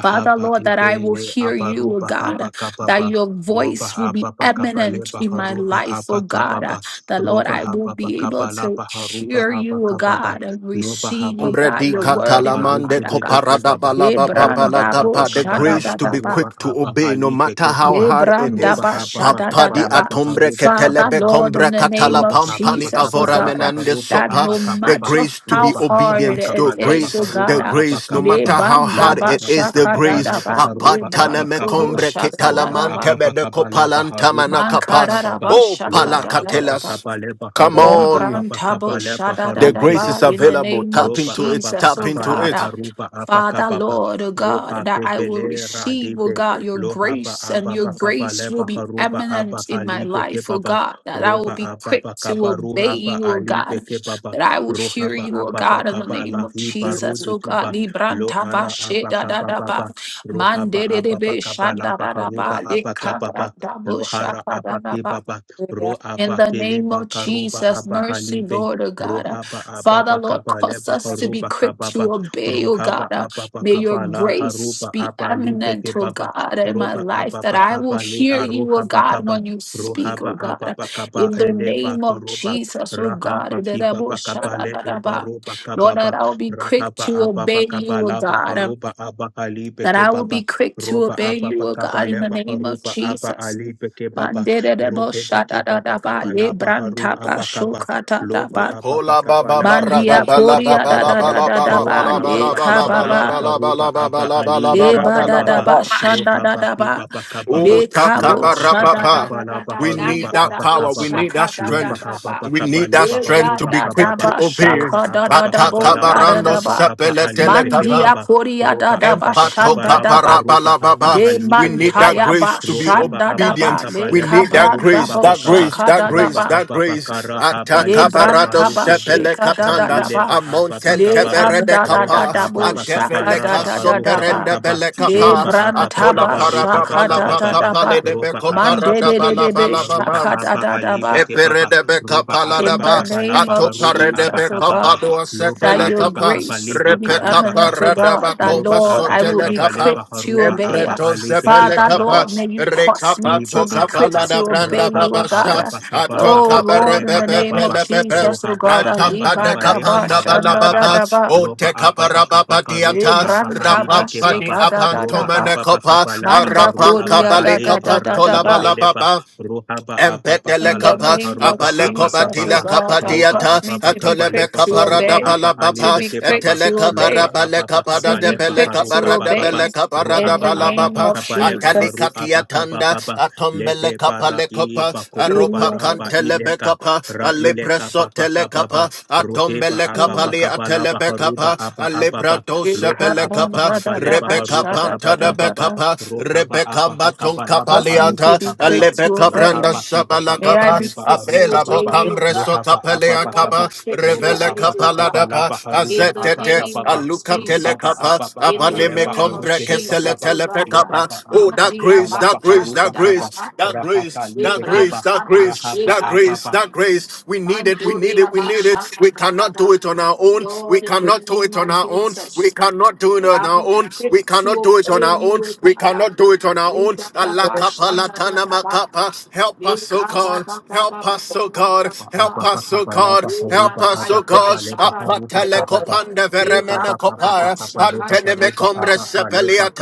[SPEAKER 6] Father, Lord, that I will
[SPEAKER 2] ibele
[SPEAKER 6] hear you, oh
[SPEAKER 2] abaruba haba
[SPEAKER 6] God, that
[SPEAKER 2] kababa
[SPEAKER 6] your
[SPEAKER 2] roba
[SPEAKER 6] voice will be
[SPEAKER 2] ababa
[SPEAKER 6] eminent
[SPEAKER 2] kabaleba
[SPEAKER 6] in my
[SPEAKER 2] haruba
[SPEAKER 6] life,
[SPEAKER 2] aba
[SPEAKER 6] oh God,
[SPEAKER 2] kababa
[SPEAKER 6] that Lord,
[SPEAKER 2] roba
[SPEAKER 6] I will
[SPEAKER 2] hababa
[SPEAKER 6] be able to
[SPEAKER 2] kabalaba haruba
[SPEAKER 6] hear
[SPEAKER 2] aba
[SPEAKER 6] you, oh
[SPEAKER 2] kababa
[SPEAKER 6] God, and
[SPEAKER 2] loba
[SPEAKER 6] receive, oh
[SPEAKER 2] hababa
[SPEAKER 1] Ombre
[SPEAKER 6] God,
[SPEAKER 1] di
[SPEAKER 6] your
[SPEAKER 2] kabalaba
[SPEAKER 6] word in my
[SPEAKER 1] catalamande
[SPEAKER 2] haruba
[SPEAKER 6] heart, oh God.
[SPEAKER 2] debeke
[SPEAKER 1] coparada
[SPEAKER 2] baba
[SPEAKER 1] balaba
[SPEAKER 2] roba
[SPEAKER 1] babala
[SPEAKER 6] Ebranda bo
[SPEAKER 2] ababa
[SPEAKER 1] capa. The
[SPEAKER 6] shada
[SPEAKER 2] kabalaba
[SPEAKER 1] grace
[SPEAKER 6] da
[SPEAKER 1] to
[SPEAKER 6] da
[SPEAKER 1] be
[SPEAKER 6] ba.
[SPEAKER 2] haruba
[SPEAKER 1] quick to
[SPEAKER 2] aba
[SPEAKER 1] obey, no matter
[SPEAKER 2] alibeke
[SPEAKER 1] how
[SPEAKER 2] baba
[SPEAKER 1] hard it is.
[SPEAKER 2] roba
[SPEAKER 6] Yebrandaba
[SPEAKER 2] hababa
[SPEAKER 1] Papa di
[SPEAKER 6] shadadadaba.
[SPEAKER 2] kabalaba
[SPEAKER 1] atombre
[SPEAKER 2] haruba aba
[SPEAKER 6] Father,
[SPEAKER 1] ketelebe
[SPEAKER 6] Lord,
[SPEAKER 2] kababa
[SPEAKER 6] in
[SPEAKER 1] combre
[SPEAKER 6] the name
[SPEAKER 1] catala
[SPEAKER 6] of
[SPEAKER 2] loba hababa
[SPEAKER 1] pampani
[SPEAKER 6] Jesus, oh
[SPEAKER 1] avora
[SPEAKER 6] God,
[SPEAKER 2] kabalaba
[SPEAKER 6] uh,
[SPEAKER 1] menande
[SPEAKER 2] haruba
[SPEAKER 6] that
[SPEAKER 1] sopa.
[SPEAKER 2] aba
[SPEAKER 6] no
[SPEAKER 1] The
[SPEAKER 2] kababa
[SPEAKER 6] matter
[SPEAKER 1] grace to
[SPEAKER 6] how
[SPEAKER 1] be
[SPEAKER 2] Roba apa
[SPEAKER 6] hard
[SPEAKER 2] apa
[SPEAKER 1] obedient,
[SPEAKER 2] kapa
[SPEAKER 1] the
[SPEAKER 6] it
[SPEAKER 2] napa
[SPEAKER 6] is, oh
[SPEAKER 1] grace,
[SPEAKER 6] God,
[SPEAKER 1] the
[SPEAKER 2] harupa
[SPEAKER 6] uh,
[SPEAKER 2] apa
[SPEAKER 1] grace, no
[SPEAKER 2] kapa
[SPEAKER 1] matter
[SPEAKER 2] pa
[SPEAKER 1] how hard
[SPEAKER 2] loba
[SPEAKER 6] lebandaba
[SPEAKER 1] it
[SPEAKER 2] apa
[SPEAKER 1] is,
[SPEAKER 2] apa
[SPEAKER 1] the
[SPEAKER 2] kapa
[SPEAKER 1] grace.
[SPEAKER 2] napa
[SPEAKER 6] shakadadaba,
[SPEAKER 2] harupa
[SPEAKER 1] Apatana
[SPEAKER 2] apa
[SPEAKER 1] me
[SPEAKER 2] kapa
[SPEAKER 6] lebrantobo
[SPEAKER 2] pa
[SPEAKER 1] combre
[SPEAKER 2] roba
[SPEAKER 6] shakadadaba,
[SPEAKER 1] ketalamante
[SPEAKER 2] apa
[SPEAKER 1] me
[SPEAKER 2] apa
[SPEAKER 1] de
[SPEAKER 2] kapa napa
[SPEAKER 1] copalanta
[SPEAKER 2] harupa apa
[SPEAKER 1] manacapa.
[SPEAKER 2] kapa pa
[SPEAKER 1] Oh
[SPEAKER 2] loba apa apa
[SPEAKER 6] mankaradaba
[SPEAKER 1] palakatelas.
[SPEAKER 2] kapa lepa
[SPEAKER 1] Come
[SPEAKER 2] harupa
[SPEAKER 1] on.
[SPEAKER 2] apa apa
[SPEAKER 6] Librantabo
[SPEAKER 2] kapa lepa
[SPEAKER 1] The
[SPEAKER 2] harupa
[SPEAKER 1] grace
[SPEAKER 2] de
[SPEAKER 1] is
[SPEAKER 6] shadadadaba, In
[SPEAKER 2] paka
[SPEAKER 6] the
[SPEAKER 1] available.
[SPEAKER 6] name of
[SPEAKER 1] Tap
[SPEAKER 2] loba
[SPEAKER 1] into it.
[SPEAKER 2] apa apa
[SPEAKER 6] Jesus,
[SPEAKER 1] Tap
[SPEAKER 6] oh
[SPEAKER 2] kapa
[SPEAKER 1] into
[SPEAKER 2] la
[SPEAKER 6] God, I-
[SPEAKER 1] it.
[SPEAKER 2] harupa apa
[SPEAKER 6] Father,
[SPEAKER 2] kapa pa
[SPEAKER 6] Lord, oh God,
[SPEAKER 2] roha
[SPEAKER 6] that
[SPEAKER 2] ke
[SPEAKER 6] I will
[SPEAKER 2] bele
[SPEAKER 6] receive, oh
[SPEAKER 2] radibe
[SPEAKER 6] God, your
[SPEAKER 2] loha pa
[SPEAKER 6] grace, and
[SPEAKER 2] apa
[SPEAKER 6] your
[SPEAKER 2] apa kapa
[SPEAKER 6] grace will
[SPEAKER 2] lepa
[SPEAKER 6] be
[SPEAKER 2] harupa apa
[SPEAKER 6] eminent in my
[SPEAKER 2] halipe ke
[SPEAKER 6] life, oh
[SPEAKER 2] papa
[SPEAKER 6] God, that I will
[SPEAKER 2] roba
[SPEAKER 6] be
[SPEAKER 2] apa
[SPEAKER 6] quick
[SPEAKER 2] apa
[SPEAKER 6] to
[SPEAKER 2] kapa
[SPEAKER 6] obey
[SPEAKER 2] ruha pa
[SPEAKER 6] you, oh God,
[SPEAKER 2] alipe ke papa
[SPEAKER 6] that I will hear
[SPEAKER 2] rohaba
[SPEAKER 6] you, oh
[SPEAKER 2] ababa
[SPEAKER 6] God, in the
[SPEAKER 2] kaba
[SPEAKER 6] name
[SPEAKER 2] la
[SPEAKER 6] of
[SPEAKER 2] hiba
[SPEAKER 6] Jesus,
[SPEAKER 2] rode
[SPEAKER 6] oh God.
[SPEAKER 2] kiba lo
[SPEAKER 6] Librantaba
[SPEAKER 2] ara abaka
[SPEAKER 6] shadadadaba,
[SPEAKER 2] baba rohaba ababa
[SPEAKER 6] Mandedebe
[SPEAKER 2] kaba la baharuba
[SPEAKER 6] shadadadaba,
[SPEAKER 2] abaka baba
[SPEAKER 6] Lekabrantabo
[SPEAKER 2] lo hara abake
[SPEAKER 6] shadadadaba.
[SPEAKER 2] baba ro
[SPEAKER 6] In the
[SPEAKER 2] abakele
[SPEAKER 6] name of
[SPEAKER 2] bakaruba
[SPEAKER 6] Jesus, mercy,
[SPEAKER 2] abahalibe
[SPEAKER 6] Lord, oh God. Uh,
[SPEAKER 2] rohaba
[SPEAKER 6] Father,
[SPEAKER 2] ababa
[SPEAKER 6] Lord,
[SPEAKER 2] kaba le
[SPEAKER 6] cause us to be
[SPEAKER 2] baharuba
[SPEAKER 6] quick
[SPEAKER 2] kababa
[SPEAKER 6] to obey, oh God.
[SPEAKER 2] rohaba
[SPEAKER 6] Uh,
[SPEAKER 2] ababa
[SPEAKER 6] May your
[SPEAKER 2] kaba la
[SPEAKER 6] grace
[SPEAKER 2] haruba
[SPEAKER 6] be
[SPEAKER 2] abalibe
[SPEAKER 6] eminent, oh
[SPEAKER 2] kebaba
[SPEAKER 6] God, in my
[SPEAKER 2] roba
[SPEAKER 6] life, that
[SPEAKER 2] ababa
[SPEAKER 6] I will
[SPEAKER 2] kaba le
[SPEAKER 6] hear you, oh
[SPEAKER 2] aruhaba
[SPEAKER 6] God,
[SPEAKER 2] kaba
[SPEAKER 6] when you speak,
[SPEAKER 2] rohaba
[SPEAKER 6] oh God. Uh,
[SPEAKER 2] ababa kaba
[SPEAKER 6] In the
[SPEAKER 2] ele
[SPEAKER 6] name of
[SPEAKER 2] bakoroba
[SPEAKER 6] Jesus, oh God.
[SPEAKER 2] Rahaba kiba bakabale ebaro
[SPEAKER 6] Lord, that
[SPEAKER 2] bakababa.
[SPEAKER 6] I will be quick
[SPEAKER 2] Rahaba
[SPEAKER 6] to
[SPEAKER 2] ababa
[SPEAKER 6] obey you, oh
[SPEAKER 2] kabala
[SPEAKER 6] God
[SPEAKER 2] baharuba aba ali
[SPEAKER 6] that I will
[SPEAKER 2] bekebaba.
[SPEAKER 6] be quick to
[SPEAKER 2] Roba
[SPEAKER 6] obey
[SPEAKER 2] aba
[SPEAKER 6] you, O God, in
[SPEAKER 2] bakabale
[SPEAKER 6] the name of
[SPEAKER 2] baharuba aba
[SPEAKER 6] Jesus.
[SPEAKER 2] ali bekebaba.
[SPEAKER 6] Manderebo
[SPEAKER 2] Rohe
[SPEAKER 6] shata da
[SPEAKER 2] bekiba
[SPEAKER 6] da ba le
[SPEAKER 2] bakabala baharu
[SPEAKER 6] branta ba
[SPEAKER 2] abakaba.
[SPEAKER 6] shokata da
[SPEAKER 2] Loba
[SPEAKER 6] ba
[SPEAKER 2] aba
[SPEAKER 1] Hola ba ba
[SPEAKER 2] bakabala
[SPEAKER 1] ba ra ba
[SPEAKER 6] bandia
[SPEAKER 1] ba
[SPEAKER 2] baharuba
[SPEAKER 1] la ba
[SPEAKER 6] koria
[SPEAKER 1] ba
[SPEAKER 6] da
[SPEAKER 1] la
[SPEAKER 6] da
[SPEAKER 1] ba
[SPEAKER 2] abakababa.
[SPEAKER 6] da
[SPEAKER 1] la
[SPEAKER 6] da
[SPEAKER 1] ba
[SPEAKER 6] da
[SPEAKER 2] Roba
[SPEAKER 6] ba
[SPEAKER 1] la ba
[SPEAKER 2] aba
[SPEAKER 6] le
[SPEAKER 1] la ba
[SPEAKER 2] bakabala
[SPEAKER 1] la ba
[SPEAKER 6] kababa
[SPEAKER 1] la ba la ba la ba la
[SPEAKER 2] baharuba
[SPEAKER 1] ba ba
[SPEAKER 2] aba
[SPEAKER 1] la ba la
[SPEAKER 2] ali
[SPEAKER 1] ba
[SPEAKER 6] le
[SPEAKER 1] ba
[SPEAKER 6] ba
[SPEAKER 1] ba la
[SPEAKER 6] da da
[SPEAKER 1] ba
[SPEAKER 2] rakababa.
[SPEAKER 6] ba
[SPEAKER 1] ba.
[SPEAKER 6] shanda
[SPEAKER 2] Roha
[SPEAKER 6] da da ba
[SPEAKER 2] bakiba
[SPEAKER 1] Oh
[SPEAKER 2] bakababa.
[SPEAKER 6] le
[SPEAKER 1] taka
[SPEAKER 6] kabo
[SPEAKER 2] Loba
[SPEAKER 1] ba ra
[SPEAKER 2] aba
[SPEAKER 1] ba
[SPEAKER 6] shada da
[SPEAKER 1] ba.
[SPEAKER 6] da
[SPEAKER 2] bakabala
[SPEAKER 6] da da
[SPEAKER 1] We
[SPEAKER 6] nan
[SPEAKER 2] baharuba
[SPEAKER 1] need
[SPEAKER 6] da
[SPEAKER 1] that
[SPEAKER 6] da bo
[SPEAKER 1] power. We
[SPEAKER 2] abakababa.
[SPEAKER 1] need that
[SPEAKER 6] shaka da da
[SPEAKER 2] Loba
[SPEAKER 6] da
[SPEAKER 1] strength.
[SPEAKER 2] haba
[SPEAKER 6] ba
[SPEAKER 1] We
[SPEAKER 2] bakaba
[SPEAKER 1] need that
[SPEAKER 2] leba
[SPEAKER 6] le
[SPEAKER 1] strength
[SPEAKER 6] da
[SPEAKER 1] to
[SPEAKER 2] haruba
[SPEAKER 1] be
[SPEAKER 6] da da
[SPEAKER 1] quick to
[SPEAKER 2] kababa.
[SPEAKER 6] ba
[SPEAKER 1] obey.
[SPEAKER 2] Roba
[SPEAKER 6] shaka da
[SPEAKER 2] aba
[SPEAKER 6] da da
[SPEAKER 2] bakaba
[SPEAKER 6] bo
[SPEAKER 1] Ataka
[SPEAKER 2] laba
[SPEAKER 6] da da da
[SPEAKER 2] haruba
[SPEAKER 6] ba
[SPEAKER 2] aba ali beke
[SPEAKER 1] sepele
[SPEAKER 6] mandia
[SPEAKER 2] baba.
[SPEAKER 6] koria da
[SPEAKER 2] Roba
[SPEAKER 6] da ba
[SPEAKER 2] aba bakaba
[SPEAKER 6] shanda da
[SPEAKER 2] laba
[SPEAKER 6] ba
[SPEAKER 2] haruba aba
[SPEAKER 6] De
[SPEAKER 1] Empatokaparabababa.
[SPEAKER 2] ali
[SPEAKER 1] We
[SPEAKER 2] beke
[SPEAKER 1] need that
[SPEAKER 2] baba.
[SPEAKER 6] mantaya ba
[SPEAKER 1] grace to be
[SPEAKER 2] Rohaba
[SPEAKER 6] shanda da
[SPEAKER 2] aba
[SPEAKER 6] ba
[SPEAKER 1] obedient.
[SPEAKER 2] bakaba
[SPEAKER 6] le
[SPEAKER 1] We
[SPEAKER 2] leba
[SPEAKER 1] need that
[SPEAKER 2] haruka
[SPEAKER 6] kabranda
[SPEAKER 1] grace,
[SPEAKER 6] bo
[SPEAKER 2] baba
[SPEAKER 1] that
[SPEAKER 2] kaba.
[SPEAKER 1] grace,
[SPEAKER 6] shaka
[SPEAKER 1] that
[SPEAKER 6] da da
[SPEAKER 1] grace,
[SPEAKER 2] Roba
[SPEAKER 6] ba
[SPEAKER 1] that
[SPEAKER 2] aba
[SPEAKER 1] grace.
[SPEAKER 2] bakara haba
[SPEAKER 6] le
[SPEAKER 2] libe
[SPEAKER 1] Atakabarado
[SPEAKER 6] branta ba
[SPEAKER 2] baruke be.
[SPEAKER 1] sepele
[SPEAKER 6] sheka da da
[SPEAKER 1] katanda.
[SPEAKER 6] da
[SPEAKER 2] Rahile
[SPEAKER 6] ba
[SPEAKER 2] ba aba
[SPEAKER 1] Amonten
[SPEAKER 6] le
[SPEAKER 2] bakababa.
[SPEAKER 1] teverede
[SPEAKER 6] anda da
[SPEAKER 2] Roba
[SPEAKER 6] da
[SPEAKER 1] kapa.
[SPEAKER 6] da
[SPEAKER 2] aba
[SPEAKER 6] bo
[SPEAKER 2] bakaba
[SPEAKER 6] shaka
[SPEAKER 1] Atevele
[SPEAKER 6] da
[SPEAKER 2] laba
[SPEAKER 6] da
[SPEAKER 1] kaso
[SPEAKER 6] da da
[SPEAKER 2] aruha
[SPEAKER 6] ba
[SPEAKER 1] perende
[SPEAKER 2] bakaba.
[SPEAKER 1] bele
[SPEAKER 6] le
[SPEAKER 1] kapa.
[SPEAKER 2] Loba aba
[SPEAKER 6] branta
[SPEAKER 1] Atola
[SPEAKER 6] ba
[SPEAKER 2] bakaba ruha
[SPEAKER 6] shaka
[SPEAKER 1] parababala
[SPEAKER 6] da
[SPEAKER 2] bakaba
[SPEAKER 6] da
[SPEAKER 2] baba.
[SPEAKER 6] da ba
[SPEAKER 1] bakapale de
[SPEAKER 2] Roba
[SPEAKER 1] beko
[SPEAKER 2] apa pa
[SPEAKER 6] mande de de de
[SPEAKER 2] kapa
[SPEAKER 6] de
[SPEAKER 1] paradabala
[SPEAKER 2] lepa
[SPEAKER 6] be
[SPEAKER 2] haruba
[SPEAKER 6] shaka
[SPEAKER 1] balababa.
[SPEAKER 6] da
[SPEAKER 2] apa
[SPEAKER 6] da da
[SPEAKER 2] alibe
[SPEAKER 6] ba
[SPEAKER 2] ke papa.
[SPEAKER 1] Eperedebe
[SPEAKER 2] Roba apa
[SPEAKER 6] in
[SPEAKER 2] pa
[SPEAKER 6] the
[SPEAKER 1] kapaladaba,
[SPEAKER 2] kapa
[SPEAKER 6] name
[SPEAKER 2] lapa
[SPEAKER 6] of
[SPEAKER 2] haruba apa
[SPEAKER 1] atoparedebe
[SPEAKER 6] Jesus, oh
[SPEAKER 2] kapa pa.
[SPEAKER 6] God,
[SPEAKER 1] kapadua
[SPEAKER 2] Loba
[SPEAKER 6] that
[SPEAKER 1] setele
[SPEAKER 6] your
[SPEAKER 2] apa pa
[SPEAKER 1] kapa,
[SPEAKER 2] kapa
[SPEAKER 6] grace
[SPEAKER 2] liha
[SPEAKER 6] will be
[SPEAKER 1] repe
[SPEAKER 2] karuba
[SPEAKER 1] kapa
[SPEAKER 6] eminent
[SPEAKER 2] kapa
[SPEAKER 6] to
[SPEAKER 2] pa.
[SPEAKER 6] God,
[SPEAKER 1] radaba
[SPEAKER 6] that
[SPEAKER 1] koma
[SPEAKER 2] Loba
[SPEAKER 6] Lord,
[SPEAKER 2] apa
[SPEAKER 6] I
[SPEAKER 2] pa
[SPEAKER 6] will
[SPEAKER 1] sotele
[SPEAKER 6] be
[SPEAKER 2] kapa
[SPEAKER 1] kapa,
[SPEAKER 6] quick
[SPEAKER 2] lepa
[SPEAKER 6] to
[SPEAKER 2] haruba
[SPEAKER 6] obey.
[SPEAKER 2] apa
[SPEAKER 1] empreto
[SPEAKER 2] alibe ke
[SPEAKER 1] zepele
[SPEAKER 6] Father,
[SPEAKER 2] papa.
[SPEAKER 1] kapa,
[SPEAKER 6] Lord, may you cause me
[SPEAKER 1] rekapa
[SPEAKER 6] to
[SPEAKER 2] Liba
[SPEAKER 6] be
[SPEAKER 1] toka
[SPEAKER 6] quick
[SPEAKER 2] ababa,
[SPEAKER 1] palada
[SPEAKER 6] to obey
[SPEAKER 1] branda
[SPEAKER 6] you, oh
[SPEAKER 2] rahaba
[SPEAKER 6] God.
[SPEAKER 1] babasha,
[SPEAKER 2] ababa kaba
[SPEAKER 6] Oh
[SPEAKER 1] atoka
[SPEAKER 2] raha
[SPEAKER 6] Lord, in
[SPEAKER 2] kaleba
[SPEAKER 6] the
[SPEAKER 1] berebebe
[SPEAKER 6] name
[SPEAKER 2] kababa,
[SPEAKER 6] of
[SPEAKER 1] pelebebe,
[SPEAKER 6] Jesus, oh
[SPEAKER 2] rohaba
[SPEAKER 6] God,
[SPEAKER 2] ababa
[SPEAKER 1] atamba de
[SPEAKER 6] Aliba
[SPEAKER 2] kaba
[SPEAKER 6] da
[SPEAKER 2] leba
[SPEAKER 6] ba
[SPEAKER 1] kapanda
[SPEAKER 2] aruha
[SPEAKER 6] Shanda da
[SPEAKER 2] kaba,
[SPEAKER 6] da
[SPEAKER 1] balababa,
[SPEAKER 6] Dadaba,
[SPEAKER 2] loba
[SPEAKER 1] ote
[SPEAKER 2] ababa kaba
[SPEAKER 1] kaparababa
[SPEAKER 2] karuba
[SPEAKER 1] diata,
[SPEAKER 2] abaha
[SPEAKER 6] Libranta ba
[SPEAKER 2] libe
[SPEAKER 1] rapampa di
[SPEAKER 2] kebaba,
[SPEAKER 6] sheka da da da
[SPEAKER 2] roba
[SPEAKER 6] ba,
[SPEAKER 1] apantomene
[SPEAKER 2] ababa
[SPEAKER 1] kopa,
[SPEAKER 2] kaba laba
[SPEAKER 6] Manda
[SPEAKER 2] haru
[SPEAKER 1] arapanka
[SPEAKER 6] koria
[SPEAKER 2] abaha
[SPEAKER 1] bale
[SPEAKER 6] da da
[SPEAKER 2] leba
[SPEAKER 6] da da da
[SPEAKER 1] kapantola
[SPEAKER 2] rakide
[SPEAKER 6] ba.
[SPEAKER 2] beleba,
[SPEAKER 1] balababa,
[SPEAKER 2] rohaba ababa
[SPEAKER 1] Empetele
[SPEAKER 6] In the
[SPEAKER 1] kapa,
[SPEAKER 2] kalaba
[SPEAKER 6] name of
[SPEAKER 2] haruba
[SPEAKER 1] apale koba
[SPEAKER 6] Jesus, oh
[SPEAKER 1] tila
[SPEAKER 2] abakababa,
[SPEAKER 6] God,
[SPEAKER 1] kapa
[SPEAKER 6] that
[SPEAKER 2] roba
[SPEAKER 6] cause
[SPEAKER 1] diata,
[SPEAKER 6] me
[SPEAKER 2] ababa
[SPEAKER 6] to be
[SPEAKER 2] kaba
[SPEAKER 1] atole be
[SPEAKER 6] quick
[SPEAKER 2] leba
[SPEAKER 6] to
[SPEAKER 1] kapa rada
[SPEAKER 2] haruba
[SPEAKER 6] obey,
[SPEAKER 2] aba
[SPEAKER 1] bala
[SPEAKER 6] to
[SPEAKER 1] baba,
[SPEAKER 2] alibe
[SPEAKER 6] be quick
[SPEAKER 2] kebaba,
[SPEAKER 1] etele
[SPEAKER 6] to
[SPEAKER 1] kapa
[SPEAKER 2] loba
[SPEAKER 6] obey,
[SPEAKER 1] raba le
[SPEAKER 2] ababa
[SPEAKER 1] kapa rada
[SPEAKER 6] to
[SPEAKER 2] kaba
[SPEAKER 6] be
[SPEAKER 2] leba
[SPEAKER 1] bele
[SPEAKER 6] quick
[SPEAKER 1] kapa
[SPEAKER 6] to
[SPEAKER 2] haruka
[SPEAKER 1] rada
[SPEAKER 6] obey.
[SPEAKER 1] bele kapa
[SPEAKER 2] Ruha
[SPEAKER 1] rada
[SPEAKER 6] In
[SPEAKER 2] pa
[SPEAKER 6] the
[SPEAKER 1] bala
[SPEAKER 2] apa pa
[SPEAKER 6] name
[SPEAKER 1] baba,
[SPEAKER 6] of
[SPEAKER 2] kapa le pa
[SPEAKER 1] atali
[SPEAKER 2] haru
[SPEAKER 6] Jesus.
[SPEAKER 1] katia
[SPEAKER 2] apa kapa
[SPEAKER 1] tanda,
[SPEAKER 2] pa pa le
[SPEAKER 1] atombele
[SPEAKER 2] he
[SPEAKER 1] kapa
[SPEAKER 2] para
[SPEAKER 1] le
[SPEAKER 2] i
[SPEAKER 1] kopa,
[SPEAKER 2] pa koko
[SPEAKER 1] aropa
[SPEAKER 6] Cause
[SPEAKER 2] para pa
[SPEAKER 1] kantele be
[SPEAKER 2] ileka
[SPEAKER 1] kapa,
[SPEAKER 2] ra ileka pa
[SPEAKER 1] alipreso
[SPEAKER 2] pa
[SPEAKER 1] tele
[SPEAKER 2] kapa pa
[SPEAKER 1] kapa,
[SPEAKER 2] ruhe pa
[SPEAKER 1] adombele
[SPEAKER 2] apa
[SPEAKER 1] kapa
[SPEAKER 2] pa
[SPEAKER 1] li
[SPEAKER 2] kapa la
[SPEAKER 1] atele
[SPEAKER 2] pa
[SPEAKER 1] be
[SPEAKER 2] haru pa
[SPEAKER 1] kapa,
[SPEAKER 2] apa apa pa lo pa apa pa
[SPEAKER 1] Shebelekapa,
[SPEAKER 2] kapa le pa haru
[SPEAKER 1] Rebecca
[SPEAKER 2] pa apa
[SPEAKER 1] Pantada
[SPEAKER 2] kapa pa
[SPEAKER 1] Becapa,
[SPEAKER 2] ruha pa
[SPEAKER 1] Rebecca
[SPEAKER 2] apa pa
[SPEAKER 1] Baton
[SPEAKER 2] kapa la pa aru
[SPEAKER 6] me
[SPEAKER 2] pa
[SPEAKER 6] to
[SPEAKER 1] Capaliata,
[SPEAKER 6] be
[SPEAKER 2] kapa pa
[SPEAKER 6] quick to
[SPEAKER 1] Alebeca
[SPEAKER 2] la ha
[SPEAKER 6] obey.
[SPEAKER 1] Branda
[SPEAKER 2] pa ki pa pa
[SPEAKER 6] May
[SPEAKER 2] kapa
[SPEAKER 6] I
[SPEAKER 1] Shabalacapa,
[SPEAKER 2] le
[SPEAKER 6] be
[SPEAKER 2] pa
[SPEAKER 6] fit
[SPEAKER 2] aru
[SPEAKER 6] to
[SPEAKER 1] Abela
[SPEAKER 2] kapa
[SPEAKER 6] obey
[SPEAKER 2] pa
[SPEAKER 6] you, O
[SPEAKER 1] Bocambre
[SPEAKER 2] lo
[SPEAKER 6] God.
[SPEAKER 2] ha pa apa
[SPEAKER 6] May
[SPEAKER 2] pa
[SPEAKER 6] I
[SPEAKER 2] kapa
[SPEAKER 1] Sotapeleacaba,
[SPEAKER 6] be fit
[SPEAKER 2] ro
[SPEAKER 6] to
[SPEAKER 2] pa
[SPEAKER 1] Revele
[SPEAKER 6] obey
[SPEAKER 2] apa
[SPEAKER 6] you,
[SPEAKER 2] pa
[SPEAKER 6] O
[SPEAKER 2] kapa
[SPEAKER 6] God.
[SPEAKER 2] la
[SPEAKER 1] Capaladapa,
[SPEAKER 2] pa haru
[SPEAKER 6] In
[SPEAKER 2] pa
[SPEAKER 6] the
[SPEAKER 2] apa
[SPEAKER 1] Azete,
[SPEAKER 2] kapa
[SPEAKER 6] name
[SPEAKER 2] pa
[SPEAKER 6] of
[SPEAKER 1] Aluca
[SPEAKER 2] Ruhaba
[SPEAKER 6] Jesus.
[SPEAKER 1] Telecapa,
[SPEAKER 2] ababa kaba
[SPEAKER 6] In the
[SPEAKER 1] Abaleme
[SPEAKER 2] kabaleba
[SPEAKER 6] name of
[SPEAKER 1] Combre
[SPEAKER 2] arukeleba
[SPEAKER 1] Kesele
[SPEAKER 6] Jesus,
[SPEAKER 2] kaba.
[SPEAKER 6] O God.
[SPEAKER 1] Telepecapa.
[SPEAKER 2] Lohaba
[SPEAKER 1] Oh,
[SPEAKER 2] ababa
[SPEAKER 1] that
[SPEAKER 2] kaba
[SPEAKER 6] Mafia
[SPEAKER 1] grace,
[SPEAKER 2] kabalaba
[SPEAKER 1] that grace,
[SPEAKER 2] haruba
[SPEAKER 6] bachata
[SPEAKER 1] that
[SPEAKER 6] da da
[SPEAKER 2] kaba.
[SPEAKER 6] ba.
[SPEAKER 1] grace, that
[SPEAKER 2] Rahaka
[SPEAKER 1] grace, that
[SPEAKER 2] libe
[SPEAKER 1] grace,
[SPEAKER 2] keba.
[SPEAKER 1] that
[SPEAKER 6] Ibranta
[SPEAKER 1] grace, grace,
[SPEAKER 2] Rahaba
[SPEAKER 1] that
[SPEAKER 6] bachika da
[SPEAKER 2] ababa.
[SPEAKER 1] grace,
[SPEAKER 6] ba.
[SPEAKER 1] that grace. We need it, we need
[SPEAKER 6] Mandoria
[SPEAKER 1] it, we need it.
[SPEAKER 6] bachata
[SPEAKER 1] We
[SPEAKER 6] da da
[SPEAKER 1] cannot
[SPEAKER 6] ba.
[SPEAKER 1] do it on our own. We
[SPEAKER 6] Lord, in the
[SPEAKER 1] cannot do
[SPEAKER 6] name
[SPEAKER 1] it on
[SPEAKER 6] of
[SPEAKER 1] our own.
[SPEAKER 6] Jesus.
[SPEAKER 1] We cannot do it
[SPEAKER 6] That
[SPEAKER 1] on
[SPEAKER 6] I
[SPEAKER 1] our
[SPEAKER 6] be
[SPEAKER 1] own.
[SPEAKER 6] fit
[SPEAKER 1] We
[SPEAKER 6] to
[SPEAKER 1] cannot do it on
[SPEAKER 6] obey
[SPEAKER 1] our own.
[SPEAKER 6] you, O
[SPEAKER 1] We
[SPEAKER 6] God.
[SPEAKER 1] cannot do it on our own. Allah kapa latana
[SPEAKER 6] Ribadabashandadadaba,
[SPEAKER 1] makapa. Help
[SPEAKER 6] this
[SPEAKER 1] us, oh
[SPEAKER 6] ka ba
[SPEAKER 1] God.
[SPEAKER 6] ba ba
[SPEAKER 1] Help
[SPEAKER 6] ba ba ba
[SPEAKER 1] us, oh
[SPEAKER 6] ba ba
[SPEAKER 1] God.
[SPEAKER 6] ba ba.
[SPEAKER 1] Help us, oh God.
[SPEAKER 6] E ma
[SPEAKER 1] Help
[SPEAKER 2] Abakabalabaharuba
[SPEAKER 6] ba
[SPEAKER 1] us, oh
[SPEAKER 6] ya
[SPEAKER 1] God.
[SPEAKER 6] da da da
[SPEAKER 2] Abakabalebaharuba
[SPEAKER 1] Apatele
[SPEAKER 6] ba.
[SPEAKER 2] Kababa
[SPEAKER 1] kopande
[SPEAKER 6] Me bra
[SPEAKER 1] veremene
[SPEAKER 2] Ruhaba
[SPEAKER 6] ba
[SPEAKER 2] Kababa
[SPEAKER 6] sha ka da da
[SPEAKER 1] kopaya.
[SPEAKER 2] Kabalebaharuba
[SPEAKER 6] ba
[SPEAKER 1] Rekombre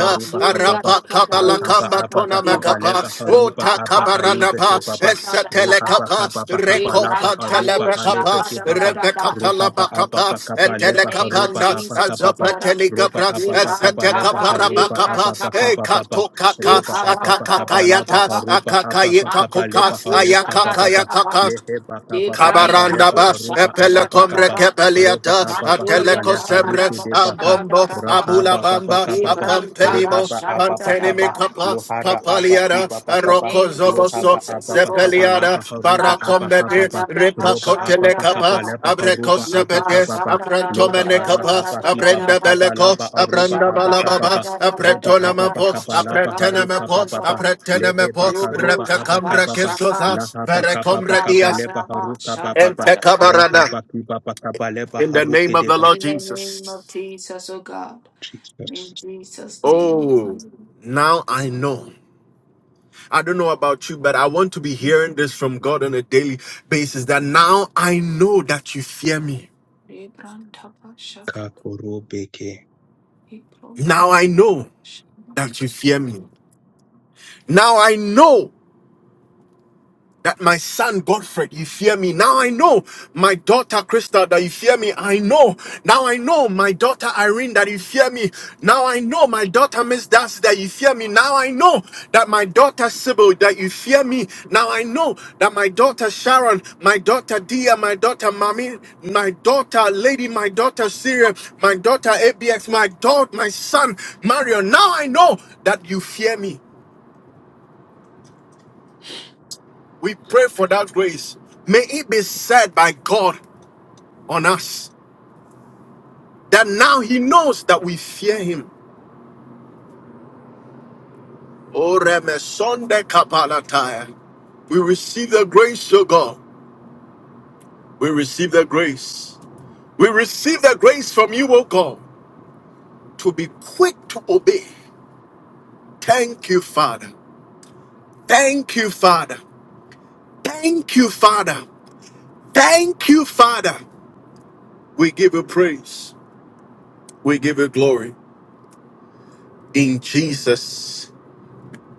[SPEAKER 6] Ma me
[SPEAKER 2] Kababa
[SPEAKER 6] da
[SPEAKER 1] arapa
[SPEAKER 6] da da
[SPEAKER 1] kabala
[SPEAKER 6] bu
[SPEAKER 2] Rahaba
[SPEAKER 6] sha
[SPEAKER 1] kamba
[SPEAKER 6] ka da
[SPEAKER 2] Ababa
[SPEAKER 1] tona
[SPEAKER 6] da
[SPEAKER 5] Viva
[SPEAKER 6] ba.
[SPEAKER 1] makapa,
[SPEAKER 5] voce.
[SPEAKER 2] Kabalebaharuba
[SPEAKER 6] Ma
[SPEAKER 1] uta
[SPEAKER 2] Aba
[SPEAKER 6] ka de
[SPEAKER 1] kabarada
[SPEAKER 2] Alibeke
[SPEAKER 1] ba,
[SPEAKER 6] sha
[SPEAKER 2] Baba
[SPEAKER 6] da da da
[SPEAKER 1] esetele
[SPEAKER 6] ba.
[SPEAKER 2] Ruhaba
[SPEAKER 1] kapa,
[SPEAKER 2] Kababa
[SPEAKER 6] Me
[SPEAKER 2] Kabalaba
[SPEAKER 1] rekompa
[SPEAKER 6] bran ta
[SPEAKER 2] Aruba
[SPEAKER 1] telebe
[SPEAKER 6] sha
[SPEAKER 1] kapa,
[SPEAKER 6] ka
[SPEAKER 2] Alebeke
[SPEAKER 6] da da
[SPEAKER 2] Baba
[SPEAKER 6] da
[SPEAKER 1] rebeka
[SPEAKER 2] Ruhaba
[SPEAKER 1] talaba kapa,
[SPEAKER 2] Ababa
[SPEAKER 6] In the
[SPEAKER 1] etele
[SPEAKER 6] name of
[SPEAKER 2] Kabalebaharuba
[SPEAKER 1] kapanda,
[SPEAKER 6] Jesus, O
[SPEAKER 2] Abakababa
[SPEAKER 6] God,
[SPEAKER 1] azopeteli
[SPEAKER 2] Roba
[SPEAKER 1] kabra,
[SPEAKER 6] me
[SPEAKER 2] Ababa
[SPEAKER 6] bran
[SPEAKER 1] esete
[SPEAKER 6] ta ba, me
[SPEAKER 1] kaparaba
[SPEAKER 2] Kabalebaharuba
[SPEAKER 6] bran
[SPEAKER 1] kapa,
[SPEAKER 6] ba.
[SPEAKER 2] Abakababa
[SPEAKER 1] ekato
[SPEAKER 6] She
[SPEAKER 1] kaka,
[SPEAKER 2] Roba
[SPEAKER 6] ka
[SPEAKER 2] Ababa
[SPEAKER 6] ba ba ba ba
[SPEAKER 1] akakakayata,
[SPEAKER 6] ba.
[SPEAKER 2] Kabalabaharuba
[SPEAKER 1] akakayika kuka,
[SPEAKER 6] Mataya
[SPEAKER 2] Abakabalebaharuka
[SPEAKER 6] Fushaya
[SPEAKER 2] Baba
[SPEAKER 6] Dadaba,
[SPEAKER 1] ayakakayakaka,
[SPEAKER 2] Leheba kapa pakapa
[SPEAKER 6] Libranta
[SPEAKER 1] Kabaranda
[SPEAKER 2] lepa
[SPEAKER 1] ba, Kabarandaba,
[SPEAKER 2] harupa apa
[SPEAKER 1] Epelekomre
[SPEAKER 2] pakapa
[SPEAKER 6] Fushadadadaba,
[SPEAKER 2] ropa
[SPEAKER 1] Kepeliata,
[SPEAKER 2] apa
[SPEAKER 6] Manduria
[SPEAKER 2] pakapa leha
[SPEAKER 1] Atelekosemre,
[SPEAKER 2] rupi
[SPEAKER 6] Kadadaba
[SPEAKER 2] de baka
[SPEAKER 1] Abombo,
[SPEAKER 6] Shadadadaba,
[SPEAKER 2] rahaba papa
[SPEAKER 1] Abulabamba,
[SPEAKER 2] kapa pa
[SPEAKER 6] Librantaba
[SPEAKER 1] Apampenimo,
[SPEAKER 2] rohaba apa
[SPEAKER 1] Pantenimi
[SPEAKER 2] pakapa
[SPEAKER 6] Shadadadaba,
[SPEAKER 1] Kapa,
[SPEAKER 2] lohara apa
[SPEAKER 1] Papaliada,
[SPEAKER 2] kiba
[SPEAKER 6] in the
[SPEAKER 2] pakapa
[SPEAKER 1] Aroko
[SPEAKER 6] name of
[SPEAKER 1] Zoboso,
[SPEAKER 2] lohaba
[SPEAKER 6] Jesus, O
[SPEAKER 2] apa
[SPEAKER 6] Lord.
[SPEAKER 2] pakapa
[SPEAKER 1] Zepeliada,
[SPEAKER 2] lapa harupa
[SPEAKER 6] La
[SPEAKER 2] apa
[SPEAKER 1] Barakombede,
[SPEAKER 2] kapa pa
[SPEAKER 6] Kamanda Daba
[SPEAKER 2] ropa apa
[SPEAKER 1] Ripakotele
[SPEAKER 2] pakapa
[SPEAKER 1] Kapa,
[SPEAKER 6] Shadadadaba,
[SPEAKER 2] lepa harupa apa
[SPEAKER 6] Liba
[SPEAKER 2] kapa
[SPEAKER 1] Abrekosebede,
[SPEAKER 2] pa loba
[SPEAKER 1] Aprantomene Kapa,
[SPEAKER 2] arahaba kiba
[SPEAKER 1] Abrenda
[SPEAKER 6] Shadadadadadadadadadaba,
[SPEAKER 2] pakapa
[SPEAKER 1] Beleko,
[SPEAKER 2] lapa arupa
[SPEAKER 1] Abranda
[SPEAKER 2] apa kapa
[SPEAKER 1] Balababa,
[SPEAKER 2] pa ropa apa
[SPEAKER 1] Apretonamapo,
[SPEAKER 6] Shadadadadadadadadaba,
[SPEAKER 2] pakapa lapa haruka papa
[SPEAKER 1] Apretenamapo,
[SPEAKER 2] pa pa
[SPEAKER 6] Shakadadadadaba,
[SPEAKER 2] lehe
[SPEAKER 1] Apretenamapo,
[SPEAKER 2] bakarupa
[SPEAKER 6] Lumru
[SPEAKER 2] apa
[SPEAKER 6] Taba
[SPEAKER 1] Repekamre
[SPEAKER 2] kapa pa
[SPEAKER 1] Kisosa,
[SPEAKER 6] Shaka. In
[SPEAKER 1] Berekomre dias
[SPEAKER 2] Lahapakapapakapaleba
[SPEAKER 1] and
[SPEAKER 2] harukapapapa. Rahapakipapakabaleba
[SPEAKER 1] In the name of the
[SPEAKER 2] harukideba.
[SPEAKER 1] Lord
[SPEAKER 6] the name of
[SPEAKER 1] Jesus.
[SPEAKER 6] Jesus, O God. In
[SPEAKER 2] Jesus.
[SPEAKER 6] Jesus' name, O
[SPEAKER 1] Oh,
[SPEAKER 6] God.
[SPEAKER 1] now I know. I don't know about you, but I want to be hearing this from God on a daily basis that now I know that you fear me.
[SPEAKER 6] I
[SPEAKER 2] Kakorobeke.
[SPEAKER 1] Now I know that you fear me. Now I know that my son Godfred, you fear me. Now I know my daughter Crystal that you fear me. I know. Now I know my daughter Irene that you fear me. Now I know my daughter Miss Darcy that you fear me. Now I know that my daughter Sybil that you fear me. Now I know that my daughter Sharon, my daughter Dia, my daughter Mami, my daughter Lady, my daughter Syria, my daughter ABX, my daughter, my son Marion. Now I know that you fear me. We pray for that grace. May it be said by God on us that now He knows that we fear Him. O Reme Sonde Kapalataya. We receive the grace, O God. We receive the grace. We receive the grace from you, O God, to be quick to obey. Thank you, Father. Thank you, Father. Thank you, Father. Thank you, Father. We give you praise. We give you glory. In Jesus'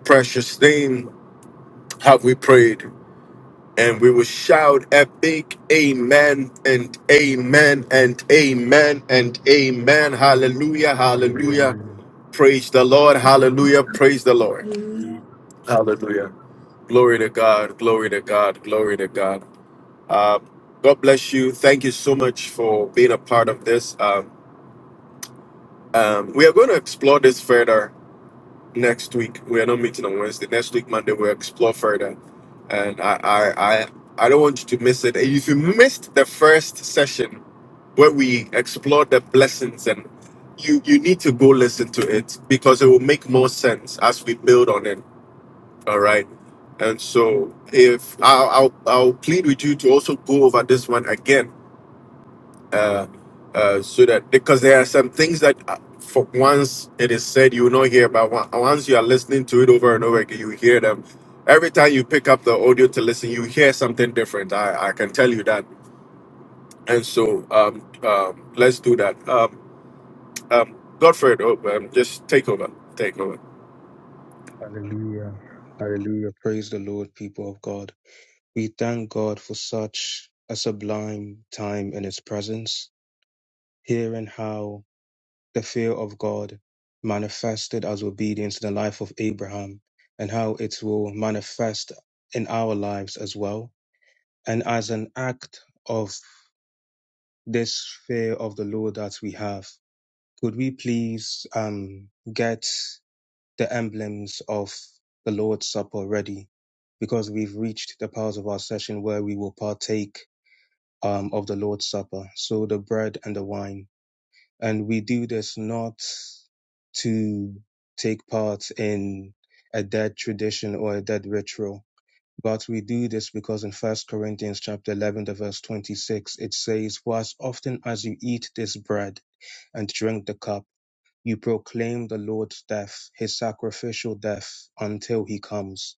[SPEAKER 1] precious name have we prayed. and we will shout a big amen and amen and amen and amen. Hallelujah, hallelujah.
[SPEAKER 2] Hallelujah.
[SPEAKER 1] Praise the Lord, hallelujah, praise the Lord.
[SPEAKER 5] Hallelujah.
[SPEAKER 2] Hallelujah.
[SPEAKER 1] Hallelujah. Glory to God, glory to God, glory to God. Uh, God bless you. Thank you so much for being a part of this. Um, um, we are going to explore this further next week. We are not meeting on Wednesday. Next week, Monday, we'll explore further. And I, I, I, I don't want you to miss it. If you missed the first session where we explored the blessings, and you, you need to go listen to it because it will make more sense as we build on it. All right. And so, if I'll, I'll, I'll plead with you to also go over this one again uh, uh, so that because there are some things that uh, for once it is said you will not hear but on- once you are listening to it over and over again you hear them every time you pick up the audio to listen you hear something different i, I can tell you that and so um, um, let's do that um, um, godfred oh, um, just take over take over
[SPEAKER 2] Hallelujah. Hallelujah. Praise the Lord, people of God. We thank God for such a sublime time in His presence, hearing how the fear of God manifested as obedience in the life of Abraham and how it will manifest in our lives as well And as an act of this fear of the Lord that we have, could we please um, get the emblems of the Lord's Supper ready? Because we've reached the part of our session where we will partake um, of the Lord's Supper, so the bread and the wine. And we do this not to take part in a dead tradition or a dead ritual, but we do this because in 1 Corinthians chapter 11, the verse 26, it says, For as often as you eat this bread and drink the cup, you proclaim the Lord's death, his sacrificial death, until he comes.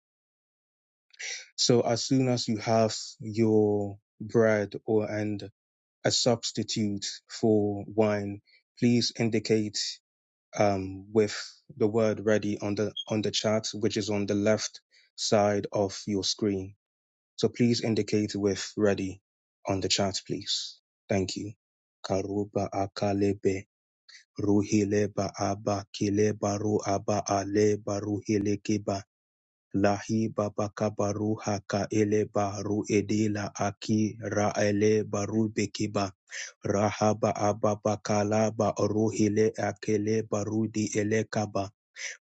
[SPEAKER 2] So as soon as you have your bread or and a substitute for wine, please indicate um, with the word ready on the on the chat, which is on the left side of your screen So please indicate with ready on the chat, please. Thank you. Karuba akalebe ruhileba aba kileba ru aba aleba ruhilekeba lahi babaka baruha ka eleba ru edela aki ra eleba rahaba ababa kalaba ruhile akele barudi elekaba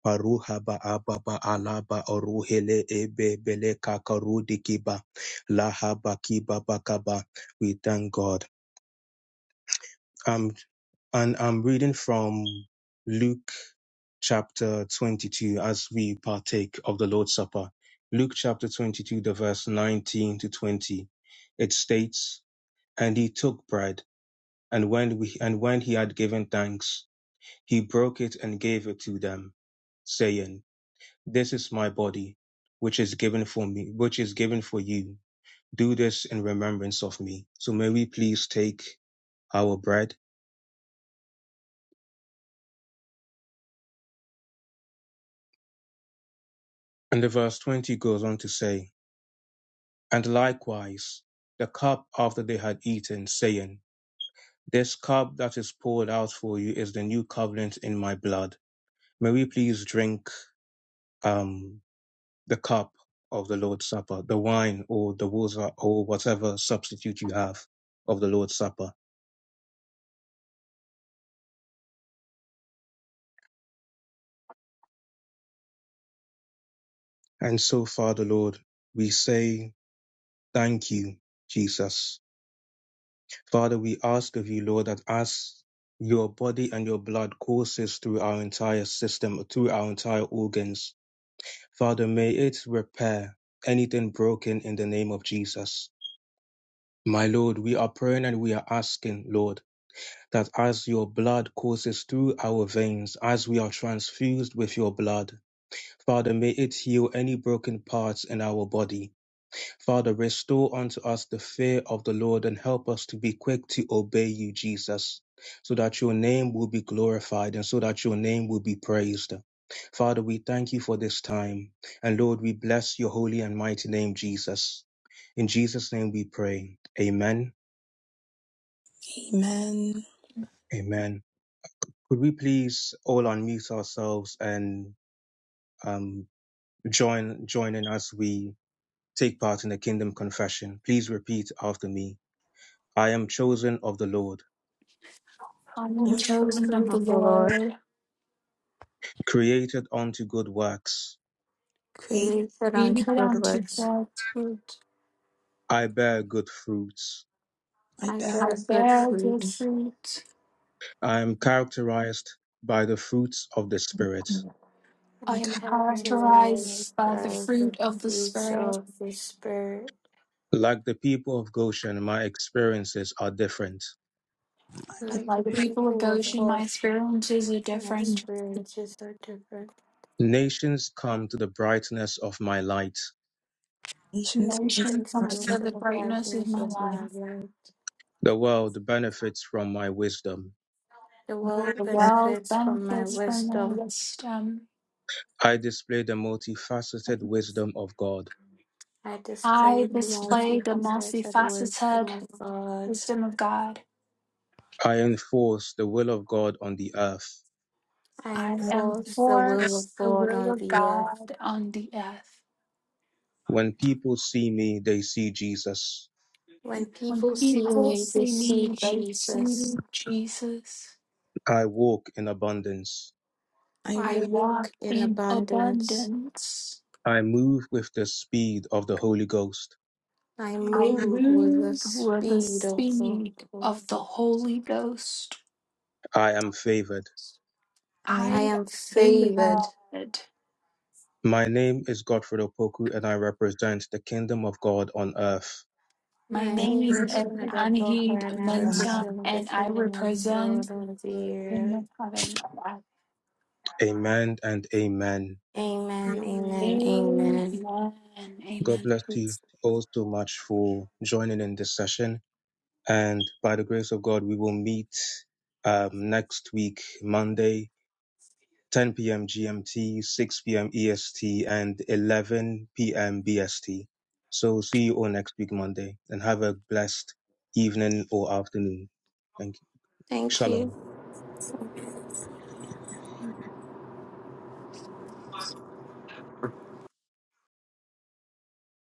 [SPEAKER 2] Paruha ba aba ba alaba oruhele ebe bele kakarudi kiba laha ba kiba ba kaba. We thank God. Um, and I'm reading from Luke chapter 22 as we partake of the Lord's Supper. Luke chapter 22, the verse 19 to 20. It states, And he took bread, and when we, and when he had given thanks, he broke it and gave it to them, saying, This is my body, which is given for me, which is given for you. Do this in remembrance of me. So may we please take our bread. And the verse 20 goes on to say, And likewise, the cup after they had eaten, saying, This cup that is poured out for you is the new covenant in my blood. May we please drink um, the cup of the Lord's Supper, the wine or the water or whatever substitute you have of the Lord's Supper And so, Father Lord, we say thank you, Jesus. Father, we ask of you, Lord, that as your body and your blood courses through our entire system, through our entire organs, Father, may it repair anything broken in the name of Jesus. My Lord, we are praying and we are asking, Lord, that as your blood courses through our veins, as we are transfused with your blood, Father, may it heal any broken parts in our body. Father, restore unto us the fear of the Lord and help us to be quick to obey you, Jesus, so that your name will be glorified and so that your name will be praised. Father, we thank you for this time. And Lord, we bless your holy and mighty name, Jesus. In Jesus' name we pray. Amen.
[SPEAKER 5] Amen.
[SPEAKER 2] Amen. Could we please all unmute ourselves and um, join, join in as we take part in the kingdom confession? Please repeat after me. I am chosen of the Lord.
[SPEAKER 6] am
[SPEAKER 7] O
[SPEAKER 8] I
[SPEAKER 6] chosen
[SPEAKER 7] children
[SPEAKER 6] of the
[SPEAKER 7] of the Lord,
[SPEAKER 6] Lord.
[SPEAKER 2] created unto good works.
[SPEAKER 5] great.
[SPEAKER 8] pray
[SPEAKER 7] created
[SPEAKER 8] that
[SPEAKER 6] Read
[SPEAKER 7] unto good
[SPEAKER 6] unto
[SPEAKER 7] works,
[SPEAKER 6] God's fruit.
[SPEAKER 2] I bear good fruits.
[SPEAKER 5] My
[SPEAKER 7] and
[SPEAKER 6] I
[SPEAKER 7] bear
[SPEAKER 5] back
[SPEAKER 7] good
[SPEAKER 8] with
[SPEAKER 6] bear good
[SPEAKER 7] fruits,
[SPEAKER 6] fruit.
[SPEAKER 2] I am characterized by the fruits of the Spirit.
[SPEAKER 6] I
[SPEAKER 5] and
[SPEAKER 7] and
[SPEAKER 6] am
[SPEAKER 8] times of
[SPEAKER 7] characterize
[SPEAKER 8] the flag
[SPEAKER 6] characterized by the
[SPEAKER 7] by
[SPEAKER 6] fruit
[SPEAKER 7] the
[SPEAKER 6] of the
[SPEAKER 7] fruits
[SPEAKER 6] Spirit.
[SPEAKER 7] of the Spirit,
[SPEAKER 2] Like the people of Goshen, my experiences are different.
[SPEAKER 5] God, the
[SPEAKER 7] like
[SPEAKER 8] the
[SPEAKER 6] Like
[SPEAKER 7] the
[SPEAKER 6] the
[SPEAKER 8] big
[SPEAKER 6] people of
[SPEAKER 7] people of
[SPEAKER 6] Goshen, my
[SPEAKER 7] God,
[SPEAKER 6] experience is a
[SPEAKER 7] my
[SPEAKER 6] different.
[SPEAKER 7] experiences are different.
[SPEAKER 2] Nations come to the brightness of my light.
[SPEAKER 5] nations
[SPEAKER 8] creation
[SPEAKER 5] come to
[SPEAKER 6] Nation
[SPEAKER 7] Nations
[SPEAKER 6] comes
[SPEAKER 7] come
[SPEAKER 5] God.
[SPEAKER 6] to
[SPEAKER 8] and
[SPEAKER 7] to
[SPEAKER 6] the
[SPEAKER 7] the
[SPEAKER 6] greatness of
[SPEAKER 7] brightness
[SPEAKER 6] my
[SPEAKER 7] of
[SPEAKER 6] life.
[SPEAKER 7] my light.
[SPEAKER 2] The world benefits from my wisdom.
[SPEAKER 7] The world
[SPEAKER 5] Lord,
[SPEAKER 8] so
[SPEAKER 6] The
[SPEAKER 5] that
[SPEAKER 6] world
[SPEAKER 7] benefits from my
[SPEAKER 6] benefits
[SPEAKER 8] many
[SPEAKER 6] from your
[SPEAKER 7] wisdom.
[SPEAKER 6] wisdom.
[SPEAKER 2] I display the multifaceted wisdom of God.
[SPEAKER 7] I display
[SPEAKER 6] I
[SPEAKER 7] the
[SPEAKER 6] display the
[SPEAKER 7] multifaceted wisdom
[SPEAKER 6] multifaceted
[SPEAKER 7] of God.
[SPEAKER 6] wisdom of God.
[SPEAKER 2] I enforce the will of God on the earth.
[SPEAKER 7] I
[SPEAKER 6] I
[SPEAKER 7] enforce the
[SPEAKER 8] particles
[SPEAKER 7] will of
[SPEAKER 6] enforce the
[SPEAKER 7] God
[SPEAKER 6] will
[SPEAKER 7] on
[SPEAKER 6] of
[SPEAKER 7] the earth.
[SPEAKER 6] God on the earth.
[SPEAKER 2] When people see me, they see Jesus.
[SPEAKER 7] When
[SPEAKER 6] When
[SPEAKER 7] people
[SPEAKER 8] can be
[SPEAKER 7] see
[SPEAKER 6] people
[SPEAKER 7] me, they
[SPEAKER 6] see me,
[SPEAKER 7] see
[SPEAKER 6] they see
[SPEAKER 7] Jesus.
[SPEAKER 6] Jesus.
[SPEAKER 2] I walk in abundance.
[SPEAKER 5] I
[SPEAKER 7] I
[SPEAKER 6] I
[SPEAKER 8] like
[SPEAKER 5] will.
[SPEAKER 6] walk
[SPEAKER 7] walk in
[SPEAKER 6] in
[SPEAKER 7] abundance.
[SPEAKER 6] abundance.
[SPEAKER 2] I move with the speed of the Holy Ghost.
[SPEAKER 7] I
[SPEAKER 6] I
[SPEAKER 8] angle
[SPEAKER 7] move with the
[SPEAKER 6] move with the
[SPEAKER 8] the
[SPEAKER 7] speed of the
[SPEAKER 6] speed
[SPEAKER 7] Lord.
[SPEAKER 6] of the Holy Ghost.
[SPEAKER 2] I am favored.
[SPEAKER 5] I
[SPEAKER 7] I
[SPEAKER 6] I
[SPEAKER 7] am
[SPEAKER 6] obey
[SPEAKER 7] favored.
[SPEAKER 6] God
[SPEAKER 2] My name is Godfred Opoku and I represent the kingdom of God on earth.
[SPEAKER 6] My
[SPEAKER 7] My
[SPEAKER 5] I know
[SPEAKER 7] name
[SPEAKER 6] name
[SPEAKER 7] is
[SPEAKER 6] is
[SPEAKER 8] goodness
[SPEAKER 7] Nadia Boko,
[SPEAKER 6] Anahid
[SPEAKER 7] and I
[SPEAKER 5] them.
[SPEAKER 6] Mensah,
[SPEAKER 7] represent the
[SPEAKER 6] and I
[SPEAKER 7] kingdom of
[SPEAKER 6] represent
[SPEAKER 7] God
[SPEAKER 8] and
[SPEAKER 7] on
[SPEAKER 8] good.
[SPEAKER 7] the earth.
[SPEAKER 6] kingdom of heaven.
[SPEAKER 2] Amen and amen.
[SPEAKER 7] Amen, amen,
[SPEAKER 8] Amen.
[SPEAKER 6] Amen.
[SPEAKER 7] amen.
[SPEAKER 2] God
[SPEAKER 6] Amen.
[SPEAKER 2] bless you all so much for joining in this session. And by the grace of God, we will meet um, next week, Monday, 10 p.m. GMT, 6 p.m. EST, and 11 p.m. BST. So see you all next week, Monday, and have a blessed evening or afternoon. Thank you.
[SPEAKER 7] Thank you.
[SPEAKER 2] Shalom.